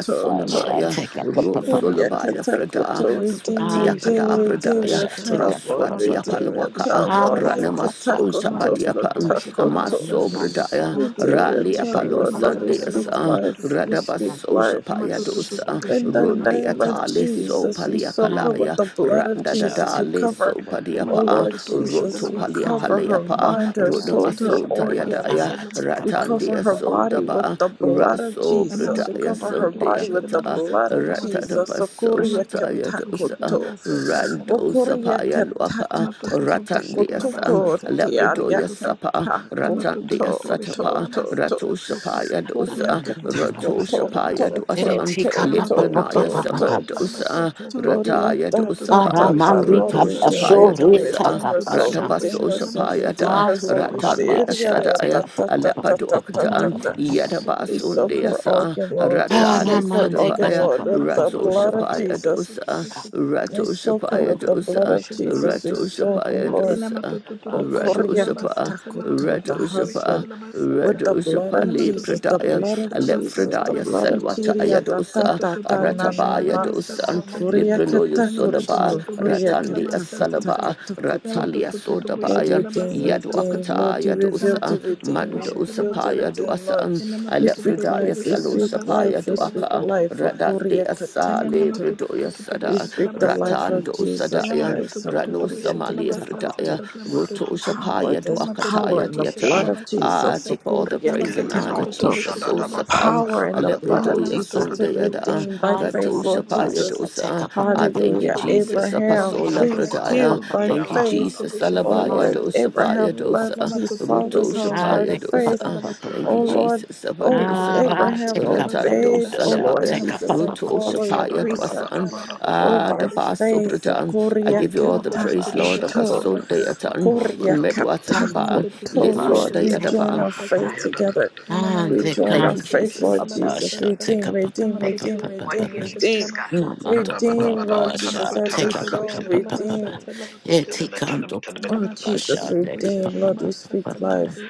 S1: Aya Sonamaya, Rosolabaya Freda,
S6: Oriakatakoto, redeem,
S3: Namatututu
S1: Swatia
S3: Bishop
S1: Kada
S6: redeem,
S3: de la
S6: redeem
S1: Pradaya,
S6: your
S3: Bassata.
S6: child, Lord,
S1: Roswatia
S6: redeem
S3: Namatututu
S6: your
S3: Bishop
S1: Palwaka,
S3: de
S6: child,
S3: la
S6: Lord,
S3: Bassata.
S1: Ranamaso
S6: Oriakatakoto,
S3: Namatututu
S1: Tabadiapan,
S3: Bishop de la
S6: kotakoto,
S1: Amaso
S3: Bassata.
S1: Bradaya,
S6: redeem your
S3: Namatututu
S1: Rali
S3: Bishop
S6: child,
S3: de
S1: Apalo
S6: Lord, Lord, we
S3: la
S2: a
S6: speak
S1: Sandeasa,
S6: life, we speak
S2: Um,
S1: Radabaso
S6: life,
S1: Shapaya
S3: Namatutututu
S1: Dosa,
S6: in the
S1: Rundi
S6: name of
S3: Bushitalabasata.
S1: Atale So
S6: Jesus, we soak her
S2: um,
S6: with
S1: Paliakalaya,
S6: the blood of
S1: Randa
S2: I'll
S6: Jesus. We
S2: take a
S1: Dadale
S6: cover,
S1: So
S6: oh
S1: Padiapa,
S6: Lord
S3: Namatutututu Bushitalabasata. Namatutututu
S6: Jesus,
S1: Roto
S6: we
S2: Um.
S3: Bushitalabasata.
S6: cover her
S1: Paliakaleapa,
S2: bu- bu- bu-
S6: mind, her
S2: uh,
S3: Namatutututu Bushitalabasata. Lavatutututu Bushita. Namatutututu Bushitalabasata. Namatutututu Bushitalabasata. Namatutututu
S6: soul,
S2: take a
S6: her
S1: Rodamaso
S2: bu- bu- bu-
S6: organs.
S1: Tayadaya,
S3: Bushitalabasata.
S6: We
S3: Lavatututu.
S6: cover
S1: Ratandia
S6: her
S2: bu-
S1: So
S6: body with
S1: Daba,
S6: the blood of
S1: Raso
S3: Nama
S6: Jesus. We
S3: tu tu
S1: Pradaya
S3: tu
S6: cover
S3: tu
S6: her
S3: tu
S6: body
S3: bushete
S6: with
S3: la
S6: the
S1: Sundiakata
S3: basa
S6: blood
S3: ta
S6: of
S3: lava tu tu.
S6: Jesus.
S1: Ratadabaso
S3: Nama
S6: Sokoria
S3: tu tu
S1: Shataya
S3: tu
S1: Dosa
S3: bushete la
S6: katakoto.
S3: basa ta ta lava
S1: Rando
S3: tu tu
S6: Okoria
S3: tu tu.
S1: Sapaya Luaka
S3: Nama tu tu tu bushete
S1: Ratandia
S3: la
S1: San
S3: basa
S6: katakatakatakotoko.
S3: ta ta lava tu
S6: Tiaria
S1: Lepradoya
S3: tu tu.
S1: Sapa
S6: katakoto.
S3: Nama tu tu
S1: Ratandia
S3: tu tu
S6: To,
S3: bushete
S1: Satapa
S3: la
S6: to,
S3: basa
S6: to.
S1: Rato
S3: ta ta ta.
S1: Shapaya
S3: Nama
S1: Dosa
S3: tu
S2: Amandu
S3: tu tu tu
S6: Koriakatako
S1: Rato
S2: Rabba.
S3: bushete
S6: to
S3: la
S1: Shapaya
S6: to
S3: basa ta.
S6: to
S1: Dosan
S2: Ereti
S6: to
S2: kapa
S3: Nama
S2: pa
S3: tu
S6: to
S3: tu
S2: pa
S3: tu
S2: pa
S1: Lipranaya
S3: tu
S6: to
S2: pa
S3: tu
S2: pa
S6: to
S2: pa
S3: bushete
S2: pa.
S3: la basa
S1: Samandosa
S3: ta.
S6: Gloria
S1: Rataya
S3: Nama
S6: ta
S3: tu
S6: ta
S3: tu tu
S6: ta
S1: Dosapa
S6: ta
S3: bushete
S2: Aramandi
S3: la
S6: Lord
S1: Rato
S3: basa
S2: kapa
S3: ta.
S6: redeem
S1: Shapaya
S6: redeem
S2: shori
S1: Dosa
S6: redeem
S3: Nama
S2: taka
S3: tu tu tu
S6: resolve
S2: pasha.
S3: tu
S6: redeem
S1: Radabaso
S3: bushete la
S6: resolve
S3: basa
S1: Shapaya
S3: ta.
S1: Da
S6: redeem
S2: Amandu
S6: resolve
S2: Rabba
S1: Ratandia
S2: sha
S6: redeem
S2: take
S6: ta
S1: Sadaya
S2: a pa
S6: ta
S2: pa
S6: ta
S2: pa
S6: ta
S2: pa
S6: ta
S2: pa pa
S6: ta
S3: Nama
S6: ta
S1: Alepadoakatan
S2: pa pa
S6: ta
S2: pa
S3: tu
S2: pa
S3: tu
S2: pa.
S3: tu tu
S6: we
S3: bushete la
S6: soak her
S3: basa ta.
S1: Yadabasundeasa,
S6: organ, Lord. We
S1: Ratali
S6: soak her
S3: Lamatututu
S2: Aramandi
S6: organ,
S2: kapa
S1: Sudabaya,
S3: Bishop
S6: Lord,
S2: pa pa
S6: with
S2: pa pa
S6: the
S1: Rato
S3: Lamasata
S2: pa
S6: blood of
S1: Shapaya
S6: Jesus.
S3: Lamatututu
S1: dosa,
S2: pa
S3: Bishop
S6: We
S1: Rato
S6: soak her
S1: Shapaya
S6: with the
S3: Lamatututu
S6: blood
S1: dosa,
S6: of
S3: Bishop
S6: Jesus. We
S1: Rato
S3: Labasata
S6: soak, her,
S1: Shapaya
S2: pa pa
S6: Lord.
S1: dosa,
S2: pa
S6: O
S3: Yanamatututu Bishop
S2: pa.
S1: Rato Shapa,
S3: Labasata
S6: Koryakatakutu, the
S1: Rato
S3: Lamatututu Bishop
S1: Shapa,
S6: husband
S3: Labasata
S6: with the
S1: Rato
S6: blood
S1: Shapa
S6: of Jesus, the
S3: Lamatututu
S1: Pradaya,
S6: blood
S3: Bishop
S6: of
S3: Labasata
S6: Jesus, the
S1: Alepradaya
S6: blood of
S3: Lamatututu
S1: Salwataya
S6: Chiria ta ta
S1: dosa,
S6: ta ta
S3: Lamatututu
S6: na
S3: Bishop
S6: na
S1: Ratabaya
S6: na.
S2: Take
S1: dosa,
S2: up
S3: Labasata
S2: a
S3: Tata
S6: Kuria
S1: Libranoyo Sodaba,
S6: katakutu,
S3: Lamatututu
S6: kuria
S3: Bishop
S1: Ratandia
S3: Labasata Tata
S1: Salaba,
S6: katakatakakutu.
S1: Ratalia
S3: Lamatututu
S6: Lord,
S3: Bishop
S1: Sodabaya,
S6: redeem,
S3: Labasata
S6: redeem.
S3: Tata
S6: Lord, you
S1: Yaduakataya
S6: reveal
S1: dosa,
S6: to
S3: Lamatututu
S6: redeem. You
S1: Mando
S3: Bishop
S6: reveal to
S1: Sapaya
S3: Labasata
S6: redeem, Lord.
S1: Duasan,
S6: We speak
S3: Lamatututu
S1: Alefredaya
S6: life, we
S3: Bishop
S1: Salo
S6: speak
S1: Sapaya
S6: life,
S3: Labasata
S6: we speak
S1: Duaka,
S3: Lamatutu
S6: life. O
S1: Radande
S6: kuria
S1: Asale
S6: katakutu.
S1: Bredoya
S6: We
S1: Sada,
S6: speak the life
S3: Yananamatututututubushitulabasata.
S6: of
S1: Ratando
S6: Jesus
S8: Thank you.
S1: Sadayan,
S6: Christ. O
S1: Rano
S6: kuria
S1: Samali
S3: Yanamatututututubushitulabasatata.
S6: katakutu.
S1: Fredaya, Roto
S3: Lamatututu.
S6: Power,
S1: Shapaya
S6: there's power
S1: Duakataya
S6: in the blood
S1: Dieta.
S6: of
S1: Ah,
S6: Jesus.
S3: Lamatutututubushitulabasatata.
S1: take all the praise and honor,
S6: Sokoriakatakoto.
S1: Jesus. O Sapam,
S3: Lamatutututubushitulabasata.
S6: Power in the blood of
S1: Aleprudoya
S6: Jesus to
S1: Sundayada,
S6: redeem by
S1: Rato
S6: faith,
S3: Yananamatutututubushitulabasata.
S6: Lord
S1: Shapaya
S3: Lamatututu.
S6: Jesus.
S1: Dosa.
S2: papa
S1: Ah, thank you,
S6: Hallelujah.
S2: papa
S1: Jesus.
S6: Abraham
S1: Apasola
S2: and the
S3: Namatutututubushitulabasata.
S6: pleased
S2: grab
S1: Bradaya.
S6: you
S2: papa
S6: by
S1: Thank you,
S2: papa
S6: faith.
S1: Jesus.
S6: Oh
S1: Alabaya
S6: Lord,
S2: and the
S1: Dosa
S3: Namatutututubushitulabasatata.
S1: Paya
S6: Abraham
S1: Dosa.
S6: left
S2: papa
S6: his
S1: Ruto
S6: father's house
S2: and
S6: by
S1: Shapaya
S2: the
S3: Lamatutututubushitulabasata.
S6: faith.
S2: papa
S1: dosa.
S2: papa
S1: Thank you,
S6: Oh
S3: Lamatututu.
S2: papa.
S6: Lord,
S1: Jesus.
S6: oh
S3: Amatototo
S1: Sabadosapa.
S2: Ah,
S6: Abraham
S3: boshete
S2: take
S3: la
S2: up a
S1: Ratando
S6: obeyed,
S3: basata.
S6: oh
S2: pasha,
S6: Lord
S1: Salabaya.
S3: Yana
S2: take up a
S6: Jesus, and
S2: papa
S1: Ruto
S3: matototo
S2: papa.
S6: follow your
S3: boshete la
S1: Shapaya
S6: precept.
S3: basata.
S1: dosan.
S3: La
S6: Oh,
S3: matototo
S1: Ah, the
S6: by
S3: boshete
S1: basso
S3: la
S6: faith,
S1: Britan.
S3: basata.
S1: I
S6: Korea
S2: I'm
S1: give
S2: the
S1: you
S3: La
S1: all the
S2: Buddha
S1: praise,
S3: matototo
S1: Lord.
S2: Basha,
S3: boshete
S2: take
S3: la
S2: up a
S1: Abasunday
S3: basata. La
S1: atan.
S2: papa.
S6: Korea
S3: matototo.
S1: Medwasa
S2: I'm the
S3: La
S6: katako
S1: daba.
S2: Buddha
S6: to,
S3: matototo
S2: Basha,
S6: Lord,
S3: boshete
S1: Litsunday
S6: we
S3: la
S2: take up
S6: join
S2: a
S1: adaba.
S6: our
S2: papa.
S6: faith
S3: basata.
S6: together.
S3: Yana na
S2: Ah,
S6: We
S2: de
S6: join our
S1: Thank
S3: matototo
S1: you,
S6: faith,
S3: boshete
S1: Jesus.
S6: Lord
S3: la
S6: Jesus.
S2: Kurabasha,
S3: basata.
S2: take
S6: Redeem,
S2: up
S3: La
S6: redeem, redeem,
S8: What
S3: matototo
S8: do
S6: redeem,
S8: you need to
S3: boshete la
S6: redeem.
S8: discuss?
S3: basata.
S2: Lamando
S6: Redeem, Lord
S3: La
S2: Kurabasha,
S6: Jesus, every
S3: matototo
S2: take up
S6: soul.
S3: boshete la
S6: Redeem.
S3: basata. La matototo.
S2: Etikando
S3: Ya
S6: Oh, Jesus,
S2: Kurabasha,
S3: matototo
S2: take
S3: boshete
S6: redeem.
S3: la
S6: Lord, we
S3: basata.
S6: speak
S3: La
S2: up
S6: life.
S3: matototo.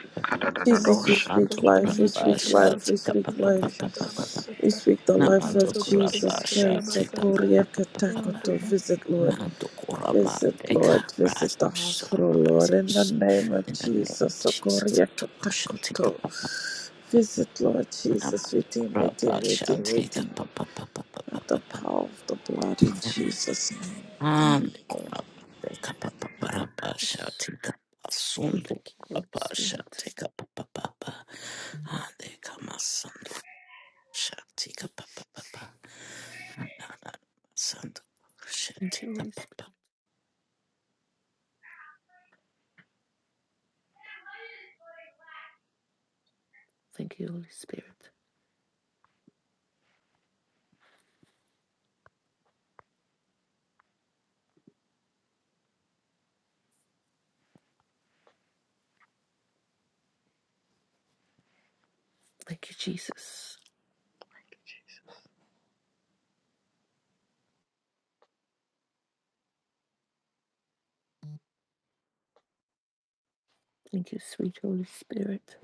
S6: Jesus,
S3: Thank
S6: we
S3: you,
S2: Lamando
S6: speak life,
S1: Thank
S6: we
S1: you,
S6: speak
S1: Jesus.
S2: Kurabasha,
S6: life, we
S2: take
S6: speak
S2: up
S6: life. We speak the life
S2: Namando
S6: of Jesus
S2: Kurabasha,
S6: Christ. So
S2: take
S6: Korea
S2: up
S6: Katakoto, visit Lord.
S2: Mando
S6: Visit
S2: Kuramande
S6: Lord,
S2: Karas,
S6: visit the hospital, Lord, in the name of
S2: in the name of
S6: Jesus. So
S2: Jesus,
S6: Korea
S2: to worship, take
S6: Katakoto.
S2: up.
S6: Visit Lord Jesus,
S2: Namado
S6: redeem,
S2: kuraba
S6: redeem, redeem,
S2: shanti
S6: redeem.
S2: kapa pa pa pa pa pa
S6: At the
S2: pa pa
S6: power of the blood in Jesus' name. Thank
S2: Namado
S6: you, Lord.
S2: kuraba kapa pa. pa pa pa
S1: Yes.
S2: shanti kapa sundo
S1: Thank you, Holy
S2: kuraba
S1: Spirit.
S2: shanti kapa pa pa pa Ande kama sundo shanti kapa pa pa. pa Ande kama
S1: Thank you, Holy Spirit.
S2: Shall
S1: Thank you, Holy Spirit. Thank you, Jesus.
S3: Jesus.
S1: Thank you, sweet Holy Spirit.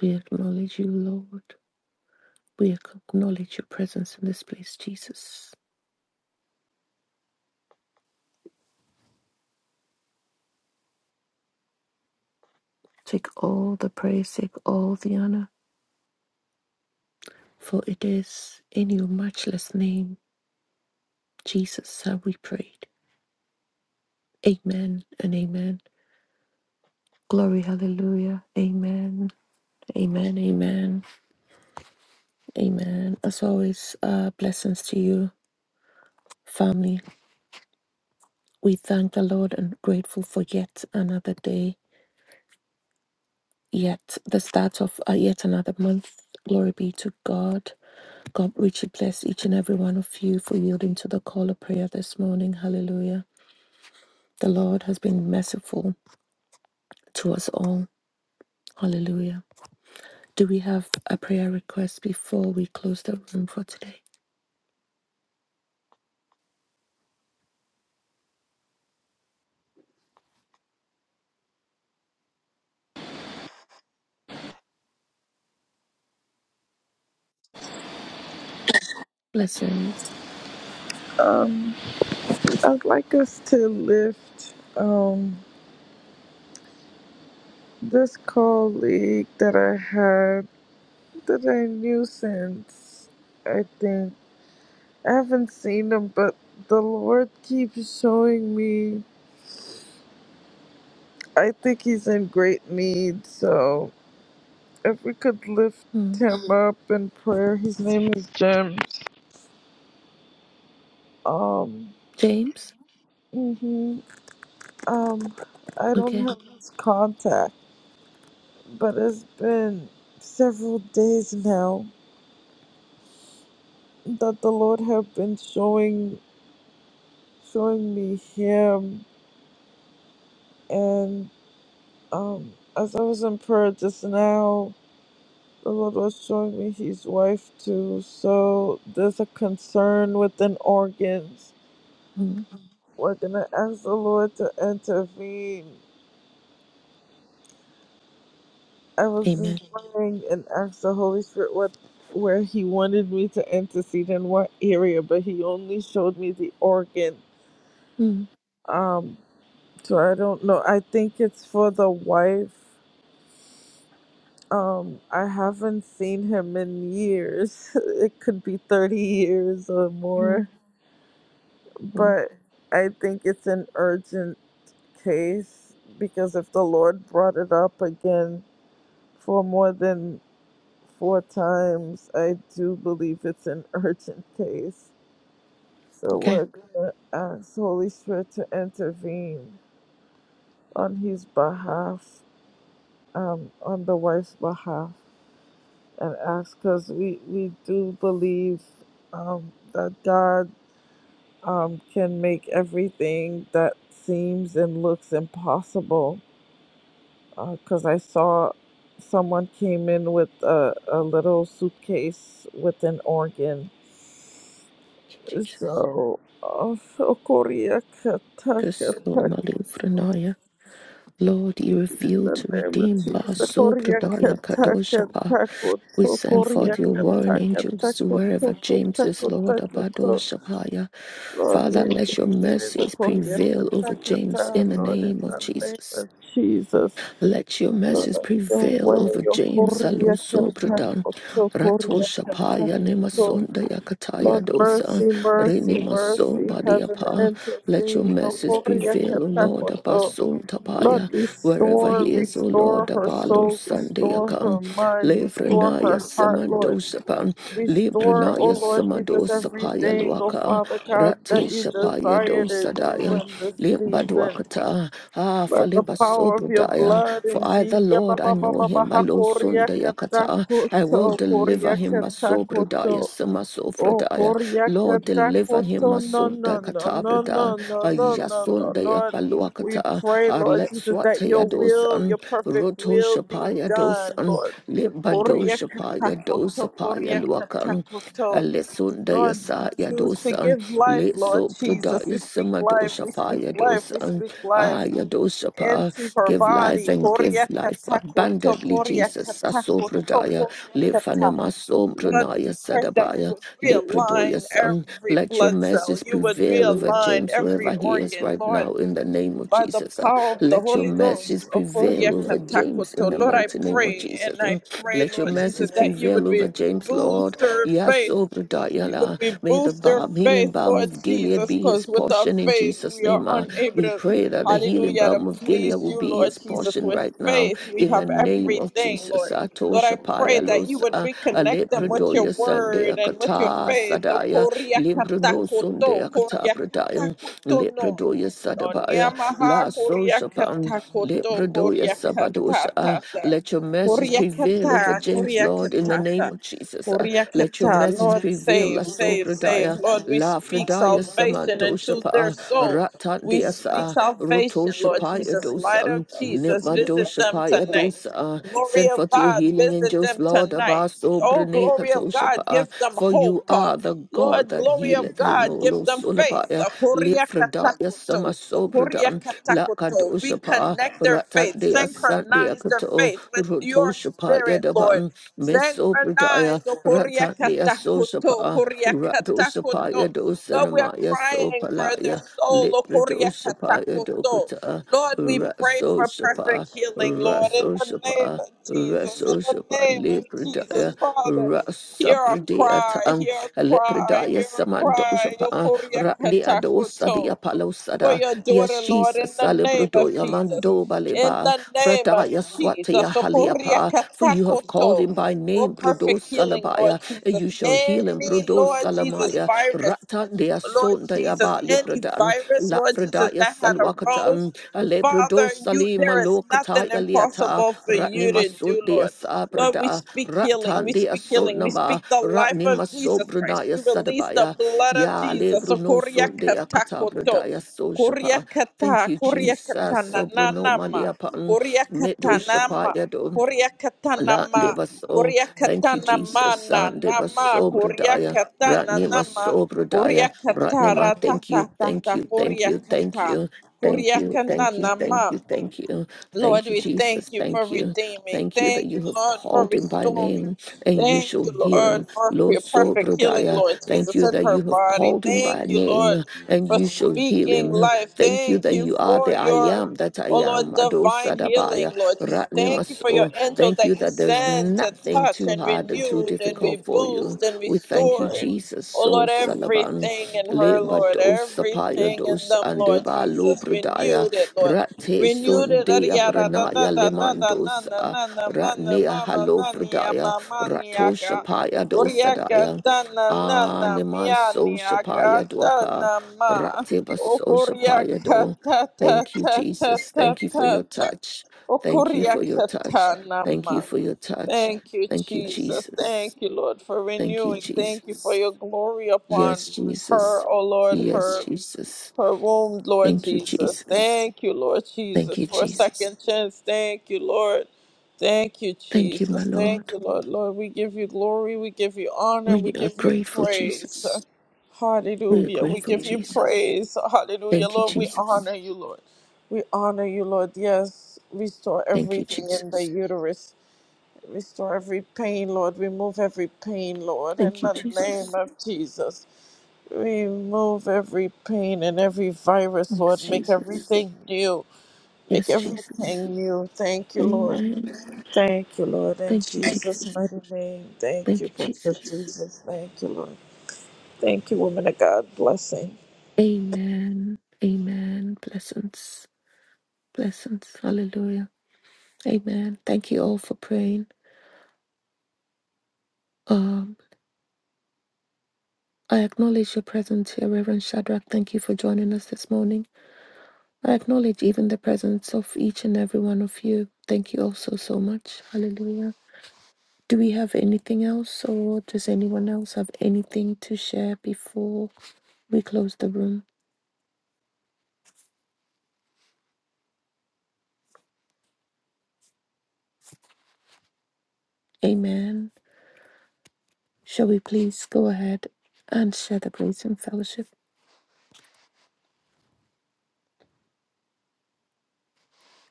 S1: We acknowledge you, Lord. We acknowledge your presence in this place, Jesus. Take all the praise, take all the honor, for it is in your matchless name, Jesus, have we prayed. Amen and amen. Glory, hallelujah. Amen, amen, amen, amen. As always, uh, blessings to you, family. We thank the Lord and grateful for yet another day, yet the start of uh, yet another month. Glory be to God. God richly bless each and every one of you for yielding to the call of prayer this morning. Hallelujah. The Lord has been merciful to us all. Hallelujah. Do we have a prayer request before we close the room for today? Blessings.
S6: I'd like us to lift. Um, This colleague that I had that I knew since, I think, I haven't seen him, but the Lord keeps showing me. I think he's in great need, so if we could lift
S1: Mm.
S6: him up in prayer, his name is Jim. Um,
S1: James?
S6: hmm um, I don't
S1: Okay.
S6: have his contact, but it's been several days now that the Lord have been showing showing me him and um as I was in prayer just now the Lord was showing me his wife too so there's a concern within organs.
S1: Mm.
S6: We're gonna ask the Lord to intervene. I was
S1: Amen.
S6: just praying and asked the Holy Spirit what where he wanted me to intercede in what area, but he only showed me the organ.
S1: Mm.
S6: Um so I don't know. I think it's for the wife Um, I haven't seen him in years. (laughs) It could be 30 years or
S1: Mm.
S6: more.
S1: Mm.
S6: But I think it's an urgent case because if the Lord brought it up again for more than four times, I do believe it's an (laughs) urgent case. So
S1: Okay.
S6: we're going to ask Holy Spirit to intervene on his behalf, um, on the wife's behalf. and ask because we, we do believe um, that God um, can make everything that seems and looks impossible. Because I saw someone came in with a, a little suitcase with an organ.
S1: Thank you, Jesus.
S6: So, uh, so Korea kata kata
S1: Kusumali Vranaya. Lord, you
S6: in
S1: reveal
S6: the
S1: to
S6: name of
S1: redeem
S6: Jesus. Korea
S1: Basobradaya
S6: kata
S1: Kadoshapa.
S6: kata
S1: We
S6: koto
S1: send
S6: Korea
S1: forth your warring
S6: kata
S1: angels
S6: kata
S1: to
S6: koto
S1: wherever James
S6: koto
S1: is, Lord,
S6: koto
S1: Abado
S6: koto.
S1: Shapaya.
S6: Lord,
S1: Father,
S6: redeem
S1: let your
S6: the
S1: mercies
S6: Korea
S1: prevail over James
S6: Katakata,
S1: in the
S6: Lord, in
S1: name of
S6: the name
S1: Jesus.
S6: of Jesus.
S1: Let your
S6: Lord,
S1: message
S6: have your
S1: prevail
S6: way,
S1: over
S6: your
S1: James
S6: Korea
S1: Alonso Bradan,
S6: Katakoto,
S1: Rato
S6: Korea
S1: Shapaya
S6: Katakoto.
S1: Nemasonda Yakataya
S6: Lord,
S1: Dosa,
S6: mercy,
S1: Rene
S6: mercy,
S1: Mason
S6: mercy, heaven
S1: Badiapa. Let your
S6: intervene, no
S1: message
S6: Korea
S1: prevail, O Lord,
S6: Katakoto.
S1: Abason
S6: Lord,
S1: Tapaya, wherever
S6: restore,
S1: he is, O Lord,
S6: restore her
S1: Abalo
S6: soul, restore her
S1: Sandayakan,
S6: mind, restore
S1: Levranaya
S6: her heart, Lord.
S1: Samadosapan,
S6: Restore, O
S1: Libranaya
S6: Lord Jesus,
S1: Samadosapaya
S6: everything, O
S1: Luaka,
S6: Father God,
S1: Rate
S6: that you
S1: Shapaya
S6: desire to do
S1: Dosadaya.
S6: in this season.
S1: Limbaduakata, ah,
S6: By the
S1: Faliba
S6: power of your
S1: Sobrudaya.
S6: blood,
S1: For I, the
S6: indeed. Ya ba
S1: Lord,
S6: ba
S1: I
S6: ba
S1: know
S6: ba ba
S1: him,
S6: ha
S1: Alo
S6: koria kata
S1: Sundayakata. I will
S6: koto,
S1: deliver
S6: koria
S1: him,
S6: kata
S1: Masobrudaya,
S6: koto. Oh,
S1: Samasofradaya.
S6: koria
S1: Lord,
S6: kata
S1: deliver him,
S6: koto. No, no, no, no,
S1: Masundakatabrada,
S6: no, no, no, no, no, Lord. We
S1: Ayasundayapaluakata,
S6: pray, Lord
S1: Arlet
S6: Jesus, that your will, your
S1: Swatayadosan,
S6: perfect
S1: Roto
S6: will be done,
S1: Shapayadosan,
S6: Lord.
S1: Limbado
S6: Koria kata koto,
S1: Shapayadosapaya
S6: koria kata
S1: Luakan,
S6: koto. Lord, we
S1: Alessundayasa
S6: choose to
S1: Yadosan.
S6: give life, Lord
S1: Litso
S6: Jesus.
S1: Prodaya
S6: We speak life,
S1: Samadosha
S6: we speak
S1: Fire
S6: life, we
S1: Dosa
S6: speak life
S1: Aya Dosha Pa.
S6: into her
S1: Give life
S6: body.
S1: and give
S6: Koria
S1: life
S6: kata koto,
S1: abundantly,
S6: koria
S1: Jesus.
S6: kata
S1: Aso
S6: koto,
S1: Prodaya
S6: koria kata.
S1: Lifanema Som
S6: Lord,
S1: Pranaya
S6: we pray that you
S1: Sadabaya
S6: would
S1: Liprodoya
S6: realign
S1: Son.
S6: every
S1: Let your
S6: blood cell.
S1: message
S6: You would
S1: prevail over
S6: realign
S1: James
S6: every
S1: wherever he is
S6: organ,
S1: right
S6: Lord,
S1: now in the name of
S6: by the
S1: Jesus. Ah,
S6: power of the
S1: Let your
S6: Holy
S1: message
S6: Ghost. O koria
S1: prevail over
S6: kata
S1: James
S6: koto.
S1: in the
S6: Lord, I
S1: mighty name of
S6: pray
S1: Jesus.
S6: and I
S1: Mm.
S6: pray,
S1: Let your
S6: Lord Jesus,
S1: message
S6: that you
S1: prevail
S6: would re-
S1: over James, Lord.
S6: boost her faith.
S1: Yaso Prodaya
S6: You
S1: La.
S6: would we
S1: May the
S6: boost their
S1: balm, healing
S6: faith,
S1: balm
S6: Lord
S1: of Gilead
S6: Jesus,
S1: be his
S6: because with our
S1: portion in
S6: faith
S1: Jesus'
S6: we are
S1: name. Ah,
S6: unable
S1: we
S6: to,
S1: pray that the healing
S6: hallelujah, to
S1: balm of Gilead
S6: please
S1: will
S6: you,
S1: be
S6: Lord
S1: his
S6: Jesus.
S1: portion
S6: With
S1: right now
S6: faith we
S1: in the
S6: have
S1: name of
S6: everything,
S1: Jesus.
S6: Lord.
S1: Ato
S6: Lord, I pray
S1: Shapaya
S6: that you
S1: Los
S6: would
S1: ah,
S6: reconnect them with your
S1: Alepredoya Sunday
S6: word and with your
S1: Akata
S6: faith. O
S1: Sadaya
S6: koria
S1: Limbruno Sunday
S6: katakoto,
S1: Akata
S6: koria
S1: Pradayam
S6: katakoto no.
S1: Lepredoya
S6: O
S1: Sadabaya
S6: niamaha
S1: La
S6: koria
S1: Soshapan
S6: katakoto,
S1: Lepredoya
S6: koria
S1: Sabadosha. ah,
S6: katatata.
S1: Let your message
S6: Koria
S1: prevail over
S6: kata,
S1: James,
S6: koria
S1: Lord, in the name
S6: katata.
S1: of Jesus. Uh, let your
S6: Kuriakata,
S1: message
S6: Lord,
S1: prevail, La
S6: save, save, save.
S1: Sobradaya,
S6: Lord, we
S1: La
S6: speak
S1: Fradaya
S6: salvation into their
S1: Samandoshapa,
S6: soul. We speak
S1: Ratandiasa,
S6: salvation, Lord
S1: Rotoshapaya
S6: Jesus. Light of
S1: Dosan,
S6: Jesus, visit them
S1: Nimadoshapaya
S6: tonight.
S1: Dosa.
S6: Glory
S1: Send
S6: of
S1: forth your
S6: God,
S1: healing
S6: visit
S1: angels,
S6: them
S1: Lord
S6: tonight.
S1: Abaso
S6: Oh, glory of God, give
S1: Brenekatoshapa,
S6: them
S1: for
S6: hope.
S1: you
S6: Uh,
S1: are the God
S6: Lord,
S1: that
S6: glory of
S1: healeth him, O
S6: God, give
S1: Lord
S6: them faith.
S1: Solabaya,
S6: Uh,
S1: Lifradaya Sama
S6: Kuriakatakoto,
S1: Sobradan, La
S6: Kuriakatakoto. We
S1: Kadoshapa,
S6: connect their faith,
S1: Ratandia Sandia
S6: synchronize their
S1: Kato,
S6: faith with your
S1: Rotoshapaya
S6: spirit, Lord.
S1: Daban, Miss
S6: Synchronize, O
S1: Ratania
S6: Koryakatakoto,
S1: Sosapa, Ratosapaya
S6: Koryakatakoto. Lord, we are
S1: dosanamaya
S6: crying for their
S1: sopalaya,
S6: soul, O
S1: Lipridosapaya
S6: Koryakatakoto.
S1: dokata,
S6: Lord, we pray for
S1: Rasosapa,
S6: perfect healing, Lord, in the name
S1: Rasosapa.
S6: of Jesus, in the
S1: Rasosapa
S6: name of Jesus,
S1: lepridaya
S6: Father. Hear our
S1: rasapridaya
S6: cry,
S1: tang
S6: hear our cry,
S1: lepridaya
S6: hear our cry, O
S1: samandosapa ratnia
S6: Koryakatakoto
S1: dosadia
S6: for
S1: palosada
S6: your
S1: yes
S6: daughter, Lord,
S1: Jesus
S6: in the name of
S1: salibrudoya
S6: Jesus.
S1: mando
S6: In
S1: baleba
S6: the name of
S1: frataya
S6: Jesus.
S1: swatia haliapa for you have called
S6: Okoriakatakoto.
S1: him by
S6: Oh,
S1: name, Prodos
S6: perfect healing, Lord
S1: Salabaya, and
S6: Jesus.
S1: you shall heal him,
S6: Any,
S1: Prodos
S6: Lord Jesus,
S1: Salamaya,
S6: virus,
S1: Ratan dea
S6: Lord
S1: son dea
S6: Jesus,
S1: ba
S6: any
S1: libradan,
S6: virus, Lord Jesus,
S1: Lafredaya
S6: that had arose
S1: salwakatan,
S6: Father,
S1: Alebrodos
S6: you
S1: Salima
S6: there is
S1: lokataya
S6: nothing
S1: Yaliata.
S6: impossible for
S1: Ratni
S6: you to do,
S1: masun dea
S6: Lord. Lord, we
S1: sabrada,
S6: speak healing.
S1: Ratan
S6: We
S1: dea
S6: speak
S1: son
S6: healing. We
S1: naba,
S6: speak the life
S1: Ratni
S6: of
S1: mason
S6: Jesus Christ.
S1: brunaya
S6: We release the
S1: sadabaya,
S6: blood of
S1: Ya
S6: Jesus. So
S1: lebruno
S6: koria
S1: son dea
S6: katakoto.
S1: katabradaya so
S6: Koria
S1: shapa. Thank
S6: kata,
S1: you,
S6: koria
S1: Jesus.
S6: katana
S1: Sobruno
S6: nanama.
S1: maliapan,
S6: Koria
S1: Medo
S6: katanama.
S1: shapaya
S6: Koria
S1: La
S6: katanama.
S1: de baso,
S6: Koria
S1: thank you,
S6: katanama
S1: Jesus.
S6: na
S1: San de
S6: nama.
S1: baso,
S6: Koria
S1: bradaya,
S6: katana
S1: ratne
S6: nama.
S1: maso, bradaya,
S6: Koria
S1: ratne ma.
S6: katara ta
S1: Thank
S6: ta
S1: you,
S6: ta
S1: thank
S6: ta.
S1: you, thank
S6: Koria
S1: you, thank you,
S6: kata.
S1: thank you, thank you,
S6: Kuriakanana ma
S1: thank you, thank you,
S6: Lord,
S1: thank you,
S6: we
S1: Jesus.
S6: thank you for
S1: Thank you,
S6: redeeming.
S1: thank you that
S6: Thank
S1: you
S6: you,
S1: have
S6: Lord, for
S1: called him by
S6: restoring.
S1: name and you
S6: Thank
S1: shall
S6: you,
S1: heal
S6: Lord,
S1: him.
S6: for
S1: Lo
S6: your
S1: so,
S6: perfect healing,
S1: bradaya,
S6: Lord
S1: thank
S6: Jesus,
S1: you
S6: in
S1: that you
S6: her
S1: have
S6: body.
S1: called him by
S6: Thank you, Lord,
S1: name and
S6: for
S1: you shall heal
S6: speaking
S1: him.
S6: life.
S1: Thank you
S6: Thank
S1: that
S6: you
S1: you are
S6: for
S1: the I
S6: your,
S1: am that I
S6: oh
S1: am.
S6: Lord, divine
S1: Adosadabaya, sadabaya,
S6: healing, Lord Jesus.
S1: ratne
S6: Thank you for
S1: maso.
S6: your angel
S1: Thank you
S6: that you
S1: that there's
S6: send to
S1: nothing
S6: touch
S1: too
S6: and
S1: hard and too
S6: renewed and
S1: difficult for you.
S6: reboost and
S1: We thank you,
S6: restored.
S1: Jesus.
S6: Oh
S1: So
S6: Lord,
S1: Salaban
S6: everything in her,
S1: Leba
S6: Lord,
S1: dos Sapaya
S6: everything in
S1: dos
S6: them, Lord
S1: Andeba
S6: Jesus,
S1: Lobradaya
S6: renewed it, Lord.
S1: Rate
S6: Renew the da
S1: Sundea
S6: da da da
S1: Branaya
S6: da da da na
S1: Lemandos
S6: na na na ma na
S1: Ratnea
S6: ma ma na ni ya
S1: Halovradaya
S6: ma ma ni
S1: Rato
S6: ka.
S1: Shapaya dosadaya
S6: ta na na na
S1: Aneman
S6: mia
S1: So
S6: ni ya ka
S1: Shapaya
S6: ta
S1: Dwaka
S6: na ma.
S1: Rateba So Shapaya
S6: Okoriaka
S1: do.
S6: ta ta
S1: Thank you,
S6: ta ta
S1: Jesus.
S6: ta
S1: Thank you for
S6: ta
S1: your
S6: ta.
S1: touch. Thank you for your
S6: Okoriaka
S1: touch.
S6: ta na
S1: Thank you
S6: ma.
S1: for your touch.
S6: Thank you,
S1: Thank you,
S6: Jesus.
S1: Jesus.
S6: Thank you, Lord, for
S1: Thank you,
S6: renewing. Thank you for
S1: Jesus.
S6: your glory upon
S1: Yes,
S6: her,
S1: Jesus.
S6: O Lord,
S1: Yes,
S6: her
S1: Jesus.
S6: her womb, Lord
S1: Thank you,
S6: Jesus.
S1: Jesus.
S6: Thank you, Lord
S1: Thank
S6: Jesus,
S1: you,
S6: for a
S1: Jesus.
S6: second chance. Thank you, Lord. Thank you,
S1: Thank you, my
S6: Jesus. Thank
S1: Lord.
S6: you, Lord. Lord, we give you glory, we give you honor,
S1: We
S6: we
S1: are
S6: give you
S1: grateful,
S6: praise.
S1: Jesus. We are
S6: Hallelujah. We
S1: grateful,
S6: give you
S1: Jesus.
S6: praise. Hallelujah.
S1: Thank you,
S6: Lord, we
S1: Jesus.
S6: honor you, Lord. We honor you, Lord. Yes, restore
S1: Thank you,
S6: everything in the
S1: Jesus.
S6: uterus. Restore every pain, Lord. Remove every pain, Lord, in
S1: Thank you,
S6: the name
S1: Jesus.
S6: of Jesus. Remove every pain and every virus,
S1: Yes,
S6: Lord. Make
S1: Jesus.
S6: everything new. Make
S1: Yes, Jesus.
S6: everything new. Thank you, Lord.
S1: Amen.
S6: Thank you, Lord. In
S1: Thank you,
S6: Jesus'
S1: Jesus.
S6: mighty name. Thank you,
S1: Thank you,
S6: precious
S1: Jesus.
S6: Jesus. Thank you, Lord. Thank you, woman of God. Blessing.
S1: Amen. Amen. Blessings. Blessings. Hallelujah. Amen. Thank you all for praying. Um, I acknowledge your presence here, Reverend Shadrach. Thank you for joining us this morning. I acknowledge even the presence of each and every one of you. Thank you also so so much. Hallelujah. Do we have anything else, or does anyone else have anything to share before we close the room? Amen. Shall we please go ahead and share the grace and fellowship?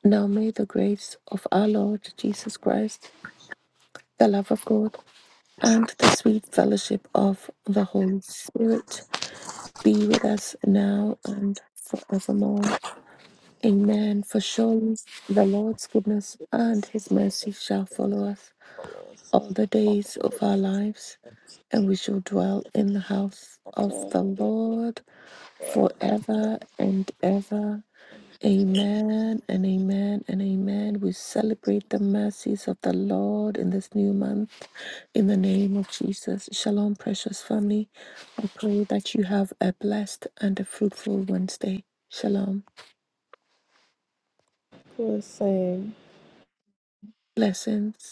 S1: Now may the grace of our Lord Jesus Christ, the love of God, and the sweet fellowship of the Holy Spirit be with us now and forevermore. Amen. For surely the Lord's goodness and his mercy shall follow us all the days of our lives, and we shall dwell in the house of the Lord forever and ever. Amen and amen and amen. We celebrate the mercies of the Lord in this new month in the name of Jesus. Shalom, precious family. I pray that you have a blessed and a fruitful Wednesday. Shalom.
S6: Blessing.
S1: Blessings.